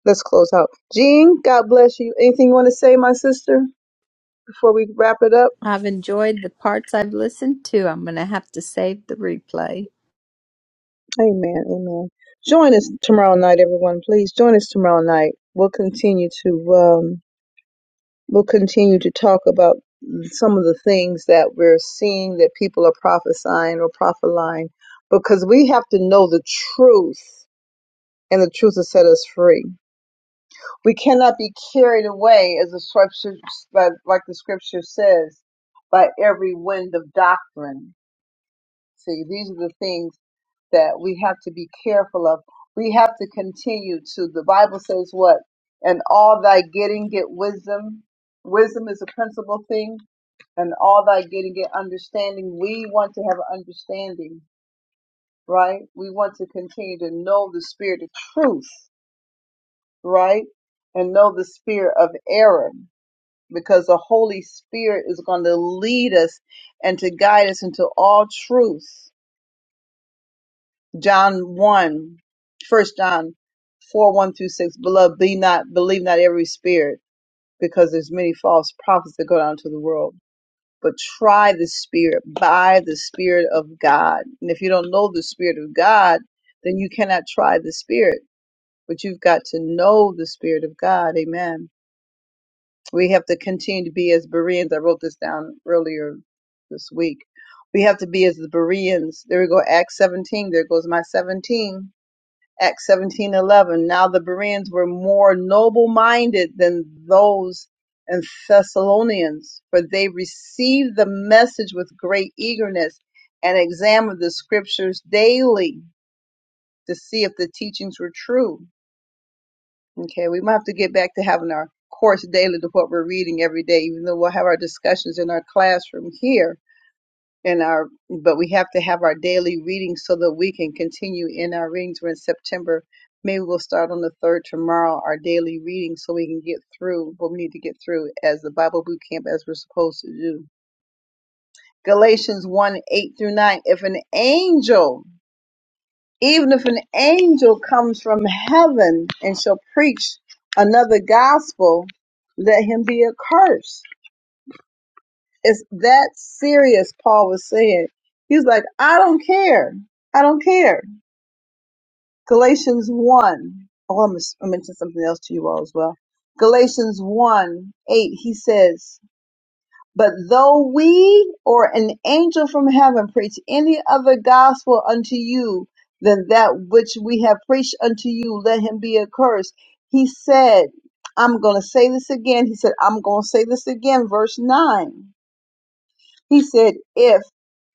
Speaker 1: Let's close out. Jean, God bless you. Anything you want to say, my sister, before we wrap it up?
Speaker 4: I've enjoyed the parts I've listened to. I'm going to have to save the replay.
Speaker 1: Amen. Amen. Join us tomorrow night, everyone. Please join us tomorrow night. We'll continue to um, we'll continue to talk about some of the things that we're seeing that people are prophesying or prophesying because we have to know the truth, and the truth will set us free We cannot be carried away, as the scripture, like the scripture says, by every wind of doctrine. See, these are the things that we have to be careful of. We have to continue to. The Bible says what? And all thy getting get wisdom. Wisdom is a principal thing. And all thy getting get understanding. We want to have understanding, right? We want to continue to know the spirit of truth, right? And know the spirit of error because the Holy Spirit is going to lead us and to guide us into all truth. John one, first John 4, 1 through 6. Beloved, be not, believe not every spirit, because there's many false prophets that go down into the world. But try the spirit by the spirit of God. And if you don't know the spirit of God, then you cannot try the spirit, but you've got to know the spirit of God. Amen We have to continue to be as Bereans. I wrote this down earlier this week. We have to be as the Bereans. There we go. Acts 17. There goes my 17. Acts 17 11. Now the Bereans were more noble minded than those in Thessalonians, for they received the message with great eagerness and examined the scriptures daily to see if the teachings were true Okay, we might have to get back to having our course daily to what we're reading every day, even though we'll have our discussions in our classroom here in our but we have to have our daily reading so that we can continue in our readings. We're in September. Maybe we'll start on the third tomorrow, our daily reading, so we can get through what we need to get through as the Bible boot camp as we're supposed to do. Galatians 1 8 through 9. If an angel even if an angel comes from heaven and shall preach another gospel, let him be accursed. It's that serious, Paul was saying. He's like, I don't care. I don't care. Galatians 1. Oh, I must- I mentioned something else to you all as well. Galatians 1 8, he says, But though we or an angel from heaven preach any other gospel unto you than that which we have preached unto you, let him be accursed. He said, I'm going to say this again. He said, I'm going to say this again. Verse 9. He said, If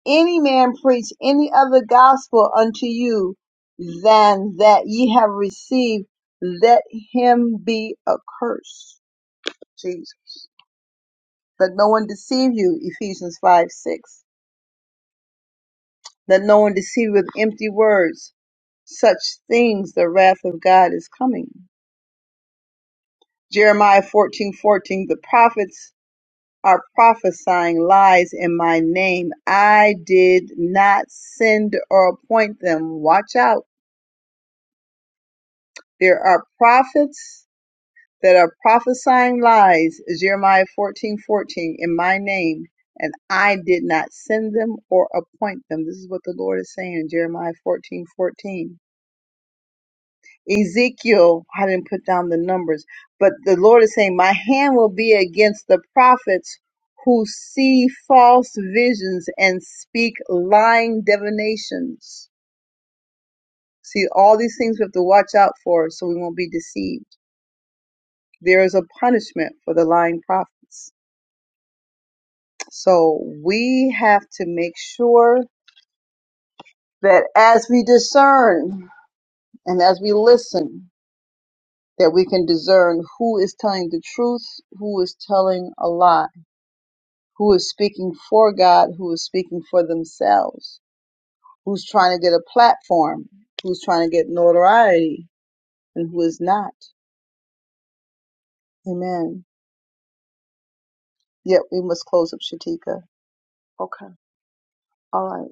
Speaker 1: any man preach any other gospel unto you than that ye have received, let him be accursed. Jesus. Let no one deceive you. Ephesians 5 6 that no one deceive with empty words. Such things the wrath of God is coming. Jeremiah fourteen fourteen. the prophets are prophesying lies in my name. I did not send or appoint them. Watch out. There are prophets that are prophesying lies, Jeremiah fourteen fourteen. in my name, and I did not send them or appoint them. This is what the Lord is saying in Jeremiah fourteen fourteen. Ezekiel, I didn't put down the numbers, but the Lord is saying, My hand will be against the prophets who see false visions and speak lying divinations. See, all these things we have to watch out for so we won't be deceived. There is a punishment for the lying prophets. So we have to make sure that as we discern and as we listen, that we can discern who is telling the truth, who is telling a lie who is speaking for God, who is speaking for themselves, who's trying to get a platform, who's trying to get notoriety, and who is not. Amen. Yet we must close up Shatika. Okay. All right.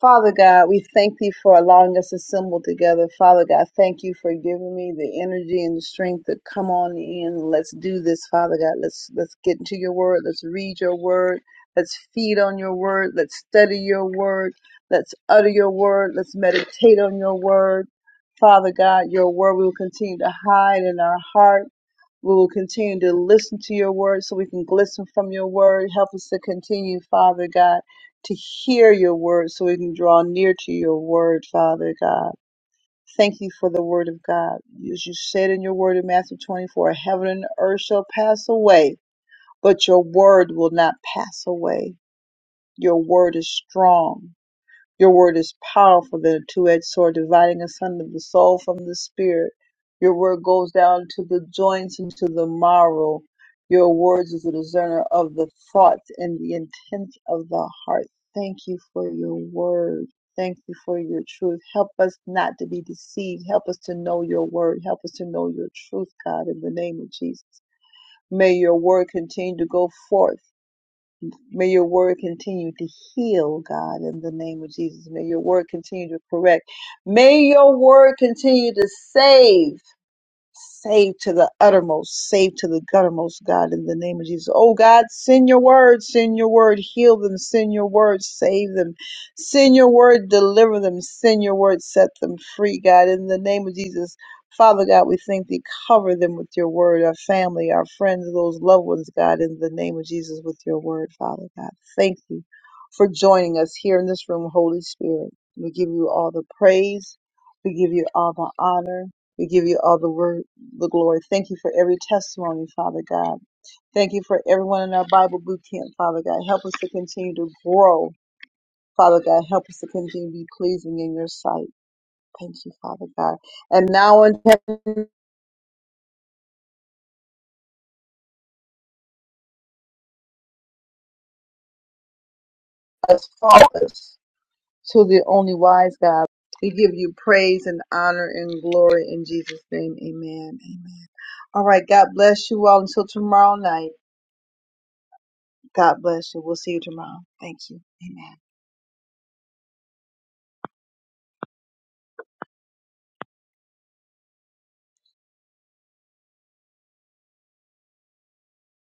Speaker 1: Father God, we thank thee for allowing us to assemble together. Father God, thank you for giving me the energy and the strength to come on in. Let's do this, Father God. Let's let's get into your word. Let's read your word. Let's feed on your word. Let's study your word. Let's utter your word. Let's meditate on your word. Father God, your word we will continue to hide in our heart. We will continue to listen to your word so we can glisten from your word. Help us to continue, Father God to hear your word so we can draw near to your word, Father God. Thank you for the word of God. As you said in your word in Matthew 24, heaven and earth shall pass away, but your word will not pass away. Your word is strong. Your word is powerful than a two edged sword, dividing asunder the soul from the spirit. Your word goes down to the joints and to the marrow. Your words is a discerner of the thoughts and the intent of the heart. Thank you for your word. Thank you for your truth. Help us not to be deceived. Help us to know your word. Help us to know your truth, God, in the name of Jesus. May your word continue to go forth May your word continue to heal, God, in the name of Jesus. May your word continue to correct. May your word continue to save. Save to the uttermost, save to the guttermost, God, in the name of Jesus. Oh God, send your word, send your word, heal them, send your word, save them, send your word, deliver them, send your word, set them free, God, in the name of Jesus. Father God, we thank thee. Cover them with your word, our family, our friends, those loved ones, God, in the name of Jesus, with your word, Father God. Thank you for joining us here in this room, Holy Spirit. We give you all the praise. We give you all the honor. We give you all the word the glory. Thank you for every testimony, Father God. Thank you for everyone in our Bible boot camp, Father God. Help us to continue to grow, Father God. Help us to continue to be pleasing in your sight. Thank you, Father God. And now in heaven, as faultless to the only wise God, we give you praise and honor and glory in Jesus' name. Amen. Amen. All right. God bless you all until tomorrow night. God bless you. We'll see you tomorrow. Thank you. Amen.